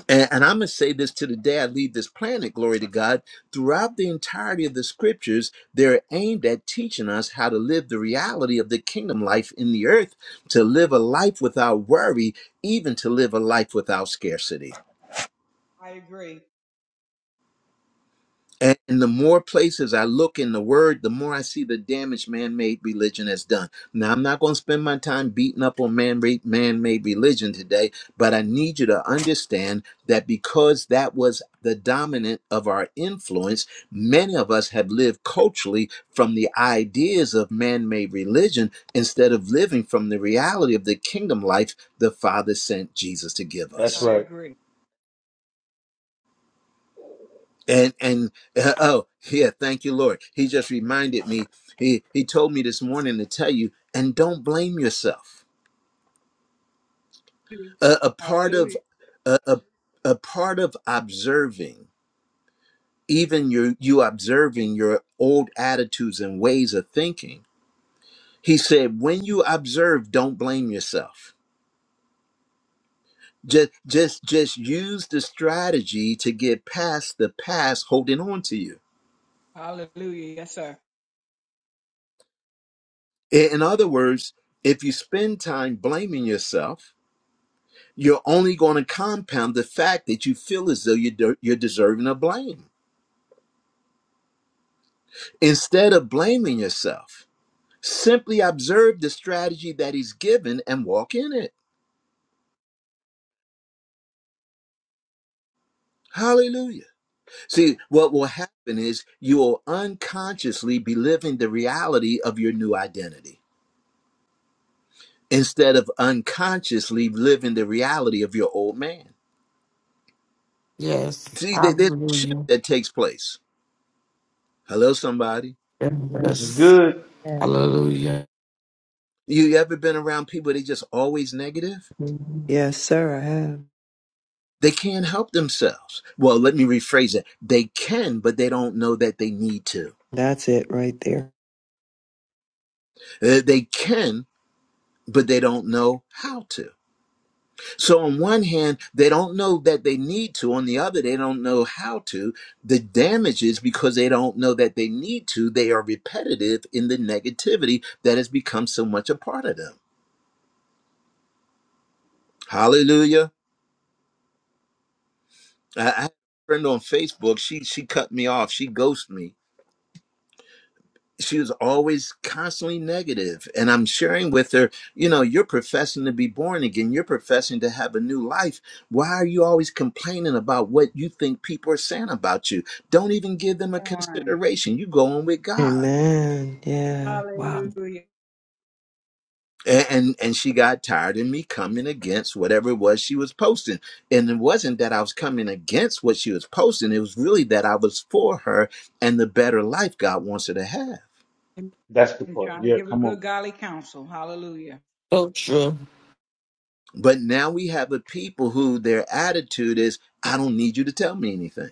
[SPEAKER 1] And, and I'm going to say this to the day I leave this planet, glory to God. Throughout the entirety of the scriptures, they're aimed at teaching us how to live the reality of the kingdom life in the earth, to live a life without worry, even to live a life without scarcity.
[SPEAKER 6] I agree.
[SPEAKER 1] And the more places I look in the word, the more I see the damage man made religion has done. Now, I'm not going to spend my time beating up on man made religion today, but I need you to understand that because that was the dominant of our influence, many of us have lived culturally from the ideas of man made religion instead of living from the reality of the kingdom life the Father sent Jesus to give
[SPEAKER 2] That's
[SPEAKER 1] us.
[SPEAKER 6] I
[SPEAKER 2] right.
[SPEAKER 6] agree.
[SPEAKER 1] and and uh, oh yeah thank you lord he just reminded me he he told me this morning to tell you and don't blame yourself a, a part of
[SPEAKER 6] Hallelujah.
[SPEAKER 1] a, a, a part of observing even your you observing your old attitudes and ways of thinking he said when you observe don't blame yourself just just just use the strategy to get past the past holding on to you
[SPEAKER 6] Hallelujah. Yes, sir.
[SPEAKER 1] in in other words if you spend time blaming yourself you're only going to compound the fact that you feel as though you're, de- you're deserving of blame. Instead of blaming yourself, simply observe the strategy that he's given and walk in it. Hallelujah. See, what will happen is you will unconsciously be living the reality of your new identity instead of unconsciously living the reality of your old man.
[SPEAKER 5] Yes.
[SPEAKER 1] See, there- there's a shift
[SPEAKER 5] Hallelujah.
[SPEAKER 1] that takes place. Hello, somebody.
[SPEAKER 2] This is
[SPEAKER 3] Amen.
[SPEAKER 5] Yes.
[SPEAKER 2] good.
[SPEAKER 3] Yeah.
[SPEAKER 5] Hallelujah.
[SPEAKER 1] You ever been around people that just always negative?
[SPEAKER 4] Mhm. Yes, sir, I have.
[SPEAKER 1] They can't help themselves. Well, let me rephrase it. They can, but they don't know that they need to.
[SPEAKER 4] That's it right there.
[SPEAKER 1] Uh, They can, but they don't know how to. So, on one hand, they don't know that they need to. On the other, they don't know how to. The damage is because they don't know that they need to. They are repetitive in the negativity that has become so much a part of them. Hallelujah. I I had a friend on Facebook. She she cut me off. She ghosted me she was always constantly negative and i'm sharing with her you know you're professing to be born again you're professing to have a new life why are you always complaining about what you think people are saying about you don't even give them a
[SPEAKER 6] Come on.
[SPEAKER 1] consideration you go on with god
[SPEAKER 4] Amen. Yeah. Wow.
[SPEAKER 6] Hallelujah.
[SPEAKER 1] and and, and she got tired of me coming against whatever it was she was posting and it wasn't that i was coming against what she was posting it was really that i was for her and the better life god wants her to have
[SPEAKER 2] That's the
[SPEAKER 6] And
[SPEAKER 2] part.
[SPEAKER 6] trying to
[SPEAKER 2] Yeah,
[SPEAKER 6] give a
[SPEAKER 2] come on.
[SPEAKER 6] good golly counsel. Hallelujah.
[SPEAKER 5] So true.
[SPEAKER 1] But now we have a people who their attitude is, I don't need you to tell me anything.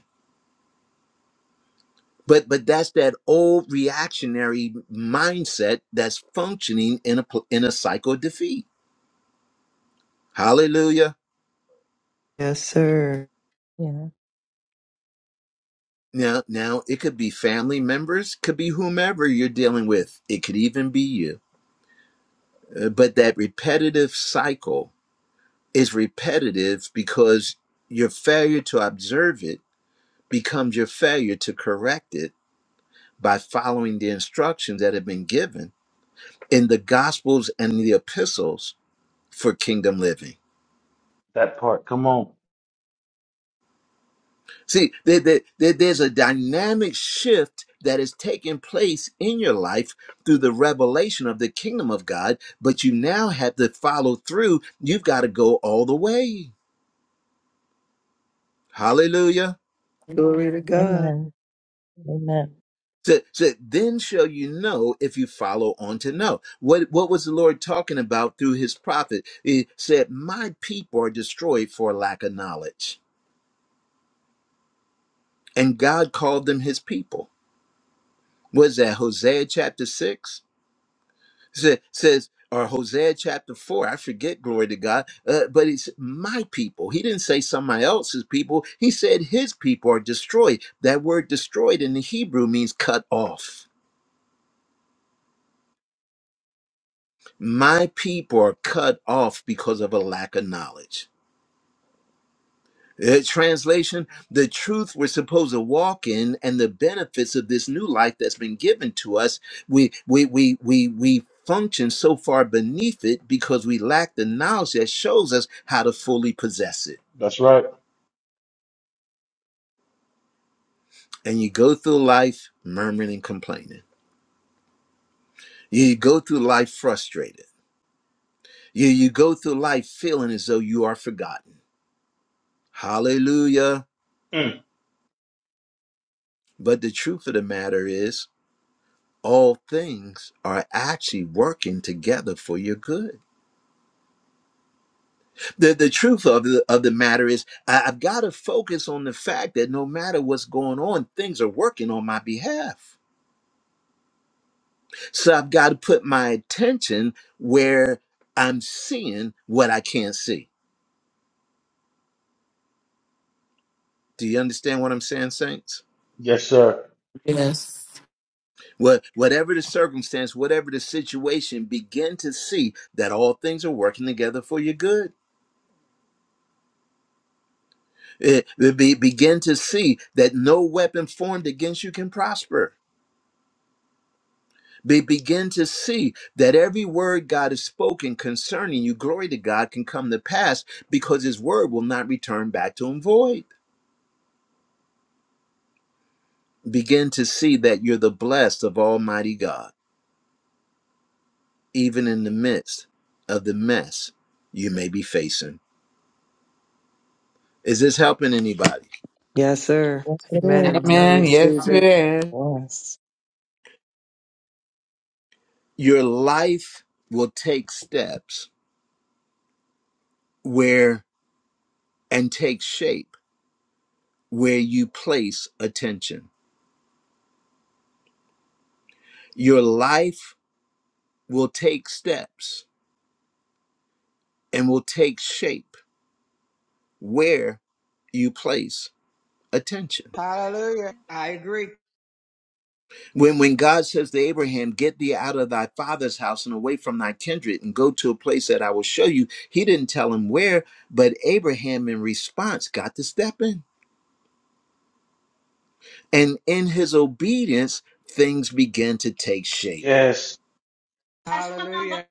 [SPEAKER 1] But but that's that old reactionary mindset that's functioning in a pl- in a cycle of defeat. Hallelujah.
[SPEAKER 4] Yes, sir.
[SPEAKER 3] Yeah.
[SPEAKER 1] Now now it could be family members, could be whomever you're dealing with. It could even be you. Uh, But that repetitive cycle is repetitive because your failure to observe it becomes your failure to correct it by following the instructions that have been given in the gospels and the epistles for kingdom living.
[SPEAKER 2] That part. Come on.
[SPEAKER 1] See, there, there- there- there's a dynamic shift that is taking place in your life through the revelation of the kingdom of God, but you now have to follow through. You've got to go all the way. Hallelujah.
[SPEAKER 4] Glory to God.
[SPEAKER 3] Amen. Amen.
[SPEAKER 1] So, so then shall you know if you follow on to know. What, what was the Lord talking about through his prophet? He said, My people are destroyed for lack of knowledge. And God called them his people. was that Hosea chapter six Sa- says or Hosea chapter four. I forget. Glory to God. Uh, but it's my people. He didn't say somebody else's people. He said his people are destroyed. That word destroyed in the Hebrew means cut off. My people are cut off because of a lack of knowledge. Uh, translation The truth we're supposed to walk in and the benefits of this new life that's been given to us, we, we, we, we, we function so far beneath it because we lack the knowledge that shows us how to fully possess it.
[SPEAKER 2] That's right.
[SPEAKER 1] And you go through life murmuring and complaining, you go through life frustrated, you, you go through life feeling as though you are forgotten. Hallelujah.
[SPEAKER 2] Mm.
[SPEAKER 1] But the truth of the matter is, all things are actually working together for your good The, the truth of the, of the matter is, I, I've got to focus on the fact that no matter what's going on, things are working on my behalf. So I've got to put my attention where I'm seeing what I can't see. Do you understand what I'm saying, saints?
[SPEAKER 2] Yes, sir.
[SPEAKER 5] Yes.
[SPEAKER 1] What, whatever the circumstance, whatever the situation, begin to see that all things are working together for your good. Eh, be, begin to see that no weapon formed against you can prosper They begin to see that every word God has spoken concerning you, glory to God, can come to pass because his word will not return back to him void. Begin to see that you're the blessed of Almighty God, even in the midst of the mess you may be facing. Is this helping anybody?
[SPEAKER 4] Yes, sir.
[SPEAKER 3] Yes, it
[SPEAKER 4] Amen. I
[SPEAKER 3] is.
[SPEAKER 9] Amen. Yes,
[SPEAKER 4] receive
[SPEAKER 9] it
[SPEAKER 4] it.
[SPEAKER 9] is.
[SPEAKER 3] Yes.
[SPEAKER 1] Your life will take steps where and take shape where you place attention. Your life will take steps and will take shape where you place attention.
[SPEAKER 6] Hallelujah. I agree.
[SPEAKER 1] When when God says to Abraham, "Get thee out of thy father's house and away from thy kindred and go to a place that I will show you," he didn't tell him where, but Abraham in response got to step in. And in his obedience, things began to take shape.
[SPEAKER 2] Yes,
[SPEAKER 6] Hallelujah.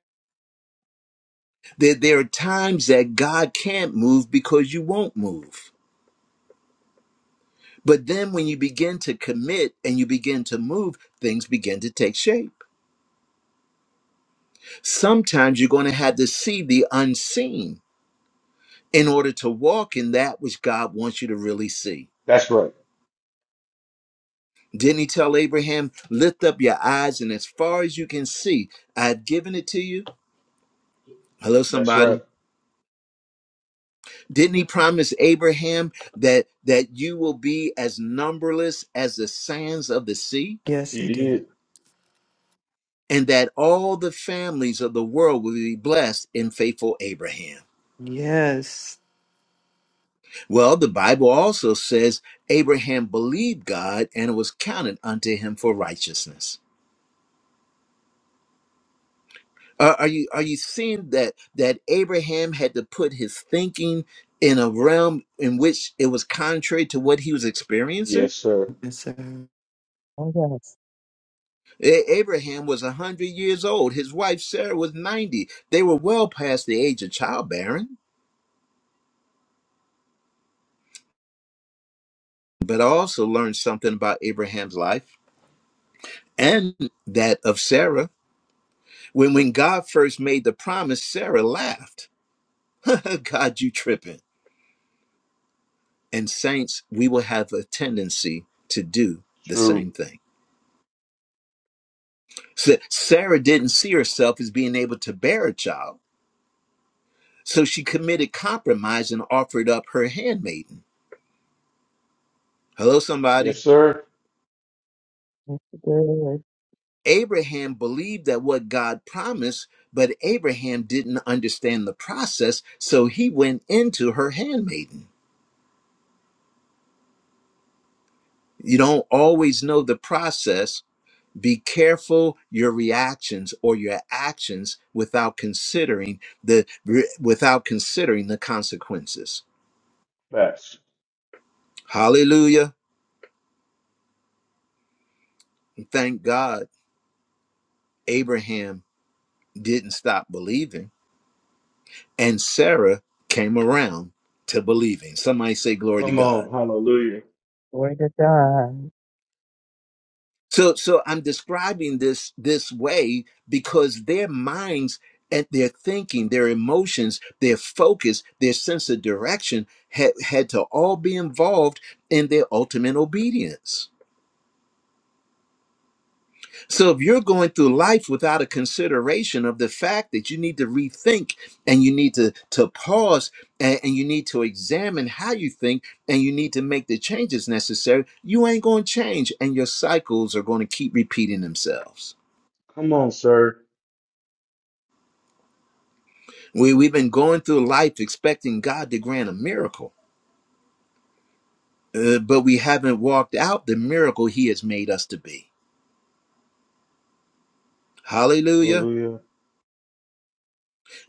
[SPEAKER 1] There, there are times that God can't move because you won't move. But then when you begin to commit and you begin to move, things begin to take shape. Sometimes you're going to have to see the unseen in order to walk in that which God wants you to really see.
[SPEAKER 2] that's right.
[SPEAKER 1] Didn't he tell Abraham, lift up your eyes and as far as you can see, I've given it to you? Hello,
[SPEAKER 2] That's right.
[SPEAKER 1] somebody. Didn't he promise Abraham that that you will be as numberless as the sands of the sea?
[SPEAKER 4] Yes,
[SPEAKER 2] He
[SPEAKER 4] he did.
[SPEAKER 2] did.
[SPEAKER 1] And that all the families of the world will be blessed in faithful Abraham.
[SPEAKER 4] Yes.
[SPEAKER 1] Well, the Bible also says Abraham believed God and it was counted unto him for righteousness. Are, are you are you seeing that that Abraham had to put his thinking in a realm in which it was contrary to what he was experiencing?
[SPEAKER 2] Yes, sir.
[SPEAKER 4] Yes, sir.
[SPEAKER 3] Oh, yes.
[SPEAKER 1] A- Abraham was 100 years old. His wife Sarah was 90. They were well past the age of childbearing. But I also learned something about Abraham's life and that of Sarah. When when God first made the promise, Sarah laughed God, you tripping. And saints, we will have a tendency to do the
[SPEAKER 2] True.
[SPEAKER 1] same thing. So Sarah didn't see herself as being able to bear a child, so she committed compromise and offered up her handmaiden. Hello, somebody.
[SPEAKER 2] Yes, sir.
[SPEAKER 3] Yes, it is.
[SPEAKER 1] Abraham believed that what God promised, but Abraham didn't understand the process, so he went into her handmaiden. You don't always know the process Be careful your reactions or your actions without considering the without considering the consequences.
[SPEAKER 2] Facts.
[SPEAKER 1] Hallelujah. Thank God Abraham didn't stop believing and Sarah came around to believing. Somebody say glory to
[SPEAKER 2] Come
[SPEAKER 1] God.
[SPEAKER 2] on. Hallelujah.
[SPEAKER 3] Glory to God.
[SPEAKER 1] So so I'm describing this this way because their minds and their thinking, their emotions, their focus, their sense of direction had, had to all be involved in their ultimate obedience. So if you're going through life without a consideration of the fact that you need to rethink and you need to, to pause and, and you need to examine how you think and you need to make the changes necessary, you ain't going to change and your cycles are going to keep repeating themselves.
[SPEAKER 2] Come on, sir.
[SPEAKER 1] We, we've been going through life expecting God to grant a miracle, uh, but we haven't walked out the miracle He has made us to be. Hallelujah.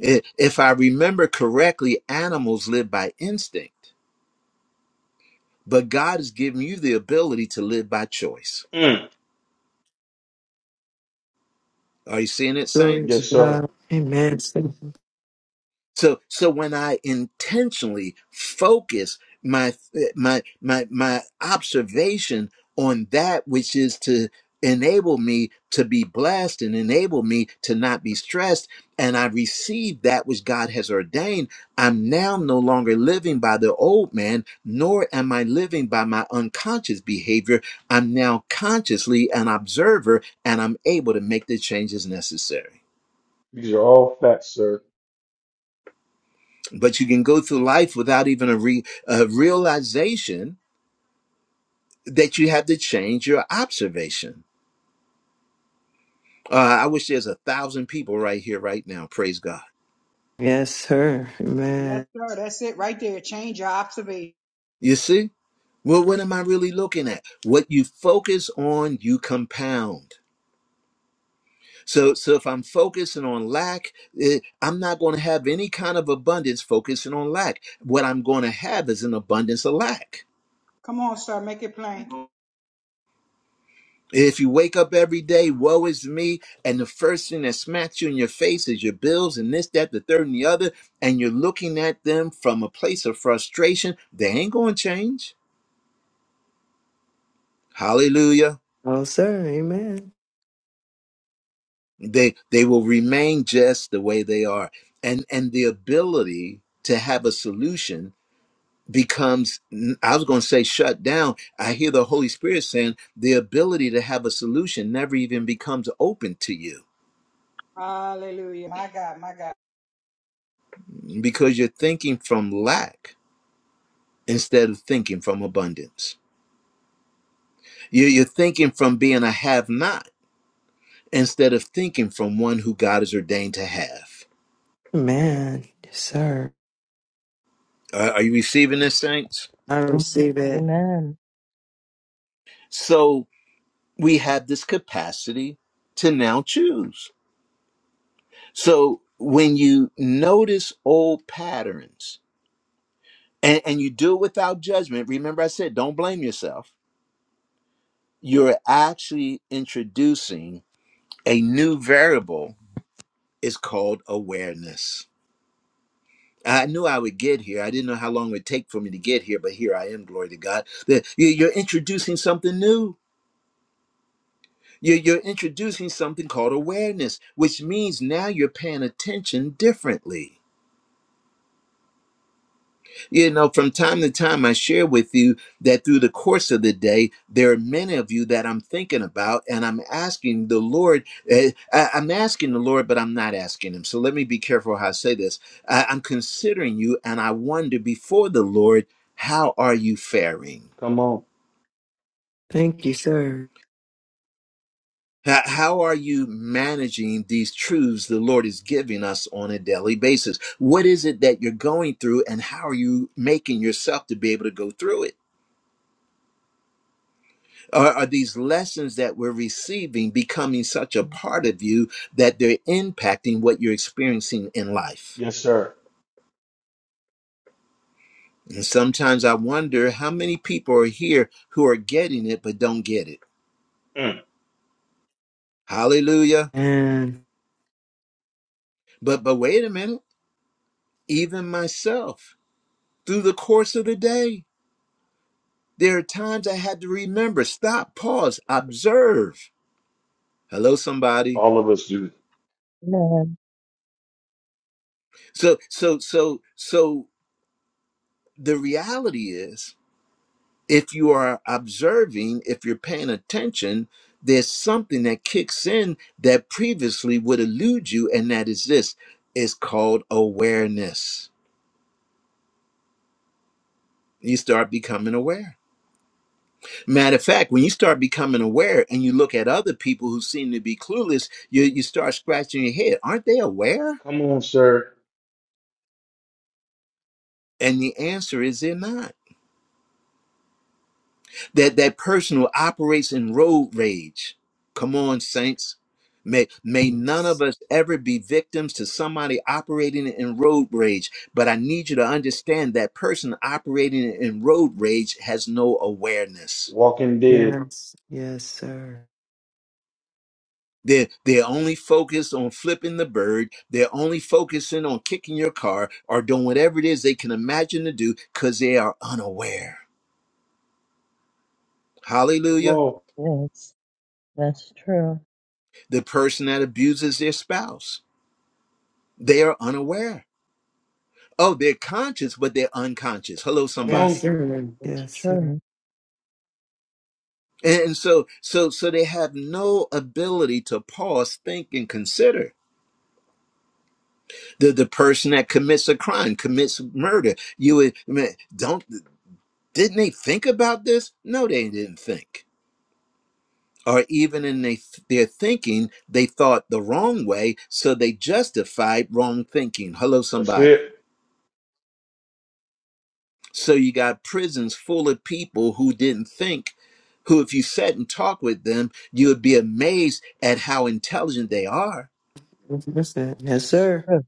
[SPEAKER 1] I- If I remember correctly, animals live by instinct, but God has given you the ability to live by choice.
[SPEAKER 2] Mm.
[SPEAKER 1] Are you seeing it,
[SPEAKER 4] Glory
[SPEAKER 1] saints?
[SPEAKER 2] Yes,
[SPEAKER 4] to
[SPEAKER 2] sir.
[SPEAKER 4] God. Amen.
[SPEAKER 1] So so when I intentionally focus my my my my observation on that which is to enable me to be blessed and enable me to not be stressed and I receive that which God has ordained, I'm now no longer living by the old man, nor am I living by my unconscious behavior. I'm now consciously an observer and I'm able to make the changes necessary.
[SPEAKER 2] These are all facts, sir.
[SPEAKER 1] but you can go through life without even a, re, a realization that you have to change your observation. Uh, I wish there's a thousand people right here, right now. Praise God.
[SPEAKER 4] Yes, sir.
[SPEAKER 6] Yes,
[SPEAKER 4] Amen.
[SPEAKER 6] sir. That's it right there. Change your observation.
[SPEAKER 1] You see? Well, what am I really looking at? What you focus on, you compound. So, so if I'm focusing on lack, eh, I'm not going to have any kind of abundance focusing on lack. What I'm going to have is an abundance of lack.
[SPEAKER 6] Come on, sir. Make it plain.
[SPEAKER 1] If you wake up every day, woe is me, and the first thing that smacks you in your face is your bills and this, that, the third, and the other, and you're looking at them from a place of frustration, they ain't going to change. Hallelujah.
[SPEAKER 4] Oh, sir. Amen.
[SPEAKER 1] They they will remain just the way they are, and and the ability to have a solution becomes I was going to say shut down. I hear the Holy Spirit saying the ability to have a solution never even becomes open to you
[SPEAKER 6] Hallelujah. My God, my God.
[SPEAKER 1] because you're thinking from lack instead of thinking from abundance. You- You're thinking from being a have not instead of thinking from one who God has ordained to have.
[SPEAKER 4] Amen. Yes, sir.
[SPEAKER 1] Are are you receiving this, saints?
[SPEAKER 4] I receive it.
[SPEAKER 3] Amen.
[SPEAKER 1] So we have this capacity to now choose. So when you notice old patterns and, and you do it without judgment, remember I said, don't blame yourself. You're actually introducing a new variable. It's called awareness I knew I would get here. I didn't know how long it would take for me to get here, but here I am, glory to God. The- you- You're introducing something new. You're you're introducing something called awareness, which means now you're paying attention differently. You know, from time to time, I share with you that through the course of the day, there are many of you that I'm thinking about, and I'm asking the Lord. eh, I- I'm asking the Lord, but I'm not asking Him. So let me be careful how I say this. I- I'm considering you, and I wonder before the Lord, how are you faring?
[SPEAKER 2] Come on.
[SPEAKER 4] Thank you, sir.
[SPEAKER 1] How how are you managing these truths the Lord is giving us on a daily basis? What is it that you're going through, and how are you making yourself to be able to go through it? Are, are these lessons that we're receiving becoming such a part of you that they're impacting what you're experiencing in life?
[SPEAKER 2] Yes, sir.
[SPEAKER 1] And sometimes I wonder how many people are here who are getting it but don't get it.
[SPEAKER 2] Mm.
[SPEAKER 1] Hallelujah.
[SPEAKER 4] And
[SPEAKER 1] But but wait a minute, even myself, through the course of the day, there are times I had to remember, stop, pause, observe. Hello, somebody.
[SPEAKER 2] All of us do.
[SPEAKER 3] Amen.
[SPEAKER 1] So so so so the reality is if you are observing, if you're paying attention, there's something that kicks in that previously would elude you, and that is this it's called awareness. You start becoming aware. Matter of fact, when you start becoming aware and you look at other people who seem to be clueless, you, you start scratching your head. Aren't they aware?
[SPEAKER 2] Come on, sir.
[SPEAKER 1] And the answer is they're not. That that person who operates in road rage. Come on, saints. May may none of us ever be victims to somebody operating in road rage. But I need you to understand that person operating in road rage has no awareness.
[SPEAKER 2] Walking dead.
[SPEAKER 4] Yes. yes, sir.
[SPEAKER 1] They're, they're only focused on flipping the bird. They're only focusing on kicking your car or doing whatever it is they can imagine to do because they are unaware.
[SPEAKER 2] Come
[SPEAKER 1] Hallelujah.
[SPEAKER 2] on.
[SPEAKER 3] Yes. That's true.
[SPEAKER 1] The person that abuses their spouse, they are unaware. Oh, they're conscious, but they're unconscious. Hello,
[SPEAKER 2] Come
[SPEAKER 4] Yes,
[SPEAKER 2] on.
[SPEAKER 1] somebody.
[SPEAKER 4] sir.
[SPEAKER 3] That's
[SPEAKER 4] yes, sir.
[SPEAKER 3] true.
[SPEAKER 1] And so, so, so they have no ability to pause, think, and consider. The the person that commits a crime commits murder. You would I mean, don't didn't they think about this? No, they didn't think. Or even in they, their thinking, they thought the wrong way, so they justified wrong thinking. Hello,
[SPEAKER 2] That's
[SPEAKER 1] somebody.
[SPEAKER 2] it.
[SPEAKER 1] So you got prisons full of people who didn't think, who, if you sat and talked with them, you would be amazed at how intelligent they are,
[SPEAKER 4] That's it. Yes,
[SPEAKER 3] That's
[SPEAKER 4] sir.
[SPEAKER 3] true.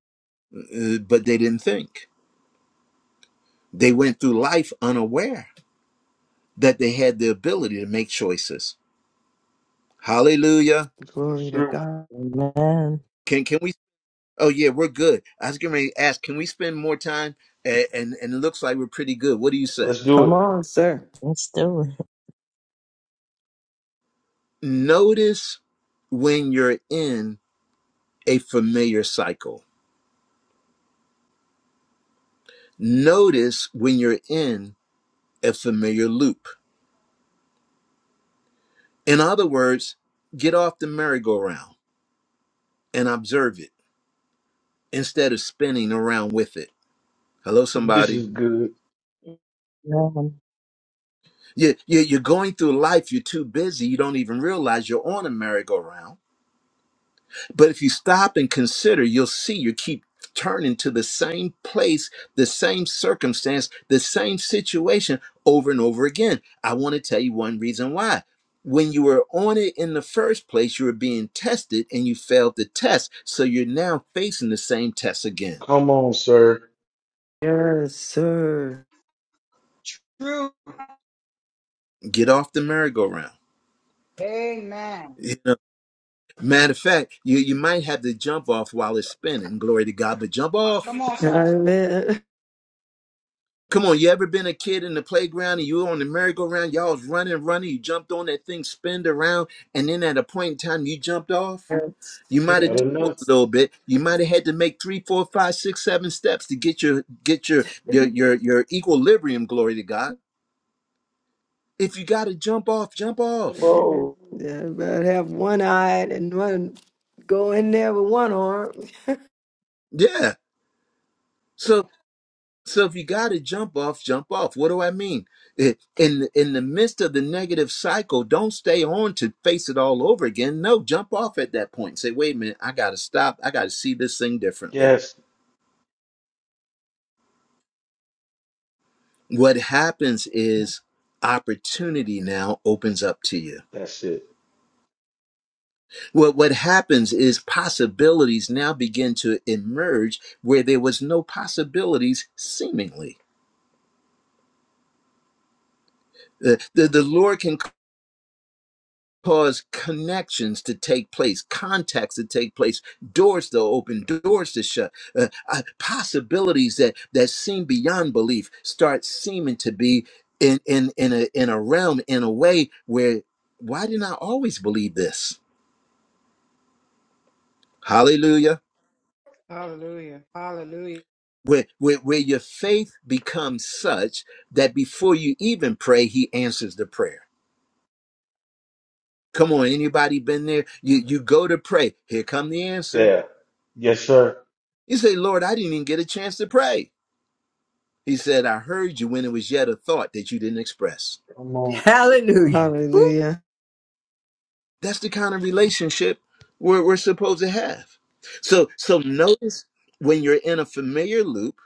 [SPEAKER 1] uh, but they didn't think. They went through life unaware that they had the ability to make choices. Hallelujah.
[SPEAKER 2] That's
[SPEAKER 4] Glory to
[SPEAKER 2] true.
[SPEAKER 4] God.
[SPEAKER 3] Amen.
[SPEAKER 1] Can can we? Oh yeah, we're good. I was going to ask, can we spend more time? A- And and it looks like we're pretty good. What do you say?
[SPEAKER 2] Let's do
[SPEAKER 4] Come
[SPEAKER 2] it.
[SPEAKER 4] on, sir.
[SPEAKER 3] Let's do it.
[SPEAKER 1] Notice when you're in a familiar cycle. Notice when you're in a familiar loop. In other words, get off the merry-go-round and observe it instead of spinning around with it. Hello,
[SPEAKER 2] This
[SPEAKER 1] somebody.
[SPEAKER 2] is good.
[SPEAKER 3] Amen.
[SPEAKER 1] You, you, you're going through life, you're too busy, you don't even realize you're on a merry-go-round But if you stop and consider, you'll see you keep turning to the same place, the same circumstance, the same situation over and over again. I want to tell you one reason why. When you were on it in the first place, you were being tested and you failed the test. So you're now facing the same test again.
[SPEAKER 2] Come on, sir.
[SPEAKER 4] Yes, sir.
[SPEAKER 6] True.
[SPEAKER 1] Get off the merry-go-round.
[SPEAKER 6] Amen.
[SPEAKER 1] You know, matter of fact, you, you might have to jump off while it's spinning. Glory to God, but jump off
[SPEAKER 6] Come on, sir.
[SPEAKER 4] Amen.
[SPEAKER 1] Come on, you ever been a kid in the playground and you were on the merry-go-round, y'all was running, running, you jumped on that thing, spinned around, and then at a point in time you jumped off?
[SPEAKER 4] Yes,
[SPEAKER 1] You might have tumbled
[SPEAKER 2] Come
[SPEAKER 1] a
[SPEAKER 4] yes,
[SPEAKER 1] little bit. You might have had to make three, four, five, six, seven steps to get your get your your your, your equilibrium, glory to God. If you gotta jump off, jump off.
[SPEAKER 4] yes.
[SPEAKER 2] on.
[SPEAKER 4] Yeah, But have one eye and one go in there with one arm.
[SPEAKER 1] Yeah. So So if you got to jump off, jump off. What do I mean? Eh, In in the midst of the negative cycle, don't stay on to face it all over again. No, jump off at that point. Say, wait a minute, I got to stop. I got to see this thing differently.
[SPEAKER 2] Yes.
[SPEAKER 1] What happens is opportunity now opens up to you.
[SPEAKER 2] That's it.
[SPEAKER 1] What what happens is possibilities now begin to emerge where there was no possibilities seemingly. The, the, the Lord can cause connections to take place, contacts to take place, doors to open, doors to shut, uh, uh, possibilities that that seem beyond belief start seeming to be in in in a in a realm in a way where why didn't I always believe this? Hallelujah.
[SPEAKER 6] Hallelujah. Hallelujah.
[SPEAKER 1] Where, where, where your faith becomes such that before you even pray, he answers the prayer. Come on, anybody been there? You you go to pray. Here come the answer.
[SPEAKER 2] There. Yes, sir.
[SPEAKER 1] You say, Lord, I didn't even get a chance to pray. He said, I heard you when it was yet a thought that you didn't express.
[SPEAKER 2] Come on.
[SPEAKER 9] Hallelujah.
[SPEAKER 4] Hallelujah.
[SPEAKER 1] That's the kind of relationship we're, we're supposed to have. So, so notice when you're in a familiar loop,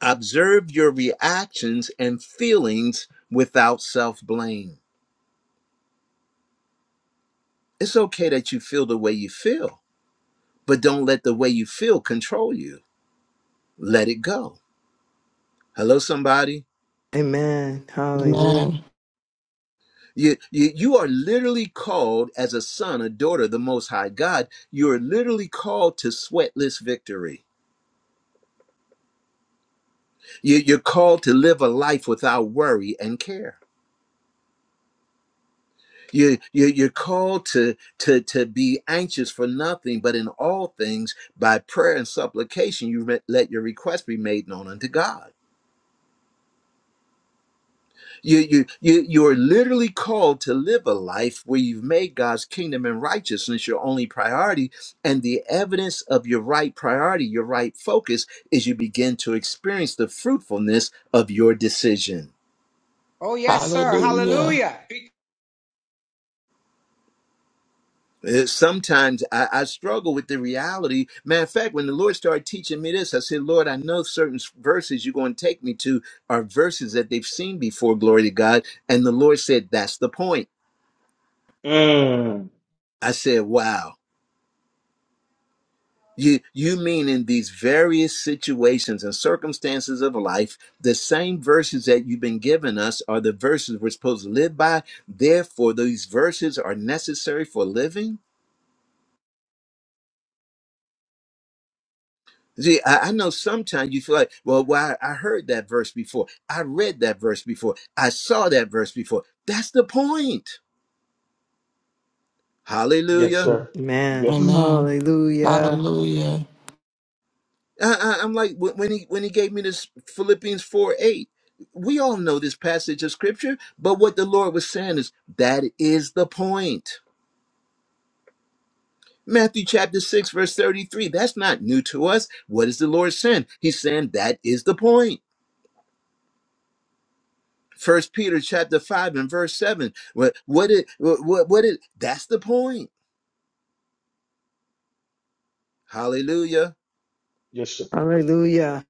[SPEAKER 1] observe your reactions and feelings without self blame. It's okay that you feel the way you feel, but don't let the way you feel control you. Let it go. Hello, somebody.
[SPEAKER 4] Amen. Hallelujah.
[SPEAKER 5] Amen.
[SPEAKER 1] You, you, you are literally called as a son, a daughter of the Most High God. You are literally called to sweatless victory. You, you're called to live a life without worry and care. You, you, you're called to, to, to be anxious for nothing, but in all things, by prayer and supplication, you re- let your request be made known unto God. You, you, you, you're literally called to live a life where you've made God's kingdom and righteousness your only priority. And the evidence of your right priority, your right focus, is you begin to experience the fruitfulness of your decision.
[SPEAKER 6] Oh, yes, sir.
[SPEAKER 5] Hallelujah.
[SPEAKER 6] Hallelujah.
[SPEAKER 1] Uh, Sometimes I, I struggle with the reality. Matter of fact, when the Lord started teaching me this, I said, Lord, I know certain s- verses you're going to take me to are verses that they've seen before, glory to God. And the Lord said, That's the point.
[SPEAKER 2] Mm.
[SPEAKER 1] I said, Wow. You, you mean in these various situations and circumstances of life, the same verses that you've been giving us are the verses we're supposed to live by. Therefore, these verses are necessary for living? See, I, I know sometimes you feel like, well, why I I heard that verse before. I read that verse before. I saw that verse before. That's the point.
[SPEAKER 2] Yes,
[SPEAKER 1] Hallelujah.
[SPEAKER 2] sir.
[SPEAKER 4] Amen.
[SPEAKER 2] Yes.
[SPEAKER 5] Amen.
[SPEAKER 4] Hallelujah.
[SPEAKER 5] Hallelujah.
[SPEAKER 1] I, I, am like when when he when he gave me this Philippians 4 8. We all know this passage of scripture, but what the Lord was saying is that is the point. Matthew chapter 6, verse 33. That's not new to us. What is the Lord saying? He's saying that is the point. First Peter chapter five and verse seven. What what it what what it that's the point. Hallelujah.
[SPEAKER 2] Yes, sir.
[SPEAKER 4] Hallelujah.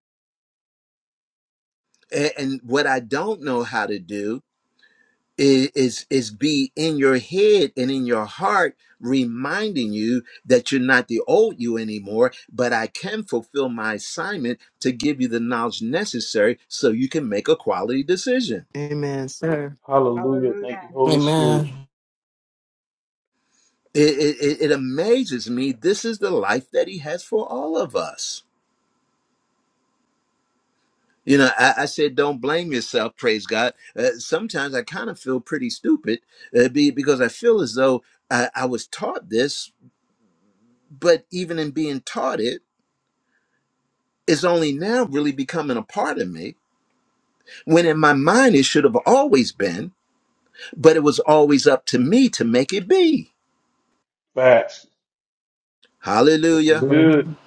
[SPEAKER 1] A- And, what I don't know how to do i- is is be in your head and in your heart reminding you that you're not the old you anymore, but I can fulfill my assignment to give you the knowledge necessary so you can make a quality decision.
[SPEAKER 4] Amen, sir.
[SPEAKER 2] Hallelujah.
[SPEAKER 6] Hallelujah.
[SPEAKER 2] Thank you, Holy
[SPEAKER 5] Amen.
[SPEAKER 2] Spirit.
[SPEAKER 1] It, it, it it amazes me. This is the life that he has for all of us. You know, I, I said, don't blame yourself. Praise God. Uh, sometimes I kind of feel pretty stupid uh, be, because I feel as though I, I was taught this, but even in being taught it, it's only now really becoming a part of me. When in my mind, it should have always been, but it was always up to me to make it be.
[SPEAKER 2] Facts. This is
[SPEAKER 1] Hallelujah.
[SPEAKER 5] Yeah.
[SPEAKER 2] good.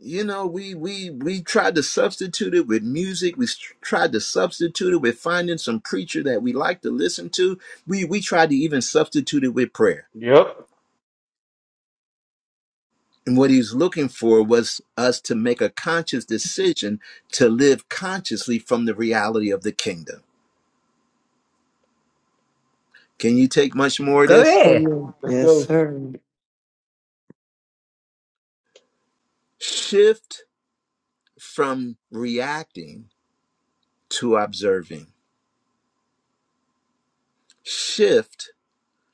[SPEAKER 1] You know, we we we tried to substitute it with music. We s- tried to substitute it with finding some preacher that we like to listen to. We we tried to even substitute it with prayer.
[SPEAKER 2] Yep.
[SPEAKER 1] And what he's looking for was us to make a conscious decision to live consciously from the reality of the kingdom. Can you take much more of
[SPEAKER 9] Go
[SPEAKER 1] this?
[SPEAKER 9] ahead.
[SPEAKER 4] Amen.
[SPEAKER 2] Let's
[SPEAKER 4] Yes,
[SPEAKER 2] go.
[SPEAKER 4] sir.
[SPEAKER 1] Shift from reacting to observing. Shift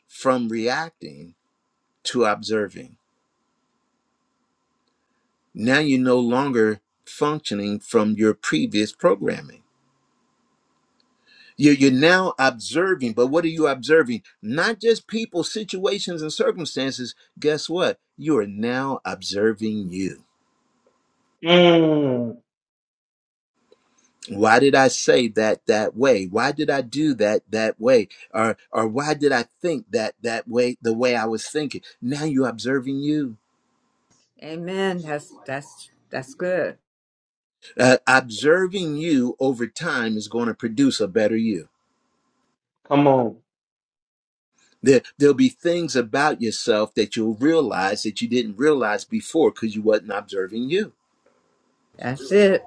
[SPEAKER 1] from reacting to observing. Now you're no longer functioning from your previous programming You're, you're now observing, but what are you observing? Not just people, situations, and circumstances. Guess what? You are now observing you.
[SPEAKER 2] Mm.
[SPEAKER 1] Why did I say that that way? Why did I do that that way? Or or why did I think that that way? The way I was thinking. Now you're observing you.
[SPEAKER 9] Amen. That's that's that's good.
[SPEAKER 1] Uh, observing you over time is going to produce a better you.
[SPEAKER 2] Come on.
[SPEAKER 1] There, there'll be things about yourself that you'll realize that you didn't realize before because you wasn't observing you.
[SPEAKER 9] That's it.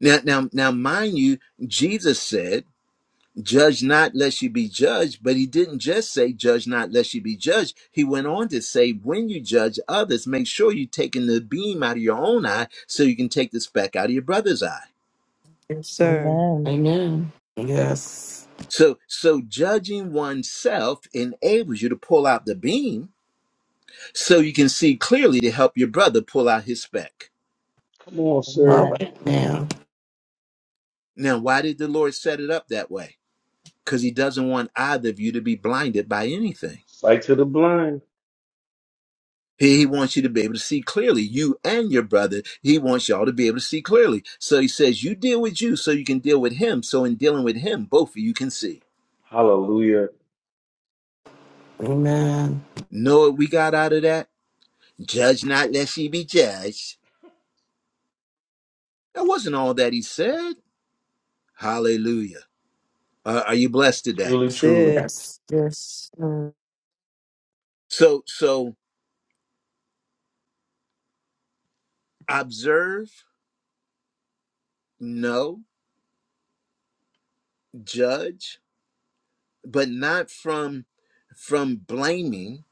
[SPEAKER 1] Now, now, now, mind you, Jesus said, Judge not lest you be judged, but he didn't just say, Judge not lest you be judged. He went on to say, When you judge others, make sure you're taking the beam out of your own eye so you can take the speck out of your brother's eye.
[SPEAKER 4] Yes, sir.
[SPEAKER 3] Amen.
[SPEAKER 5] Amen. Yes.
[SPEAKER 1] So, so judging oneself enables you to pull out the beam so you can see clearly to help your brother pull out his speck.
[SPEAKER 2] Come on,
[SPEAKER 5] All
[SPEAKER 2] sir.
[SPEAKER 3] Amen.
[SPEAKER 5] right now.
[SPEAKER 1] Now, why did the Lord set it up that way? Because he doesn't want either of you to be blinded by anything.
[SPEAKER 2] Sight to the blind.
[SPEAKER 1] He, he wants you to be able to see clearly, you and your brother. He wants y'all to be able to see clearly. So he says, You deal with you so you can deal with him. So in dealing with him, both of you can see.
[SPEAKER 2] Hallelujah.
[SPEAKER 5] Amen.
[SPEAKER 1] Know what we got out of that? Judge not, lest ye be judged. That wasn't all that he said. Hallelujah. Uh, are you blessed today?
[SPEAKER 2] Truly,
[SPEAKER 4] That's
[SPEAKER 2] true.
[SPEAKER 4] it.
[SPEAKER 5] Yes.
[SPEAKER 4] Yes, sir.
[SPEAKER 1] So, so observe, know, judge, but not from from blaming.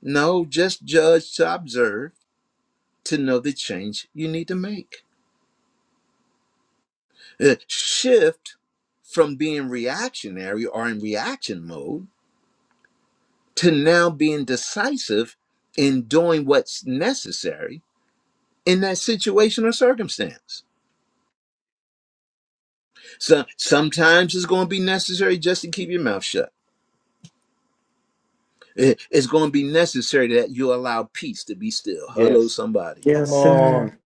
[SPEAKER 1] No, just judge to observe to know the change you need to make. Uh, shift from being reactionary or in reaction mode to now being decisive in doing what's necessary in that situation or circumstance. So sometimes it's going to be necessary just to keep your mouth shut. It- It's going to be necessary that you allow peace to be still. Hello,
[SPEAKER 2] Yes.
[SPEAKER 1] somebody.
[SPEAKER 4] Yes,
[SPEAKER 2] Come
[SPEAKER 4] sir.
[SPEAKER 2] on.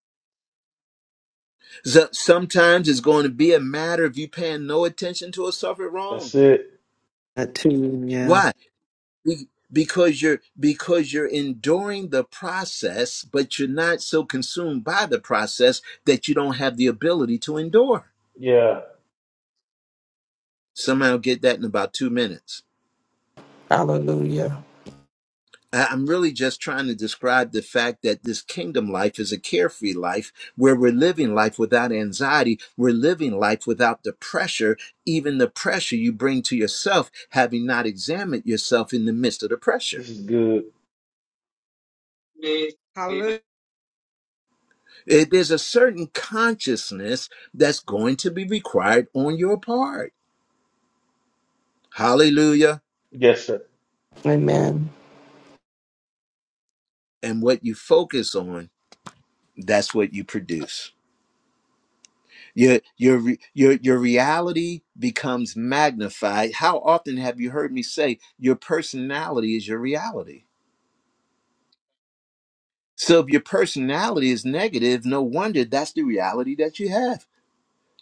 [SPEAKER 1] So sometimes it's going to be a matter of you paying no attention to a suffered
[SPEAKER 2] That's
[SPEAKER 1] wrong.
[SPEAKER 2] it.
[SPEAKER 4] That too, yeah.
[SPEAKER 1] Why? Be- because you're because you're enduring the process but you're not so consumed by the process that you don't have the ability to endure
[SPEAKER 2] Yeah.
[SPEAKER 1] somehow get that in about two minutes
[SPEAKER 5] Hallelujah.
[SPEAKER 1] I- i'm really just trying to describe the fact that this kingdom life is a carefree life where we're living life without anxiety we're living life without the pressure even the pressure you bring to yourself having not examined yourself in the midst of the pressure
[SPEAKER 2] This is good.
[SPEAKER 1] It- there's a certain consciousness that's going to be required on your part. Hallelujah.
[SPEAKER 2] Yes, sir.
[SPEAKER 5] Amen.
[SPEAKER 1] And what you focus on, that's what you produce. Your your re- your your reality becomes magnified. How often have you heard me say your personality is your reality? So if your personality is negative, no wonder that's the reality that you have.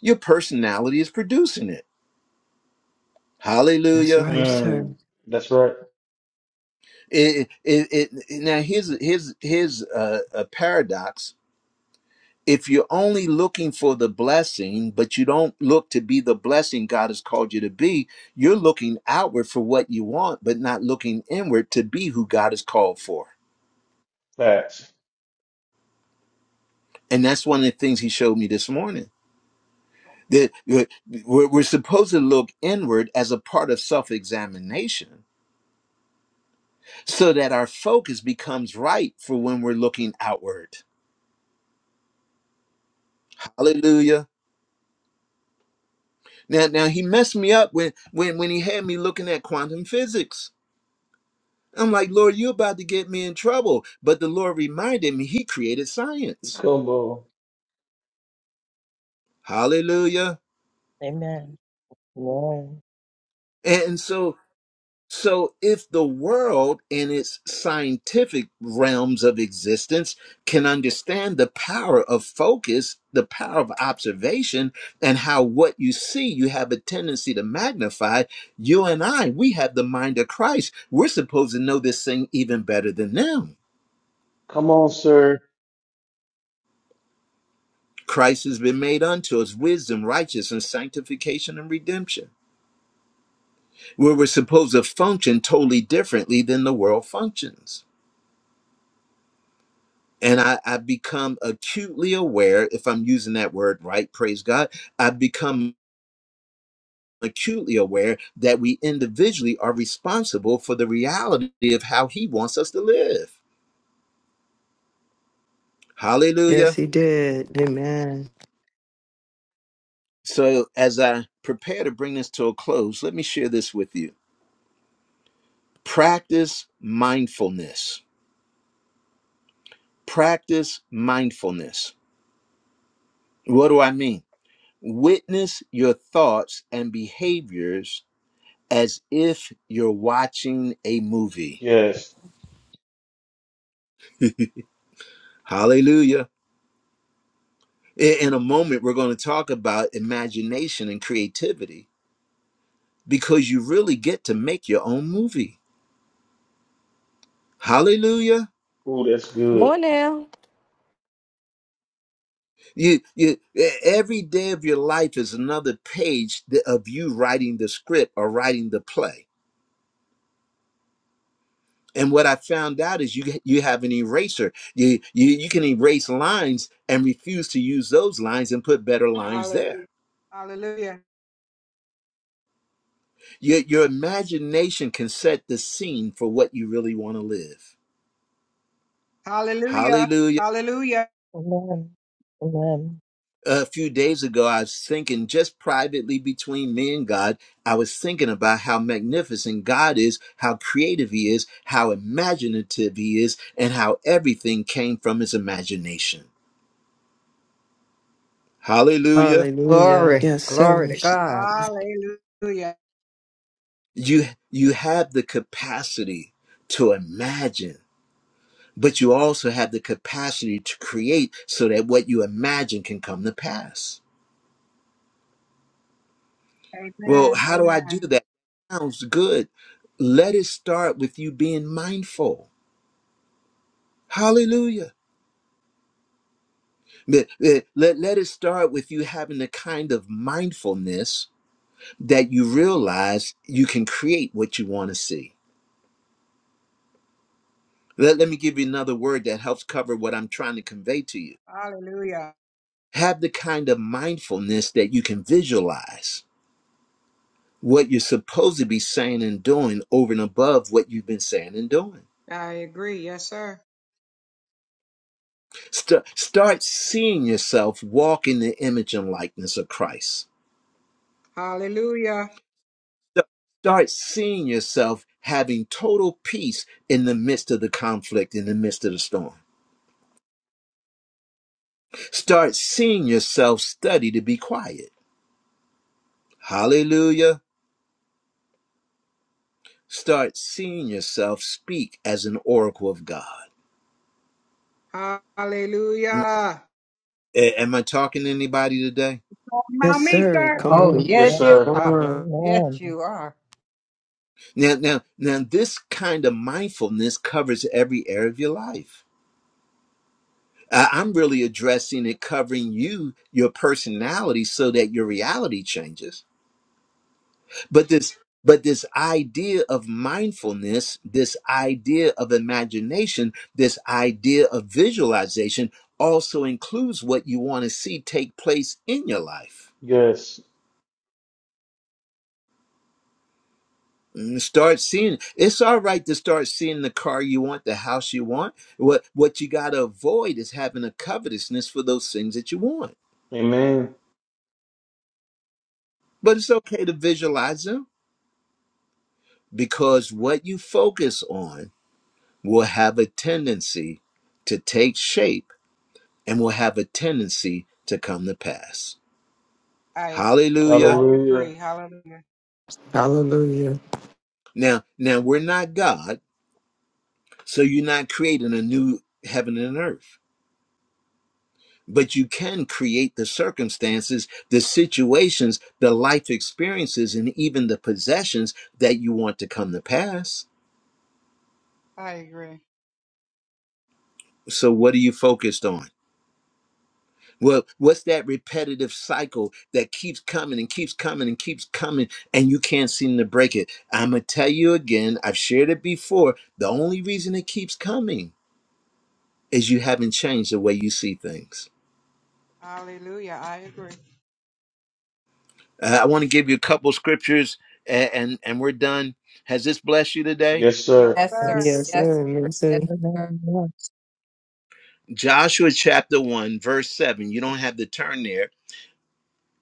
[SPEAKER 1] Your personality is producing it.
[SPEAKER 4] That's
[SPEAKER 1] Hallelujah.
[SPEAKER 4] right, sir.
[SPEAKER 2] Mm. That's right.
[SPEAKER 1] It, it, it, it- now here's here's here's a, a paradox. If you're only looking for the blessing, but you don't look to be the blessing God has called you to be, you're looking outward for what you want, but not looking inward to be who God has called for.
[SPEAKER 2] Facts.
[SPEAKER 1] And that's one of the things He showed me this morning. That we're, we're we're supposed to look inward as a part of self-examination, so that our focus becomes right for when we're looking outward. Hallelujah. Now, now he messed me up when when when he had me looking at quantum physics. I'm like, Lord, you're about to get me in trouble. But the Lord reminded me He created science.
[SPEAKER 2] Come on.
[SPEAKER 1] Hallelujah.
[SPEAKER 3] Amen.
[SPEAKER 1] And so So, if the world in its scientific realms of existence can understand the power of focus, the power of observation, and how what you see you have a tendency to magnify, you and I, we have the mind of Christ. We're supposed to know this thing even better than them.
[SPEAKER 2] Come on, sir.
[SPEAKER 1] Christ has been made unto us wisdom, righteousness, sanctification, and redemption, where we're supposed to function totally differently than the world functions. and I, I become acutely aware, if I'm using that word right, praise God, I become acutely aware that we individually are responsible for the reality of how He wants us to live.
[SPEAKER 4] Yes,
[SPEAKER 1] Hallelujah.
[SPEAKER 4] he did. Amen.
[SPEAKER 1] So, as I prepare to bring this to a close, let me share this with you. Practice mindfulness. Practice mindfulness. What do I mean? Witness your thoughts and behaviors as if you're watching a movie.
[SPEAKER 2] Yes.
[SPEAKER 1] Hallelujah. I- In a moment, we're going to talk about imagination and creativity because you really get to make your own movie. Hallelujah.
[SPEAKER 2] Ooh, that's good.
[SPEAKER 10] Morning.
[SPEAKER 1] You, you, e- every day of your life is another page th- of you writing the script or writing the play. And what I found out is you, you have an eraser. You, you, you can erase lines and refuse to use those lines and put better lines there.
[SPEAKER 6] Hallelujah. Hallelujah.
[SPEAKER 1] Your, your imagination can set the scene for what you really want to live.
[SPEAKER 6] Hallelujah.
[SPEAKER 1] Hallelujah.
[SPEAKER 6] Hallelujah.
[SPEAKER 3] Amen. Amen.
[SPEAKER 1] a few days ago, I was thinking just privately between me and God, I was thinking about how magnificent God is, how creative He is, how imaginative He is, and how everything came from His imagination. Hallelujah.
[SPEAKER 4] Hallelujah.
[SPEAKER 9] Glory.
[SPEAKER 4] Yes,
[SPEAKER 9] Glory
[SPEAKER 4] sir.
[SPEAKER 9] to God.
[SPEAKER 6] Hallelujah. Hallelujah.
[SPEAKER 1] You, you have the capacity to imagine, but you also have the capacity to create so that what you imagine can come to pass. Well,
[SPEAKER 6] Amen.
[SPEAKER 1] how do I do
[SPEAKER 6] Amen.
[SPEAKER 1] that? Sounds good. Let it start with you being mindful Hallelujah. Let, let, let it start with you having the kind of mindfulness that you realize you can create what you want to see. Let, let me give you another word that helps cover what I'm trying to convey to you.
[SPEAKER 6] Hallelujah.
[SPEAKER 1] Have the kind of mindfulness that you can visualize what you're supposed to be saying and doing over and above what you've been saying and doing.
[SPEAKER 6] I agree. Yes, sir.
[SPEAKER 1] Start start seeing yourself walk in the image and likeness of Christ
[SPEAKER 6] Hallelujah.
[SPEAKER 1] So start seeing yourself having total peace in the midst of the conflict, in the midst of the storm. Start seeing yourself study to be quiet. Hallelujah. Start seeing yourself speak as an oracle of God.
[SPEAKER 6] Hallelujah.
[SPEAKER 1] A- am I talking to anybody today?
[SPEAKER 6] Talk
[SPEAKER 4] Yes,
[SPEAKER 6] about me,
[SPEAKER 4] sir.
[SPEAKER 6] sir.
[SPEAKER 4] Come
[SPEAKER 9] Oh
[SPEAKER 3] Amen. Amen.
[SPEAKER 4] on.
[SPEAKER 2] Yes,
[SPEAKER 9] yes
[SPEAKER 3] Yes.
[SPEAKER 9] you
[SPEAKER 2] sir.
[SPEAKER 4] Come
[SPEAKER 9] are.
[SPEAKER 4] on.
[SPEAKER 9] Yes
[SPEAKER 3] Amen.
[SPEAKER 9] you are.
[SPEAKER 1] Now, now, now, this kind of mindfulness covers every area of your life. I- I'm really addressing it, covering you, your personality, so that your reality changes but this but this idea of mindfulness this idea of imagination this idea of visualization also includes what you want to see take place in your life
[SPEAKER 2] Yes.
[SPEAKER 1] Mm, start seeing it's all right to start seeing the car you want the house you want what what you got to avoid is having a covetousness for those things that you want
[SPEAKER 2] Amen.
[SPEAKER 1] but it's okay to visualize them because what you focus on will have a tendency to take shape and will have a tendency to come to pass.
[SPEAKER 6] I I
[SPEAKER 1] Hallelujah.
[SPEAKER 2] Hallelujah.
[SPEAKER 6] agree. Hallelujah.
[SPEAKER 5] Hallelujah.
[SPEAKER 1] Now, now we're not God, so you're not creating a new heaven and earth. But you can create the circumstances, the situations, the life experiences, and even the possessions that you want to come to pass.
[SPEAKER 6] I agree.
[SPEAKER 1] So, what are you focused on? Well, what's that repetitive cycle that keeps coming and keeps coming and keeps coming, and you can't seem to break it? I'm going to tell you again, I've shared it before. The only reason it keeps coming is you haven't changed the way you see things.
[SPEAKER 6] Hallelujah. I agree.
[SPEAKER 1] Uh, I want to give you a couple scriptures and, and, and we're done. Has this blessed you today?
[SPEAKER 2] Yes,
[SPEAKER 6] Yes,
[SPEAKER 2] sir.
[SPEAKER 9] Yes sir.
[SPEAKER 6] sir.
[SPEAKER 5] Yes.
[SPEAKER 4] Yes,
[SPEAKER 9] Yes
[SPEAKER 4] sir.
[SPEAKER 9] sir.
[SPEAKER 4] Yes,
[SPEAKER 9] Yes
[SPEAKER 4] sir.
[SPEAKER 9] sir.
[SPEAKER 3] Amen. Yes.
[SPEAKER 1] Joshua chapter 1, verse 7. You don't have to turn there.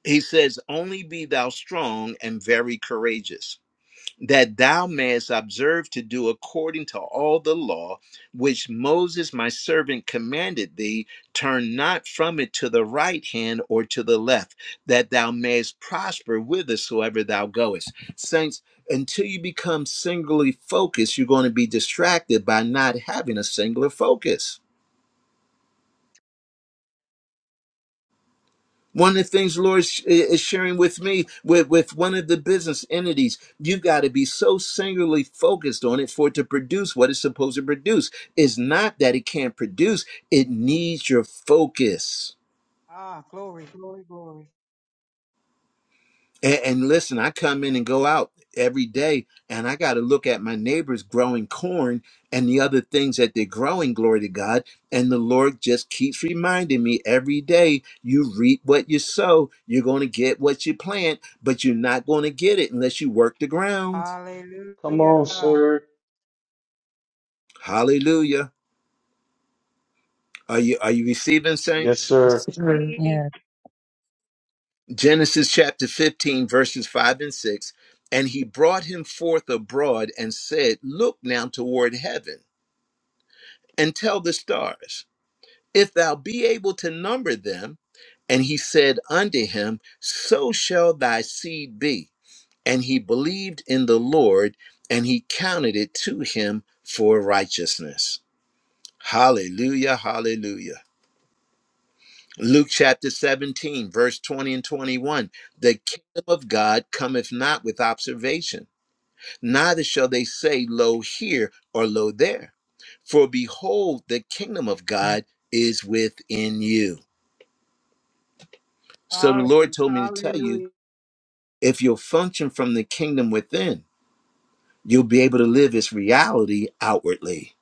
[SPEAKER 1] He says, Only be thou strong and very courageous. that thou mayest observe to do according to all the law which Moses my servant commanded thee, turn not from it to the right hand or to the left, that thou mayest prosper whithersoever thou goest. Saints, until you become singularly focused, you're going to be distracted by not having a singular focus. One of the things the Lord is sharing with me, with, with one of the business entities, you've got to be so singularly focused on it for it to produce what it's supposed to produce. It's not that it can't produce, it needs your focus.
[SPEAKER 6] Ah, glory, glory, glory.
[SPEAKER 1] And, and listen, I come in and go out every day, and I got to look at my neighbors growing corn and the other things that they're growing, glory to God. And the Lord just keeps reminding me every day you reap what you sow, you're going to get what you plant, but you're not going to get it unless you work the ground.
[SPEAKER 2] Come on,
[SPEAKER 6] Hallelujah.
[SPEAKER 2] sir.
[SPEAKER 1] Hallelujah. Are you, are you receiving,
[SPEAKER 2] Yes,
[SPEAKER 1] saints?
[SPEAKER 4] Yes,
[SPEAKER 2] sir.
[SPEAKER 4] sir.
[SPEAKER 6] Receive.
[SPEAKER 3] Yes.
[SPEAKER 1] Genesis chapter 15, verses 5 and 6. And he brought him forth abroad and said, Look now toward heaven and tell the stars, if thou be able to number them. And he said unto him, So shall thy seed be. And he believed in the Lord, and he counted it to him for righteousness. Hallelujah, hallelujah. Luke chapter 17, verse 20 and 21. The kingdom of God cometh not with observation. neither shall they say, Lo here or Lo there. For behold, the kingdom of God is within you. So the Lord
[SPEAKER 6] Hallelujah.
[SPEAKER 1] told me to tell you
[SPEAKER 6] Hallelujah.
[SPEAKER 1] if you'll function from the kingdom within, you'll be able to live its reality outwardly.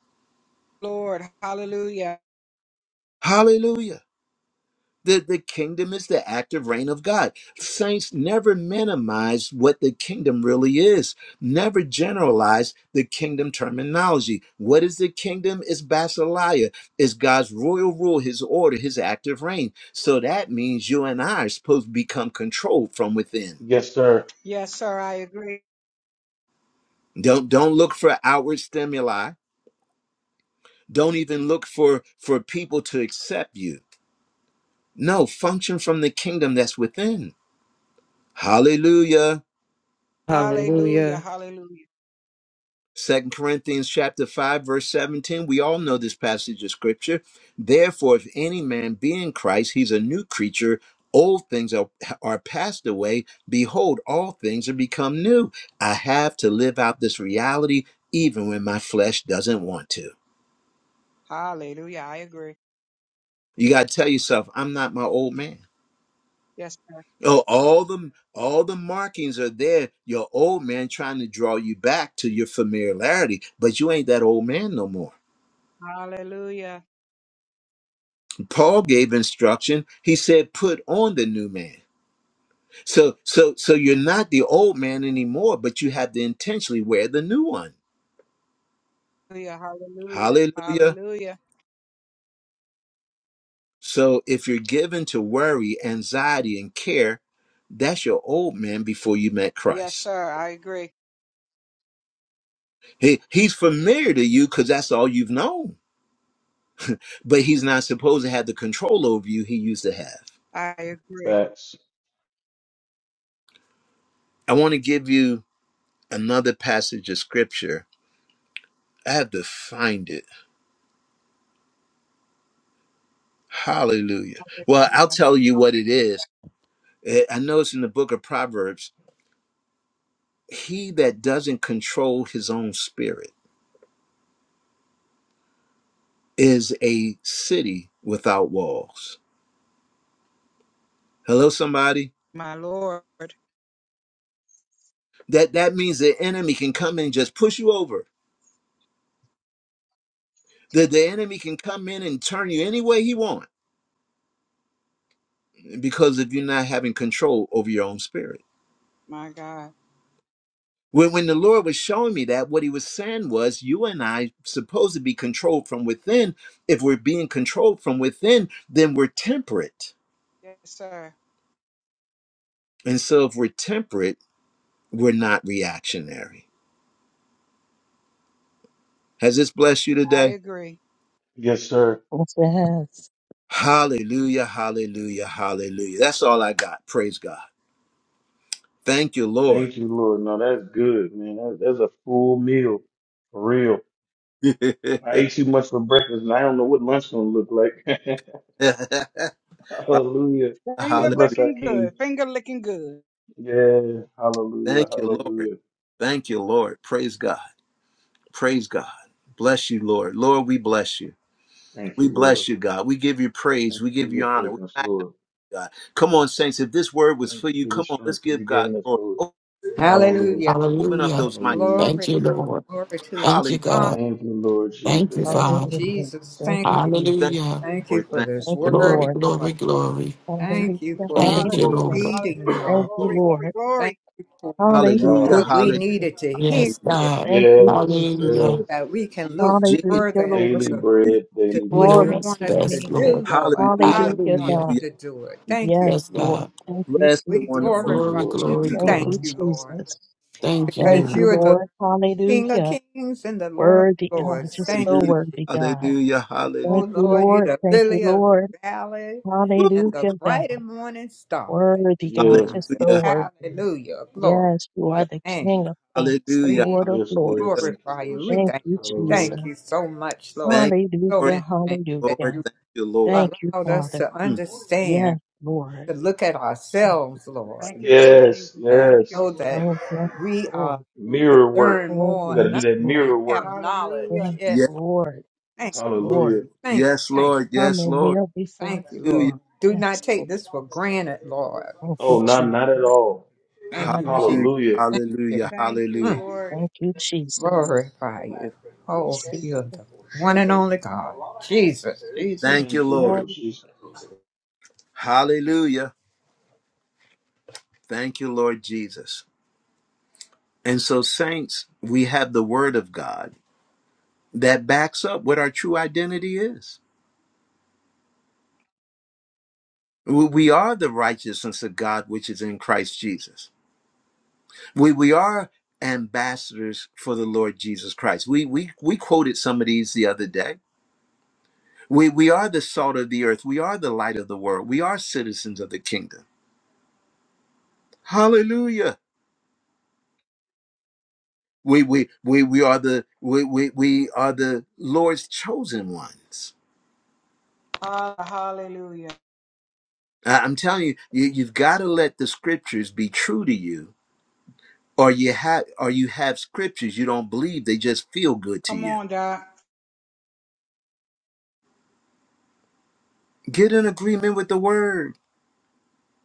[SPEAKER 6] Lord, hallelujah.
[SPEAKER 1] Hallelujah. The, the kingdom is the active reign of God. Saints never minimize what the kingdom really is, never generalize the kingdom terminology. What is the kingdom? It's basileia, it's God's royal rule, his order, his active reign. So that means you and I are supposed to become controlled from within.
[SPEAKER 2] Yes, sir.
[SPEAKER 6] Yes, sir, I agree.
[SPEAKER 1] Don't don't look for outward stimuli. Don't even look for for people to accept you. No, function from the kingdom that's within. Hallelujah.
[SPEAKER 6] Hallelujah.
[SPEAKER 4] Hallelujah.
[SPEAKER 6] Hallelujah.
[SPEAKER 1] Second Corinthians chapter 5 verse 17 we all know this passage of scripture therefore if any man be in Christ he's a new creature old things are, are passed away behold all things are become new I have to live out this reality even when my flesh doesn't want to
[SPEAKER 6] Hallelujah. I agree.
[SPEAKER 1] you got to tell yourself I'm not my old man
[SPEAKER 6] Yes, sir.
[SPEAKER 1] oh all the all the markings are there your old man trying to draw you back to your familiarity but you ain't that old man no more
[SPEAKER 6] Hallelujah.
[SPEAKER 1] Paul gave instruction. He said, put on the new man. So, so, so you're not the old man anymore, but you have to intentionally wear the new one.
[SPEAKER 6] Hallelujah. Hallelujah.
[SPEAKER 1] Hallelujah.
[SPEAKER 6] Hallelujah.
[SPEAKER 1] So if you're given to worry, anxiety, and care, that's your old man before you met
[SPEAKER 6] Yes,
[SPEAKER 1] Christ.
[SPEAKER 6] sir, I agree.
[SPEAKER 1] He, he's familiar to you because that's all you've known, but he's not supposed to have the control over you he used to have.
[SPEAKER 6] I agree.
[SPEAKER 2] Facts.
[SPEAKER 1] I want to give you another passage of scripture. I have to find it Hallelujah. Well, I'll
[SPEAKER 6] Hallelujah.
[SPEAKER 1] tell you what it is. Eh, I know it's in the book of Proverbs. He that doesn't control his own spirit is a city without walls. Hello, somebody.
[SPEAKER 6] My Lord,
[SPEAKER 1] That that means the enemy can come in and just push you over. The the enemy can come in and turn you any way he wants because if you're not having control over your own spirit.
[SPEAKER 6] my God.
[SPEAKER 1] When, when the Lord was showing me that, what he was saying was, you and I supposed to be controlled from within. If we're being controlled from within, then we're temperate.
[SPEAKER 6] Yes, sir,
[SPEAKER 1] And so if we're temperate, we're not reactionary. Has this blessed you
[SPEAKER 6] I
[SPEAKER 1] today?
[SPEAKER 6] agree.
[SPEAKER 2] Yes, sir.
[SPEAKER 3] Yes, it has.
[SPEAKER 1] Hallelujah, hallelujah, hallelujah. That's all I got. Praise God. Thank you, Lord.
[SPEAKER 2] Thank you, Lord. No, that's good, man. That, that's a full meal. For real. I ate too much for breakfast and I don't know what lunch gonna look like. hallelujah. Let's
[SPEAKER 6] Finger
[SPEAKER 1] hallelujah.
[SPEAKER 2] bless our
[SPEAKER 6] looking
[SPEAKER 2] King.
[SPEAKER 6] good. Finger looking good.
[SPEAKER 2] Yeah. Hallelujah.
[SPEAKER 1] Thank you, Lord.
[SPEAKER 2] Hallelujah.
[SPEAKER 1] Thank you, Lord. Praise God. Praise God. Bless you, Lord. Lord, we bless you.
[SPEAKER 2] Thank you,
[SPEAKER 1] We
[SPEAKER 2] Lord.
[SPEAKER 1] bless you, God. We give you praise.
[SPEAKER 2] Thank
[SPEAKER 1] We
[SPEAKER 2] you
[SPEAKER 1] give
[SPEAKER 2] for your
[SPEAKER 1] you honor. We
[SPEAKER 2] presence,
[SPEAKER 1] magnify
[SPEAKER 2] Lord.
[SPEAKER 1] you, God. Come on, saints. If this word was
[SPEAKER 2] Thank
[SPEAKER 1] for
[SPEAKER 2] you
[SPEAKER 1] you,
[SPEAKER 2] for the
[SPEAKER 1] come on, let's
[SPEAKER 2] strength that
[SPEAKER 1] give
[SPEAKER 2] you're
[SPEAKER 1] God
[SPEAKER 2] giving us,
[SPEAKER 1] glory.
[SPEAKER 2] Lord.
[SPEAKER 1] O-
[SPEAKER 2] Hallelujah.
[SPEAKER 9] Hallelujah.
[SPEAKER 1] Open up
[SPEAKER 5] Hallelujah.
[SPEAKER 1] those mics.
[SPEAKER 2] Hallelujah.
[SPEAKER 5] Thank
[SPEAKER 9] Glory.
[SPEAKER 5] you, Lord.
[SPEAKER 9] Glory to the
[SPEAKER 5] Thank you,
[SPEAKER 1] Hallelujah.
[SPEAKER 9] Father.
[SPEAKER 5] God.
[SPEAKER 2] Thank you, Lord
[SPEAKER 5] Thank you,
[SPEAKER 2] Jesus.
[SPEAKER 9] Oh
[SPEAKER 3] Hallelujah.
[SPEAKER 5] Father.
[SPEAKER 2] Hallelujah.
[SPEAKER 9] Jesus,
[SPEAKER 3] Thank
[SPEAKER 9] thank
[SPEAKER 3] you,
[SPEAKER 9] you.
[SPEAKER 1] Thank you,
[SPEAKER 3] Jesus.
[SPEAKER 5] Hallelujah.
[SPEAKER 9] Thank you
[SPEAKER 1] Lord.
[SPEAKER 9] for
[SPEAKER 1] Thank
[SPEAKER 9] this
[SPEAKER 3] Thank
[SPEAKER 1] you, Lord.
[SPEAKER 3] you,
[SPEAKER 9] word.
[SPEAKER 5] Glory,
[SPEAKER 3] Lord.
[SPEAKER 1] Thank you,
[SPEAKER 9] Lord.
[SPEAKER 5] glory,
[SPEAKER 1] Lord.
[SPEAKER 5] glory.
[SPEAKER 3] Hallelujah.
[SPEAKER 9] Thank you for
[SPEAKER 1] Glory,
[SPEAKER 9] the
[SPEAKER 5] Thank you,
[SPEAKER 1] glory,
[SPEAKER 6] Hallelujah.
[SPEAKER 3] Hallelujah.
[SPEAKER 5] Lord.
[SPEAKER 9] feeding.
[SPEAKER 1] glory,
[SPEAKER 6] Hallelujah.
[SPEAKER 9] Lord.
[SPEAKER 3] Thank you,
[SPEAKER 6] Glory,
[SPEAKER 1] glory.
[SPEAKER 6] glory,
[SPEAKER 3] Lord.
[SPEAKER 9] Thank
[SPEAKER 6] glory.
[SPEAKER 9] you for
[SPEAKER 3] Hallelujah,
[SPEAKER 1] Hallelujah.
[SPEAKER 6] Thank
[SPEAKER 2] Wow.
[SPEAKER 9] what
[SPEAKER 6] you,
[SPEAKER 9] we
[SPEAKER 1] Hallelujah.
[SPEAKER 6] Jesus.
[SPEAKER 3] Jesus.
[SPEAKER 9] needed to hear
[SPEAKER 5] Yes,
[SPEAKER 1] Hallelujah.
[SPEAKER 9] there
[SPEAKER 5] God.
[SPEAKER 3] Thank you,
[SPEAKER 2] Yes,
[SPEAKER 1] Mm,
[SPEAKER 3] Jesus.
[SPEAKER 9] so
[SPEAKER 5] Hallelujah.
[SPEAKER 2] yes.
[SPEAKER 9] that we can look
[SPEAKER 1] Jesus.
[SPEAKER 3] Hallelujah,
[SPEAKER 9] further into
[SPEAKER 3] Lord.
[SPEAKER 2] Daily
[SPEAKER 9] the,
[SPEAKER 1] Jesus,
[SPEAKER 2] bread,
[SPEAKER 1] Jesus.
[SPEAKER 9] to
[SPEAKER 2] daily
[SPEAKER 5] You
[SPEAKER 9] what
[SPEAKER 5] know
[SPEAKER 2] bread.
[SPEAKER 9] you
[SPEAKER 3] Glory
[SPEAKER 5] us
[SPEAKER 9] want
[SPEAKER 3] to
[SPEAKER 9] us
[SPEAKER 3] your
[SPEAKER 9] to
[SPEAKER 5] best,
[SPEAKER 3] name. God.
[SPEAKER 5] Lord.
[SPEAKER 9] do,
[SPEAKER 1] Hallelujah.
[SPEAKER 9] Lord, how you
[SPEAKER 3] Hallelujah,
[SPEAKER 9] want
[SPEAKER 5] Hallelujah.
[SPEAKER 9] us
[SPEAKER 3] God.
[SPEAKER 1] Hallelujah.
[SPEAKER 9] to do it.
[SPEAKER 1] hallelujah.
[SPEAKER 9] Thank
[SPEAKER 3] Yes,
[SPEAKER 9] you,
[SPEAKER 5] Yes,
[SPEAKER 9] Jesus.
[SPEAKER 3] Lord.
[SPEAKER 5] God.
[SPEAKER 3] Thank you,
[SPEAKER 1] Bless
[SPEAKER 9] We
[SPEAKER 1] the
[SPEAKER 3] Jesus.
[SPEAKER 1] wonderful
[SPEAKER 2] Thank
[SPEAKER 1] name
[SPEAKER 2] you,
[SPEAKER 9] glorify
[SPEAKER 5] Glory,
[SPEAKER 2] Lord.
[SPEAKER 1] of
[SPEAKER 9] you.
[SPEAKER 5] glory,
[SPEAKER 9] We
[SPEAKER 1] Jesus.
[SPEAKER 3] Thank
[SPEAKER 9] thank
[SPEAKER 5] glory.
[SPEAKER 3] you,
[SPEAKER 9] you, Lord,
[SPEAKER 3] Jesus.
[SPEAKER 5] Thank you,
[SPEAKER 3] Thank
[SPEAKER 9] because
[SPEAKER 5] Lord.
[SPEAKER 3] you,
[SPEAKER 9] you are the
[SPEAKER 3] Lord.
[SPEAKER 9] King of
[SPEAKER 3] Hallelujah.
[SPEAKER 9] kings and the Lord of
[SPEAKER 3] Worthy God.
[SPEAKER 9] lords.
[SPEAKER 3] Just so
[SPEAKER 9] Thank you,
[SPEAKER 1] Hallelujah.
[SPEAKER 3] worthy,
[SPEAKER 9] Jesus.
[SPEAKER 3] God.
[SPEAKER 1] Hallelujah.
[SPEAKER 9] Oh,
[SPEAKER 3] Thank you,
[SPEAKER 9] Lord, you're
[SPEAKER 3] Lord.
[SPEAKER 9] the
[SPEAKER 3] Thank you,
[SPEAKER 9] lily of
[SPEAKER 3] Lord.
[SPEAKER 9] the valley and the
[SPEAKER 3] Hallelujah,
[SPEAKER 9] bright
[SPEAKER 3] God.
[SPEAKER 9] and morning star. Thank
[SPEAKER 3] Worthy God,
[SPEAKER 2] Yeah.
[SPEAKER 9] you,
[SPEAKER 3] just
[SPEAKER 9] Jesus.
[SPEAKER 3] so
[SPEAKER 1] Hallelujah.
[SPEAKER 3] worthy.
[SPEAKER 9] Hallelujah. Glory
[SPEAKER 3] Yes, you
[SPEAKER 9] to
[SPEAKER 3] are
[SPEAKER 9] your
[SPEAKER 3] the King of
[SPEAKER 9] name.
[SPEAKER 3] Kings, the
[SPEAKER 1] Hallelujah.
[SPEAKER 3] Lord of
[SPEAKER 2] Yes,
[SPEAKER 1] Hallelujah.
[SPEAKER 2] Lord.
[SPEAKER 3] Lords.
[SPEAKER 2] Thank you,
[SPEAKER 9] glorify
[SPEAKER 2] Lord
[SPEAKER 9] you. We
[SPEAKER 3] Thank
[SPEAKER 2] Jesus.
[SPEAKER 9] thank
[SPEAKER 3] you,
[SPEAKER 9] you.
[SPEAKER 3] Jesus.
[SPEAKER 2] Hallelujah.
[SPEAKER 9] Thank you so much, Lord.
[SPEAKER 1] Thank
[SPEAKER 9] So
[SPEAKER 1] you, Lord,
[SPEAKER 3] Hallelujah,
[SPEAKER 9] many things that
[SPEAKER 1] Lord,
[SPEAKER 3] hallelujah.
[SPEAKER 9] you
[SPEAKER 1] thank you, Lord.
[SPEAKER 3] Thank you,
[SPEAKER 9] allowed us
[SPEAKER 3] Father.
[SPEAKER 9] to
[SPEAKER 1] Mm.
[SPEAKER 3] Yes,
[SPEAKER 9] understand,
[SPEAKER 3] Lord.
[SPEAKER 9] to look at
[SPEAKER 3] Thank you,
[SPEAKER 9] ourselves, Lord,
[SPEAKER 6] Thank you,
[SPEAKER 3] Jesus.
[SPEAKER 6] Lord
[SPEAKER 2] Yes,
[SPEAKER 6] Jesus.
[SPEAKER 9] and
[SPEAKER 6] Thank you,
[SPEAKER 2] yes.
[SPEAKER 9] know
[SPEAKER 6] Lord.
[SPEAKER 9] that
[SPEAKER 3] Oh, yes,
[SPEAKER 9] we
[SPEAKER 3] Lord.
[SPEAKER 9] are to
[SPEAKER 2] Mirror work.
[SPEAKER 9] learn
[SPEAKER 3] Oh,
[SPEAKER 2] We
[SPEAKER 9] more
[SPEAKER 2] got to
[SPEAKER 9] and,
[SPEAKER 2] do
[SPEAKER 9] un-
[SPEAKER 3] yes,
[SPEAKER 2] that
[SPEAKER 3] Lord.
[SPEAKER 9] and
[SPEAKER 2] mirror work.
[SPEAKER 9] have
[SPEAKER 6] Hallelujah.
[SPEAKER 3] Yes,
[SPEAKER 9] knowledge. Yes.
[SPEAKER 1] Yes,
[SPEAKER 3] Lord.
[SPEAKER 9] Thank
[SPEAKER 3] Yes,
[SPEAKER 9] you, Jesus.
[SPEAKER 2] Hallelujah.
[SPEAKER 3] Lord.
[SPEAKER 9] Thank you.
[SPEAKER 1] yes,
[SPEAKER 9] Thank you.
[SPEAKER 1] Lord,
[SPEAKER 3] Come
[SPEAKER 1] yes,
[SPEAKER 3] and
[SPEAKER 1] Lord.
[SPEAKER 3] kneel before
[SPEAKER 9] Thank you,
[SPEAKER 3] the
[SPEAKER 9] Lord.
[SPEAKER 1] Hallelujah,
[SPEAKER 3] throne.
[SPEAKER 9] Do not
[SPEAKER 3] Yes,
[SPEAKER 9] take
[SPEAKER 3] Lord.
[SPEAKER 9] this for granted, Lord.
[SPEAKER 3] Thank you,
[SPEAKER 2] Oh, not, not at
[SPEAKER 3] Jesus.
[SPEAKER 2] all.
[SPEAKER 9] Thank
[SPEAKER 3] Not
[SPEAKER 9] you,
[SPEAKER 3] at all.
[SPEAKER 9] Jesus.
[SPEAKER 1] hallelujah,
[SPEAKER 2] Hallelujah.
[SPEAKER 9] Thank you.
[SPEAKER 1] hallelujah,
[SPEAKER 6] Thank you,
[SPEAKER 9] Mm.
[SPEAKER 1] hallelujah.
[SPEAKER 6] Lord.
[SPEAKER 3] Thank you, Jesus.
[SPEAKER 9] Glorify you. Oh,
[SPEAKER 3] Jesus,
[SPEAKER 9] you're the one and only God. Jesus, Jesus.
[SPEAKER 1] Thank you,
[SPEAKER 2] Thank you,
[SPEAKER 1] Lord.
[SPEAKER 2] Lord
[SPEAKER 3] Lord.
[SPEAKER 2] Jesus.
[SPEAKER 1] Hallelujah. Thank you, Lord Jesus. And so, saints, we have the word of God that backs up what our true identity is. We we are the righteousness of God, which is in Christ Jesus. We, we are ambassadors for the Lord Jesus Christ. We, we, we quoted some of these the other day We, we are the salt of the earth. We are the light of the world. We are citizens of the kingdom. Hallelujah. We, we, we, we are the we, we, we are the Lord's chosen ones.
[SPEAKER 6] Ah, Hallelujah.
[SPEAKER 1] I- I'm telling you, you you've got to let the scriptures be true to you, or you have or you have scriptures you don't believe. They just feel good to
[SPEAKER 6] Come
[SPEAKER 1] you.
[SPEAKER 6] on, Doc.
[SPEAKER 1] Get in agreement with the word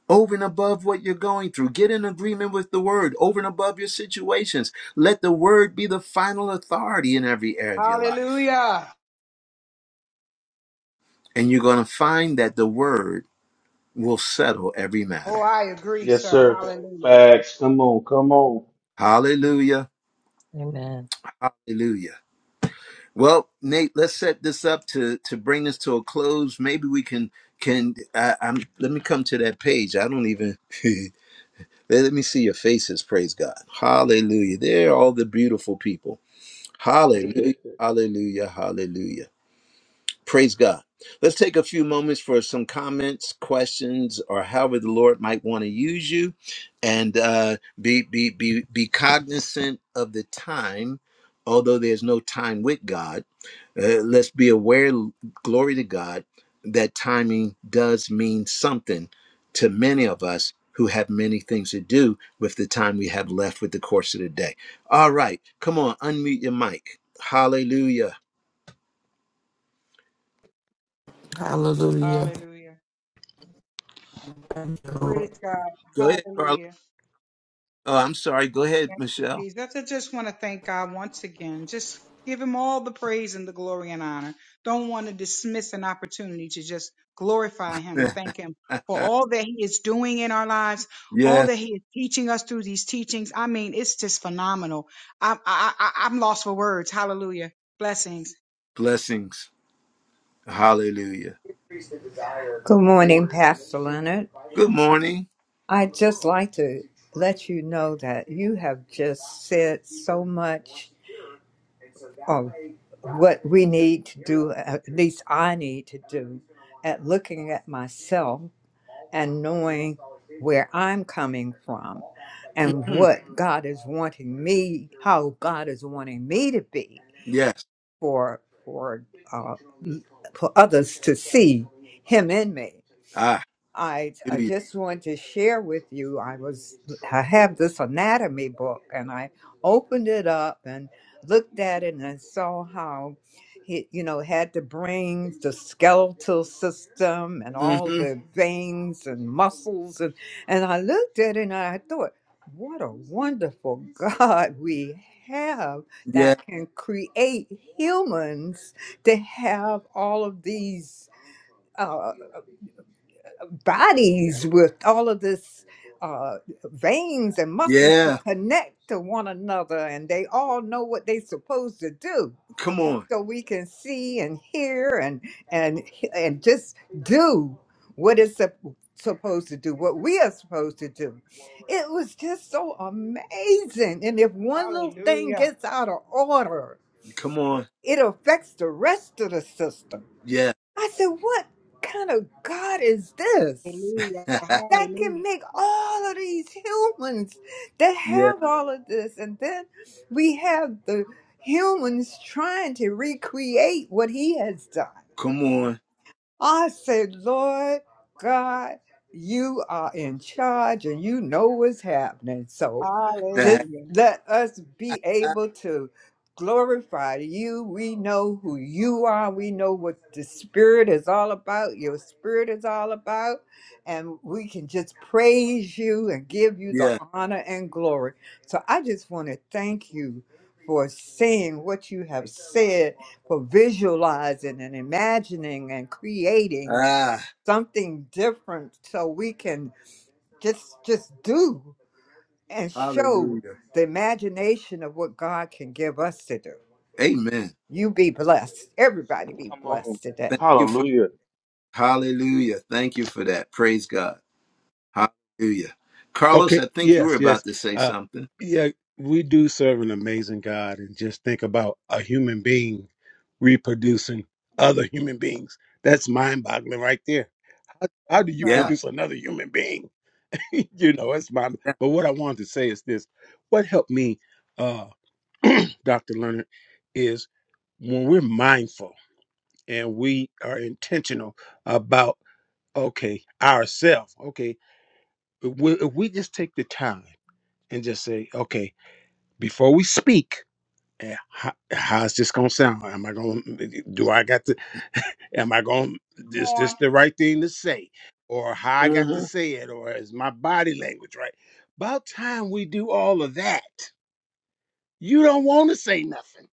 [SPEAKER 1] over and above what you're going through. Get in agreement with the word over and above your situations. Let the word be the final authority in every area of your life.
[SPEAKER 6] Hallelujah.
[SPEAKER 1] And you're going to find that the word will settle every
[SPEAKER 6] Oh,
[SPEAKER 1] matter.
[SPEAKER 6] I agree,
[SPEAKER 2] Yes,
[SPEAKER 6] sir.
[SPEAKER 2] sir.
[SPEAKER 6] Hallelujah.
[SPEAKER 2] Facts. Come on. Come on.
[SPEAKER 1] Hallelujah.
[SPEAKER 3] Amen.
[SPEAKER 1] Hallelujah. Well, Nate, let's set this up to to bring this to a close. Maybe we can can I, I'm let me come to that page. I don't even let let me see your faces. Praise God. Hallelujah. They're all the beautiful people. Hallelujah.
[SPEAKER 2] come
[SPEAKER 1] Hallelujah. Hallelujah. Praise God. Let's take a few moments for some comments, questions, or however the Lord might want to use you, and uh, be be be be cognizant of the time. Although there's no time with God, uh, let's be aware. Glory to God that timing does mean something to many of us who have many things to do with the time we have left with the course of the day. All right, come on, unmute your mic. Hallelujah.
[SPEAKER 5] Hallelujah.
[SPEAKER 6] Hallelujah.
[SPEAKER 5] Thank you, Lord.
[SPEAKER 6] Praise God.
[SPEAKER 1] Go ahead, Carla.
[SPEAKER 6] Hallelujah.
[SPEAKER 1] Oh, I'm sorry. Go ahead,
[SPEAKER 6] Thank you,
[SPEAKER 1] Michelle.
[SPEAKER 6] Jesus. I just want to thank God once again. Just give him all the praise and the glory and honor. Don't want to dismiss an opportunity to just glorify him and thank him for all that he is doing in our lives, all
[SPEAKER 1] yes,
[SPEAKER 6] that he is teaching us through these teachings. I mean, it's just phenomenal. I, I, I, I'm lost for words. Hallelujah. Blessings.
[SPEAKER 1] blessings. Hallelujah.
[SPEAKER 9] Good morning, Pastor Leonard.
[SPEAKER 1] Good morning.
[SPEAKER 9] I'd just like to let you know that you have just said so much of what we need to do, at least I need to do, at looking at myself and knowing where I'm coming from and
[SPEAKER 1] hmm
[SPEAKER 9] what God is wanting me, how God is wanting me to be.
[SPEAKER 1] Yes.
[SPEAKER 9] for for uh, for others to see him in me.
[SPEAKER 1] Ah,
[SPEAKER 9] I, I
[SPEAKER 1] hallelujah.
[SPEAKER 9] just want to share with you. I was I have this anatomy book, and I opened it up and looked at it, and I saw how he, you know, had to bring the skeletal system and all
[SPEAKER 1] hmm
[SPEAKER 9] the veins and muscles, and and I looked at it and I thought, what a wonderful God we have
[SPEAKER 1] Yeah,
[SPEAKER 9] that can create humans to have all of these. uh, bodies with all of this uh, veins and muscles to
[SPEAKER 1] yeah.
[SPEAKER 9] connect to one another, and they all know what they're supposed to do.
[SPEAKER 1] Come on.
[SPEAKER 9] So we can see and hear and and and just do what it's sup- supposed to do, what we are supposed to do. It was just so amazing. And if one little thing
[SPEAKER 6] Hallelujah.
[SPEAKER 9] gets out of order,
[SPEAKER 1] Come on.
[SPEAKER 9] it affects the rest of the system.
[SPEAKER 1] Yeah.
[SPEAKER 9] I said, what kind of God is this?
[SPEAKER 6] Hallelujah.
[SPEAKER 9] that can
[SPEAKER 6] Hallelujah.
[SPEAKER 9] make all of these humans that
[SPEAKER 1] yeah.
[SPEAKER 9] have all of this. And then we have the humans trying to recreate what he has done.
[SPEAKER 1] Come on.
[SPEAKER 9] I say, Lord God, you are in charge and you know what's happening. So just
[SPEAKER 6] Hallelujah.
[SPEAKER 9] let us be able to glorify you. We know who you are. We know what the Spirit is all about, your Spirit is all about. And we can just praise you and give you the
[SPEAKER 1] yeah.
[SPEAKER 9] honor and glory. So I just want to thank you for saying what you have said for visualizing and imagining and creating
[SPEAKER 1] Ah,
[SPEAKER 9] something different so we can just just do and show
[SPEAKER 1] hallelujah.
[SPEAKER 9] the imagination of what God can give us to do.
[SPEAKER 1] Amen.
[SPEAKER 9] You be blessed. Everybody be
[SPEAKER 2] on.
[SPEAKER 9] blessed today.
[SPEAKER 1] Thank you for
[SPEAKER 2] Hallelujah.
[SPEAKER 1] hallelujah. Thank you for that. Praise God. Hallelujah. Carlos,
[SPEAKER 11] Okay.
[SPEAKER 1] I think you were
[SPEAKER 11] Yes. Yes.
[SPEAKER 1] about to say
[SPEAKER 11] Uh,
[SPEAKER 1] something.
[SPEAKER 11] yeah. We do serve an amazing God, and just think about a human being reproducing other human beings. That's mind-boggling right there. How, how do you
[SPEAKER 6] Uh,
[SPEAKER 1] Yeah.
[SPEAKER 11] produce another human being? you know, it's mind. But what I wanted to say is this: What helped me, uh, Doctor Leonard, is when we're mindful and we are intentional about okay ourselves. Okay, if we if we just take the time and just say, okay, before we speak, eh, how, how's this gonna sound? Am I gonna do I got to? Am I gonna
[SPEAKER 6] come
[SPEAKER 11] is
[SPEAKER 6] on.
[SPEAKER 11] this the right thing to say, or how I got to
[SPEAKER 1] Mm-hmm.
[SPEAKER 11] say it, or is my body language right? About time we do all of that. You don't want to say nothing.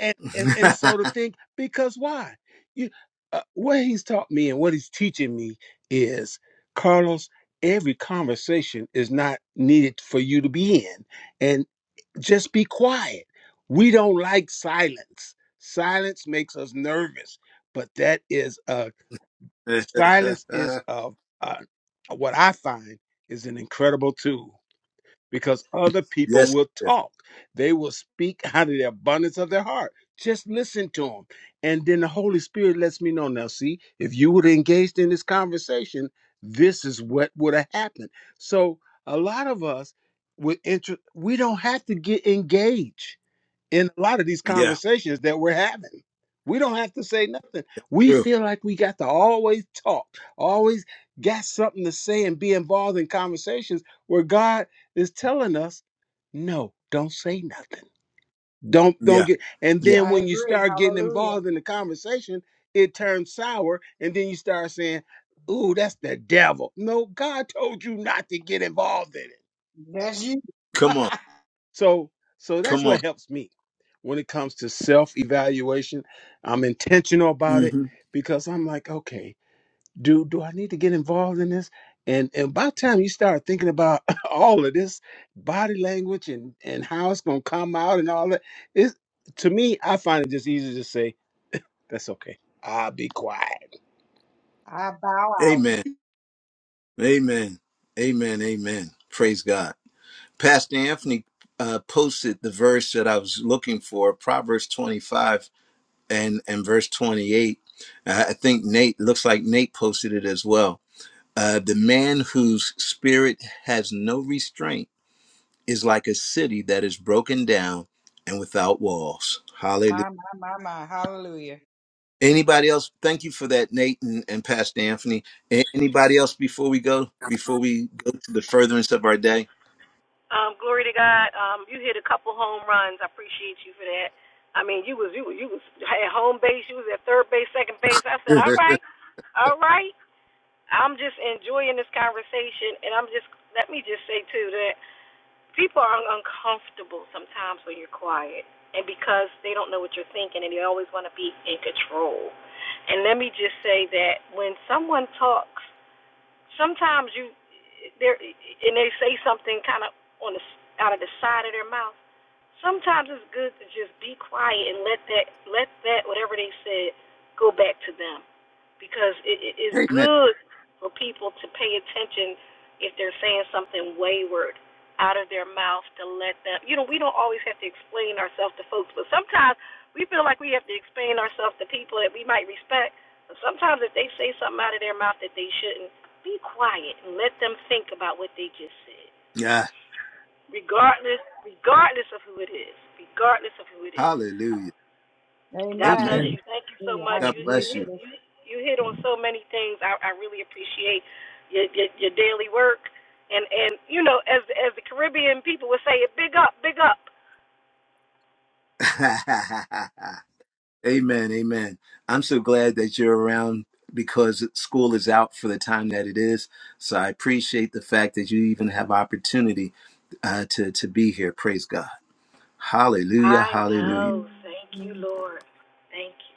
[SPEAKER 11] and and, and so to think because why you uh, what he's taught me and what he's teaching me is carlos every conversation is not needed for you to be in and just be quiet we don't like silence silence makes us nervous but that is a silence is a uh, what i find is an incredible tool because other people will
[SPEAKER 1] yes.
[SPEAKER 11] talk. They will speak out of the abundance of their heart. Just listen to them. And then the Holy Spirit lets me know now, see, if you would have engaged in this conversation, this is what would have happened. So a lot of us would inter- we don't have to get engaged in a lot of these
[SPEAKER 1] Yeah.
[SPEAKER 11] conversations that we're having. We don't have to say nothing. We
[SPEAKER 1] True.
[SPEAKER 11] feel like we got to always talk, always got something to say and be involved in conversations where God is telling us, no, don't say nothing. Don't don't
[SPEAKER 1] Yeah.
[SPEAKER 11] get and
[SPEAKER 1] Yeah.
[SPEAKER 11] then
[SPEAKER 6] I
[SPEAKER 11] when you
[SPEAKER 6] agree.
[SPEAKER 11] start getting
[SPEAKER 6] Hallelujah.
[SPEAKER 11] involved in the conversation, it turns sour, and then you start saying, Ooh, that's the devil. No, God told you not to get involved in it.
[SPEAKER 6] That's you.
[SPEAKER 1] Come on.
[SPEAKER 6] I
[SPEAKER 11] So so that's
[SPEAKER 1] Come on.
[SPEAKER 11] what helps me when it comes to self-evaluation. I'm intentional about it
[SPEAKER 1] hmm
[SPEAKER 11] because I'm like, okay, do do I need to get involved in this? And and by the time you start thinking about all of this body language and and how it's gonna come out and all that, it's to me, I find it just easy to say, that's okay. I'll be quiet.
[SPEAKER 6] bow out.
[SPEAKER 1] Amen. Amen. Amen. Amen. Praise God. Pastor Anthony uh, posted the verse that I was looking for, Proverbs 25 and, and verse 28. Uh, I think Nate, looks like Nate posted it as well. Uh, the man whose spirit has no restraint is like a city that is broken down and without walls. Hallelujah.
[SPEAKER 6] My, my, my, my. Hallelujah.
[SPEAKER 1] Anybody else? Thank you for that, Nate and, and Pastor Anthony. A- Anybody else before we go? Before we go to the furtherance of our day?
[SPEAKER 10] Um, glory to God. Um, you hit a couple home runs. I appreciate you for that. I mean, you was you was you was at home base. You was at third base, second base. I said, all right, all right. I'm just enjoying this conversation, and I'm just let me just say too that people are uncomfortable sometimes when you're quiet, and because they don't know what you're thinking, and they always want to be in control. And let me just say that when someone talks. Sometimes you there and they say something kind of on the out of the side of their mouth. Sometimes it's good to just be quiet and let that let that whatever they said go back to them because it, it is
[SPEAKER 1] Amen.
[SPEAKER 10] good for people to pay attention if they're saying something wayward out of their mouth to let them you know we don't always have to explain ourselves to folks but sometimes we feel like we have to explain ourselves to people that we might respect but sometimes if they say something out of their mouth that they shouldn't be quiet and let them think about what they just said
[SPEAKER 1] Yeah.
[SPEAKER 10] regardless regardless of who it is regardless of who it is
[SPEAKER 1] Hallelujah.
[SPEAKER 10] God bless
[SPEAKER 6] Amen.
[SPEAKER 1] Amen.
[SPEAKER 10] you. Thank you so
[SPEAKER 6] Hallelujah. I
[SPEAKER 10] much.
[SPEAKER 1] God
[SPEAKER 10] You you
[SPEAKER 6] agree.
[SPEAKER 1] bless you.
[SPEAKER 6] sis.
[SPEAKER 10] you you hit on so many things. I, I really appreciate your, your your daily work and and you know as as the Caribbean people would say, big up, big up.
[SPEAKER 1] amen. Amen. I'm so glad that you're around because school is out for the time that it is. So I appreciate the fact that you even have opportunity uh, to to be here. Praise God. Hallelujah.
[SPEAKER 10] I
[SPEAKER 1] Hallelujah.
[SPEAKER 10] know. Thank you, Lord. Thank you.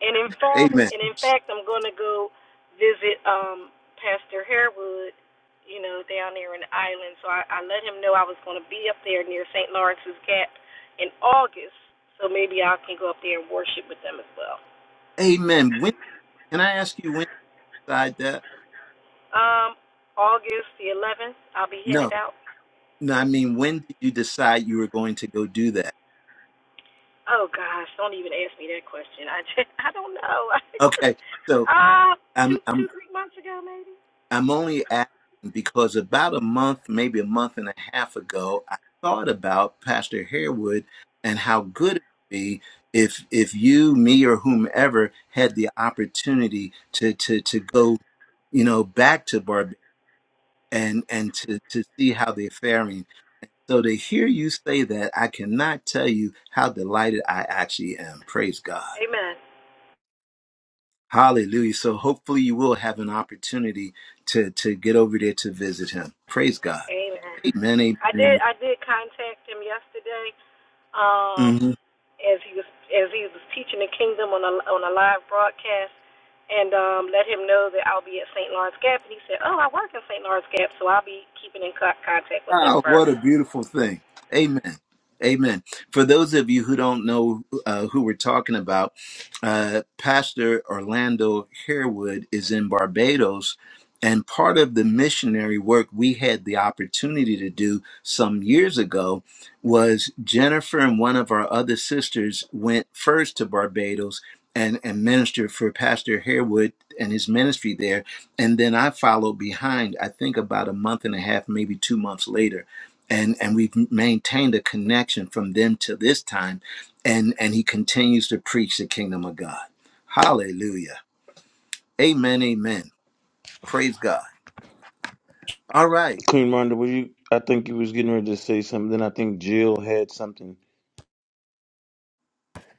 [SPEAKER 10] And in fact,
[SPEAKER 1] Amen.
[SPEAKER 10] and in fact, I'm going to go visit um Pastor Harewood, you know, down there in the island. So I, I let him know I was going to be up there near St. Lawrence's Gap in August. So maybe I can go up there and worship with them as well.
[SPEAKER 1] Amen. When can I ask you when you decide that?
[SPEAKER 10] Um, August the 11th, I'll be
[SPEAKER 1] No,
[SPEAKER 10] headed out.
[SPEAKER 1] no. I mean, when did you decide you were going to go do that?
[SPEAKER 10] Oh gosh, don't even ask me that question. I just, I don't know. I just
[SPEAKER 1] Okay, so
[SPEAKER 10] uh
[SPEAKER 1] I'm
[SPEAKER 10] two two
[SPEAKER 1] I'm
[SPEAKER 10] three months ago maybe.
[SPEAKER 1] I'm only asking because about a month, maybe a month and a half ago, I thought about Pastor Harewood and how good it would be if if you, me, or whomever had the opportunity to to to go, you know, back to Barbados and and to to see how they're faring. So to hear you say that, I cannot tell you how delighted I actually am. Praise God.
[SPEAKER 10] Amen.
[SPEAKER 1] Hallelujah. So hopefully you will have an opportunity to to get over there to visit him. Praise God.
[SPEAKER 10] Amen.
[SPEAKER 1] Amen.
[SPEAKER 10] I did
[SPEAKER 1] Amen.
[SPEAKER 10] I did contact him yesterday
[SPEAKER 1] amen.
[SPEAKER 10] um, as he was as he was teaching the kingdom on a on a live broadcast, and um, let him know that I'll be at St. Lawrence Gap. And he said, "Oh, I work in St. Lawrence Gap, so I'll be keeping in co- contact with him
[SPEAKER 1] Wow, what
[SPEAKER 10] further."
[SPEAKER 1] a beautiful thing. Amen. Amen. For those of you who don't know uh, who we're talking about, uh, Pastor Orlando Harewood is in Barbados. And part of the missionary work we had the opportunity to do some years ago was Jennifer and one of our other sisters went first to Barbados and, and ministered for Pastor Harewood and his ministry there and then I followed behind. I think about a month and a half, maybe two months later, and and we've maintained a connection from then to this time, and and he continues to preach the kingdom of God. Hallelujah. Amen. Amen. Praise God. All right.
[SPEAKER 2] Queen Ronda, were you? I think you was getting ready to say something. Then I think Jill had something.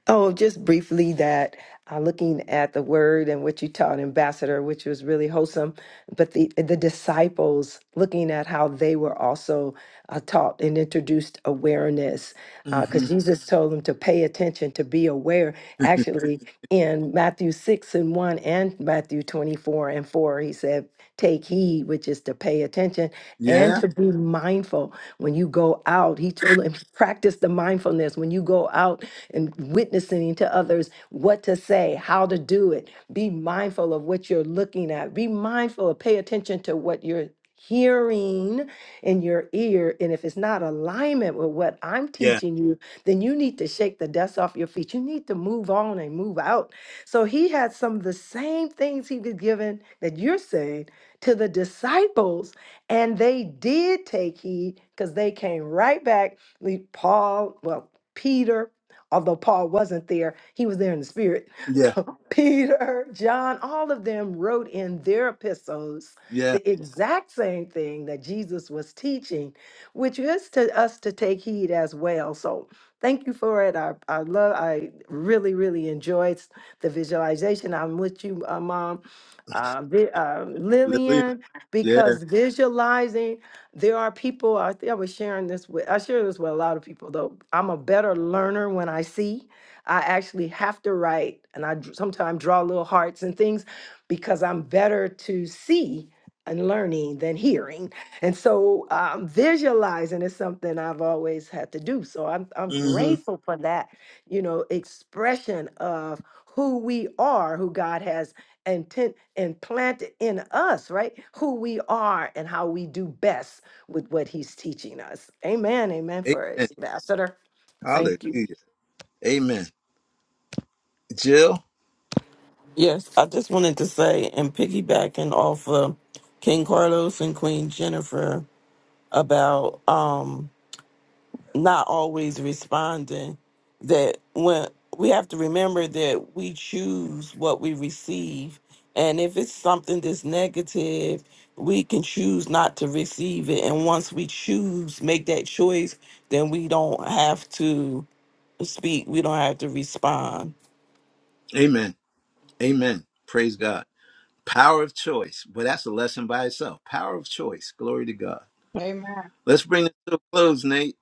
[SPEAKER 4] Oh, just briefly that uh, looking at the word and what you taught, Ambassador, which was really wholesome, but the the disciples looking at how they were also uh, taught and introduced awareness,
[SPEAKER 1] Mm-hmm.
[SPEAKER 4] because Jesus told them to pay attention, to be aware. Actually, in Matthew six and one and Matthew twenty four and four, he said take heed, which is to pay attention and
[SPEAKER 1] Yeah.
[SPEAKER 4] to be mindful when you go out. He told him, practice the mindfulness when you go out and witnessing to others what to say, how to do it. Be mindful of what you're looking at. Be mindful of pay attention to what you're hearing in your ear. And if it's not alignment with what I'm
[SPEAKER 1] Yeah.
[SPEAKER 4] teaching you, then you need to shake the dust off your feet. You need to move on and move out. So he had some of the same things he was given that you're saying to the disciples, and they did take heed because they came right back. Le- Paul, well, Peter, although Paul wasn't there, he was there in the spirit.
[SPEAKER 1] Yeah.
[SPEAKER 4] Peter, John, all of them wrote in their epistles
[SPEAKER 1] Yeah.
[SPEAKER 4] the Yeah. exact same thing that Jesus was teaching, which is to us to take heed as well. So thank you for it. I, I love, I really, really enjoyed the visualization. I'm with you, uh, Mom uh, Vi- uh,
[SPEAKER 1] Lillian.
[SPEAKER 4] Lillian,
[SPEAKER 1] Yeah.
[SPEAKER 4] because visualizing, there are people, I think I was sharing this with, I share this with a lot of people though. I'm a better learner when I see. I actually have to write and I sometimes draw little hearts and things because I'm better to see and learning than hearing. And so um, visualizing is something I've always had to do. So I'm, I'm
[SPEAKER 1] Mm-hmm.
[SPEAKER 4] grateful for that, you know, expression of who we are, who God has and ten, and planted in us, right? Who we are and how we do best with what he's teaching us. Amen. Amen for
[SPEAKER 1] Amen.
[SPEAKER 4] it, Ambassador.
[SPEAKER 1] Hallelujah.
[SPEAKER 4] Thank you.
[SPEAKER 1] Amen. Jill.
[SPEAKER 5] Yes, I just wanted to say and piggybacking off of King Carlos and Queen Jennifer about um not always responding that when we have to remember that we choose what we receive and if it's something that's negative we can choose not to receive it and once we choose make that choice then we don't have to speak we don't have to respond
[SPEAKER 1] Amen. Amen. Praise God. Power of choice. Well, that's a lesson by itself. Power of choice. Glory to God.
[SPEAKER 6] Amen.
[SPEAKER 1] Let's bring it to a close, Nate.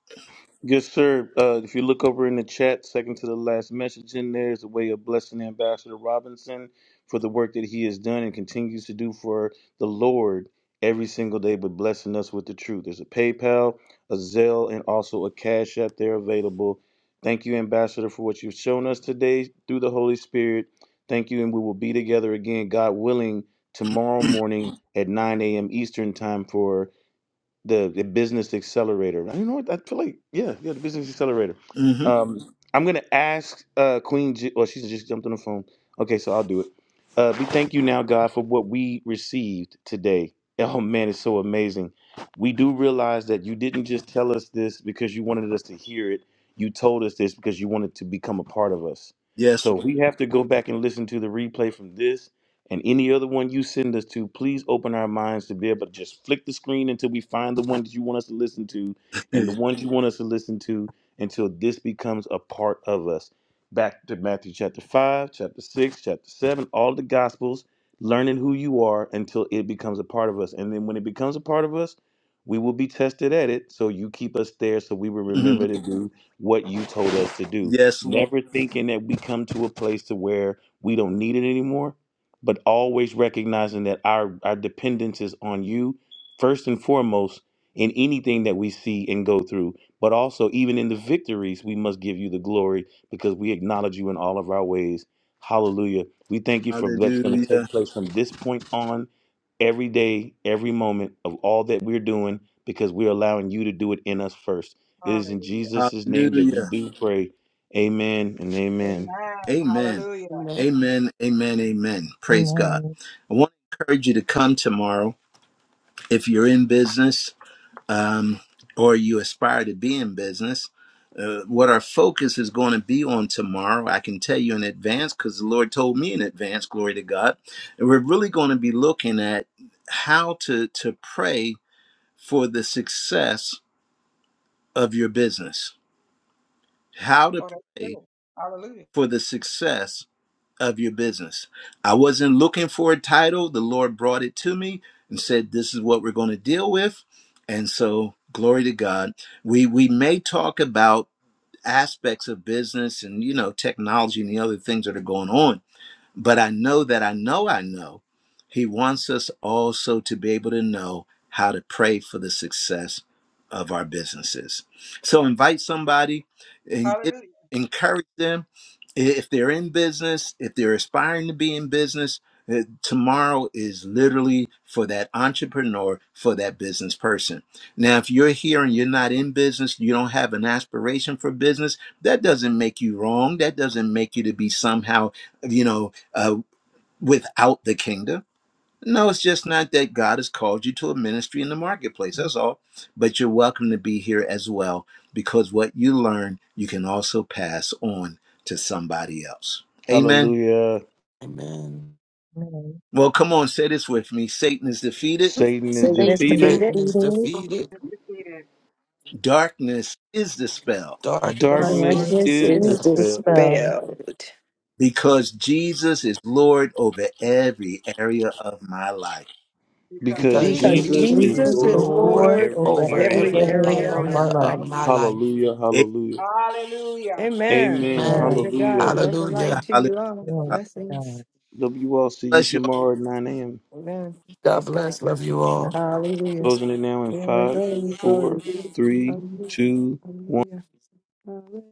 [SPEAKER 2] Yes, sir. Uh, if you look over in the chat, second to the last message in there is a way of blessing Ambassador Robinson for the work that he has done and continues to do for the Lord every single day, but blessing us with the truth. There's a PayPal, a Zelle, and also a Cash App there available. Thank you, Ambassador, for what you've shown us today through the Holy Spirit. Thank you, and we will be together again, God willing, tomorrow morning at 9 a.m. Eastern Time for the the business accelerator. You know what? I feel like yeah, yeah, the business accelerator.
[SPEAKER 1] hmm
[SPEAKER 2] Um, I'm gonna ask uh, Queen. J- oh, she's just jumped on the phone. Okay, so I'll do it. Uh, we thank you now, God, for what we received today. Oh man, it's so amazing. We do realize that you didn't just tell us this because you wanted us to hear it. You told us this because you wanted to become a part of us.
[SPEAKER 1] Yes,
[SPEAKER 2] So if we have to go back and listen to the replay from this and any other one you send us to, please open our minds to be able to just flick the screen until we find the one that you want us to listen to and the
[SPEAKER 1] Lord.
[SPEAKER 2] ones you want us to listen to until this becomes a part of us. Back to Matthew chapter 5, chapter 6, chapter 7, all the gospels, learning who you are until it becomes a part of us. And then when it becomes a part of us, we will be tested at it. So you keep us there so we will
[SPEAKER 1] Mhm.
[SPEAKER 2] remember to do what you told us to do.
[SPEAKER 1] yes, Lord.
[SPEAKER 2] Never thinking that we come to a place to where we don't need it anymore but always recognizing that our our dependence is on you first and foremost in anything that we see and go through but also even in the victories we must give you the glory because we acknowledge you in all of our ways hallelujah we thank you for what's going to
[SPEAKER 1] Hallelujah.
[SPEAKER 2] take place from this point on every day every moment of all that we're doing because we're allowing you to do it in us first it is in
[SPEAKER 6] Hallelujah.
[SPEAKER 2] jesus' name that we
[SPEAKER 1] Hallelujah.
[SPEAKER 2] do pray amen and amen
[SPEAKER 6] Amen.
[SPEAKER 1] Amen.
[SPEAKER 6] Hallelujah.
[SPEAKER 5] amen
[SPEAKER 1] Amen. Amen. Amen. Praise God.
[SPEAKER 3] Amen.
[SPEAKER 1] I want to encourage you to come tomorrow if you're in business. um, or you aspire to be in business, uh, what our focus is going to be on tomorrow, I can tell you in advance because the Lord told me in advance, glory to God. And we're really going to be looking at how to, to pray for the success of your business, how to
[SPEAKER 6] Oh, that's
[SPEAKER 1] pray
[SPEAKER 6] good. Hallelujah.
[SPEAKER 1] for the success of your business. I wasn't looking for a title. The Lord brought it to me and said, This is what we're going to deal with. And so, glory to God. We we may talk about aspects of business and you know technology and the other things that are going on but I know that I know I know He wants us also to be able to know how to pray for the success of our businesses. So invite somebody and get,
[SPEAKER 6] Hallelujah.
[SPEAKER 1] encourage them. If they're in business, if they're aspiring to be in business, uh, Tomorrow is literally for that entrepreneur, for that business person. Now, if you're here and you're not in business, you don't have an aspiration for business, that doesn't make you wrong. That doesn't make you to be somehow, you know, uh, without the kingdom. No, it's just not that God has called you to a ministry in the marketplace. That's all. But you're welcome to be here as well because what you learn, you can also pass on to somebody else. Amen.
[SPEAKER 2] hallelujah
[SPEAKER 5] amen
[SPEAKER 3] Amen.
[SPEAKER 1] Well, come on, say this with me Satan is defeated,
[SPEAKER 2] satan is
[SPEAKER 4] Sickness
[SPEAKER 3] Satan is
[SPEAKER 2] defeated
[SPEAKER 4] defeated,
[SPEAKER 5] satan is
[SPEAKER 3] defeated.
[SPEAKER 5] defeated
[SPEAKER 6] It's defeated.
[SPEAKER 1] darkness is dispelled
[SPEAKER 6] All
[SPEAKER 5] darkness
[SPEAKER 2] Darkness
[SPEAKER 5] is
[SPEAKER 3] Darkness
[SPEAKER 6] darkness
[SPEAKER 4] darkness
[SPEAKER 2] is
[SPEAKER 6] is
[SPEAKER 4] is
[SPEAKER 3] is
[SPEAKER 5] dispelled
[SPEAKER 6] dispelled
[SPEAKER 3] dispelled.
[SPEAKER 4] dispelled
[SPEAKER 1] because Jesus is Lord over every area of my life.
[SPEAKER 6] because
[SPEAKER 2] because
[SPEAKER 5] because
[SPEAKER 3] Because
[SPEAKER 4] because
[SPEAKER 6] Jesus
[SPEAKER 2] Jesus
[SPEAKER 5] jesus
[SPEAKER 2] is
[SPEAKER 6] is
[SPEAKER 5] is
[SPEAKER 3] Jesus
[SPEAKER 4] Jesus
[SPEAKER 3] is
[SPEAKER 2] Lord
[SPEAKER 4] is
[SPEAKER 2] of
[SPEAKER 6] Lord
[SPEAKER 5] lord
[SPEAKER 3] Lord
[SPEAKER 4] Lord
[SPEAKER 3] over
[SPEAKER 4] over
[SPEAKER 5] over
[SPEAKER 6] over
[SPEAKER 3] every
[SPEAKER 4] every
[SPEAKER 5] every
[SPEAKER 6] every
[SPEAKER 2] my
[SPEAKER 3] area
[SPEAKER 4] area
[SPEAKER 2] life.
[SPEAKER 3] of
[SPEAKER 6] area
[SPEAKER 4] of
[SPEAKER 3] my
[SPEAKER 5] area
[SPEAKER 4] my
[SPEAKER 3] life.
[SPEAKER 5] of
[SPEAKER 6] of
[SPEAKER 4] life.
[SPEAKER 5] my
[SPEAKER 6] my
[SPEAKER 5] life
[SPEAKER 6] life.
[SPEAKER 1] Amen.
[SPEAKER 2] Hallelujah.
[SPEAKER 6] Hallelujah.
[SPEAKER 4] Amen.
[SPEAKER 2] Amen.
[SPEAKER 3] Amen.
[SPEAKER 4] Glory
[SPEAKER 5] Amen.
[SPEAKER 4] to
[SPEAKER 2] Hallelujah.
[SPEAKER 4] God. Love the light
[SPEAKER 5] Hallelujah.
[SPEAKER 4] to
[SPEAKER 1] Hallelujah.
[SPEAKER 4] you all.
[SPEAKER 3] Amen. To God.
[SPEAKER 4] Blessings.
[SPEAKER 2] Love you all. See you
[SPEAKER 1] Bless you
[SPEAKER 2] tomorrow at 9 a.m.
[SPEAKER 4] Amen.
[SPEAKER 5] God
[SPEAKER 4] Praise God.
[SPEAKER 5] bless. Love you all.
[SPEAKER 4] Hallelujah.
[SPEAKER 2] Closing it now in
[SPEAKER 4] Glory,
[SPEAKER 2] five,
[SPEAKER 4] glory,
[SPEAKER 2] four,
[SPEAKER 4] glory.
[SPEAKER 2] three, two.
[SPEAKER 4] Hallelujah. Hallelujah.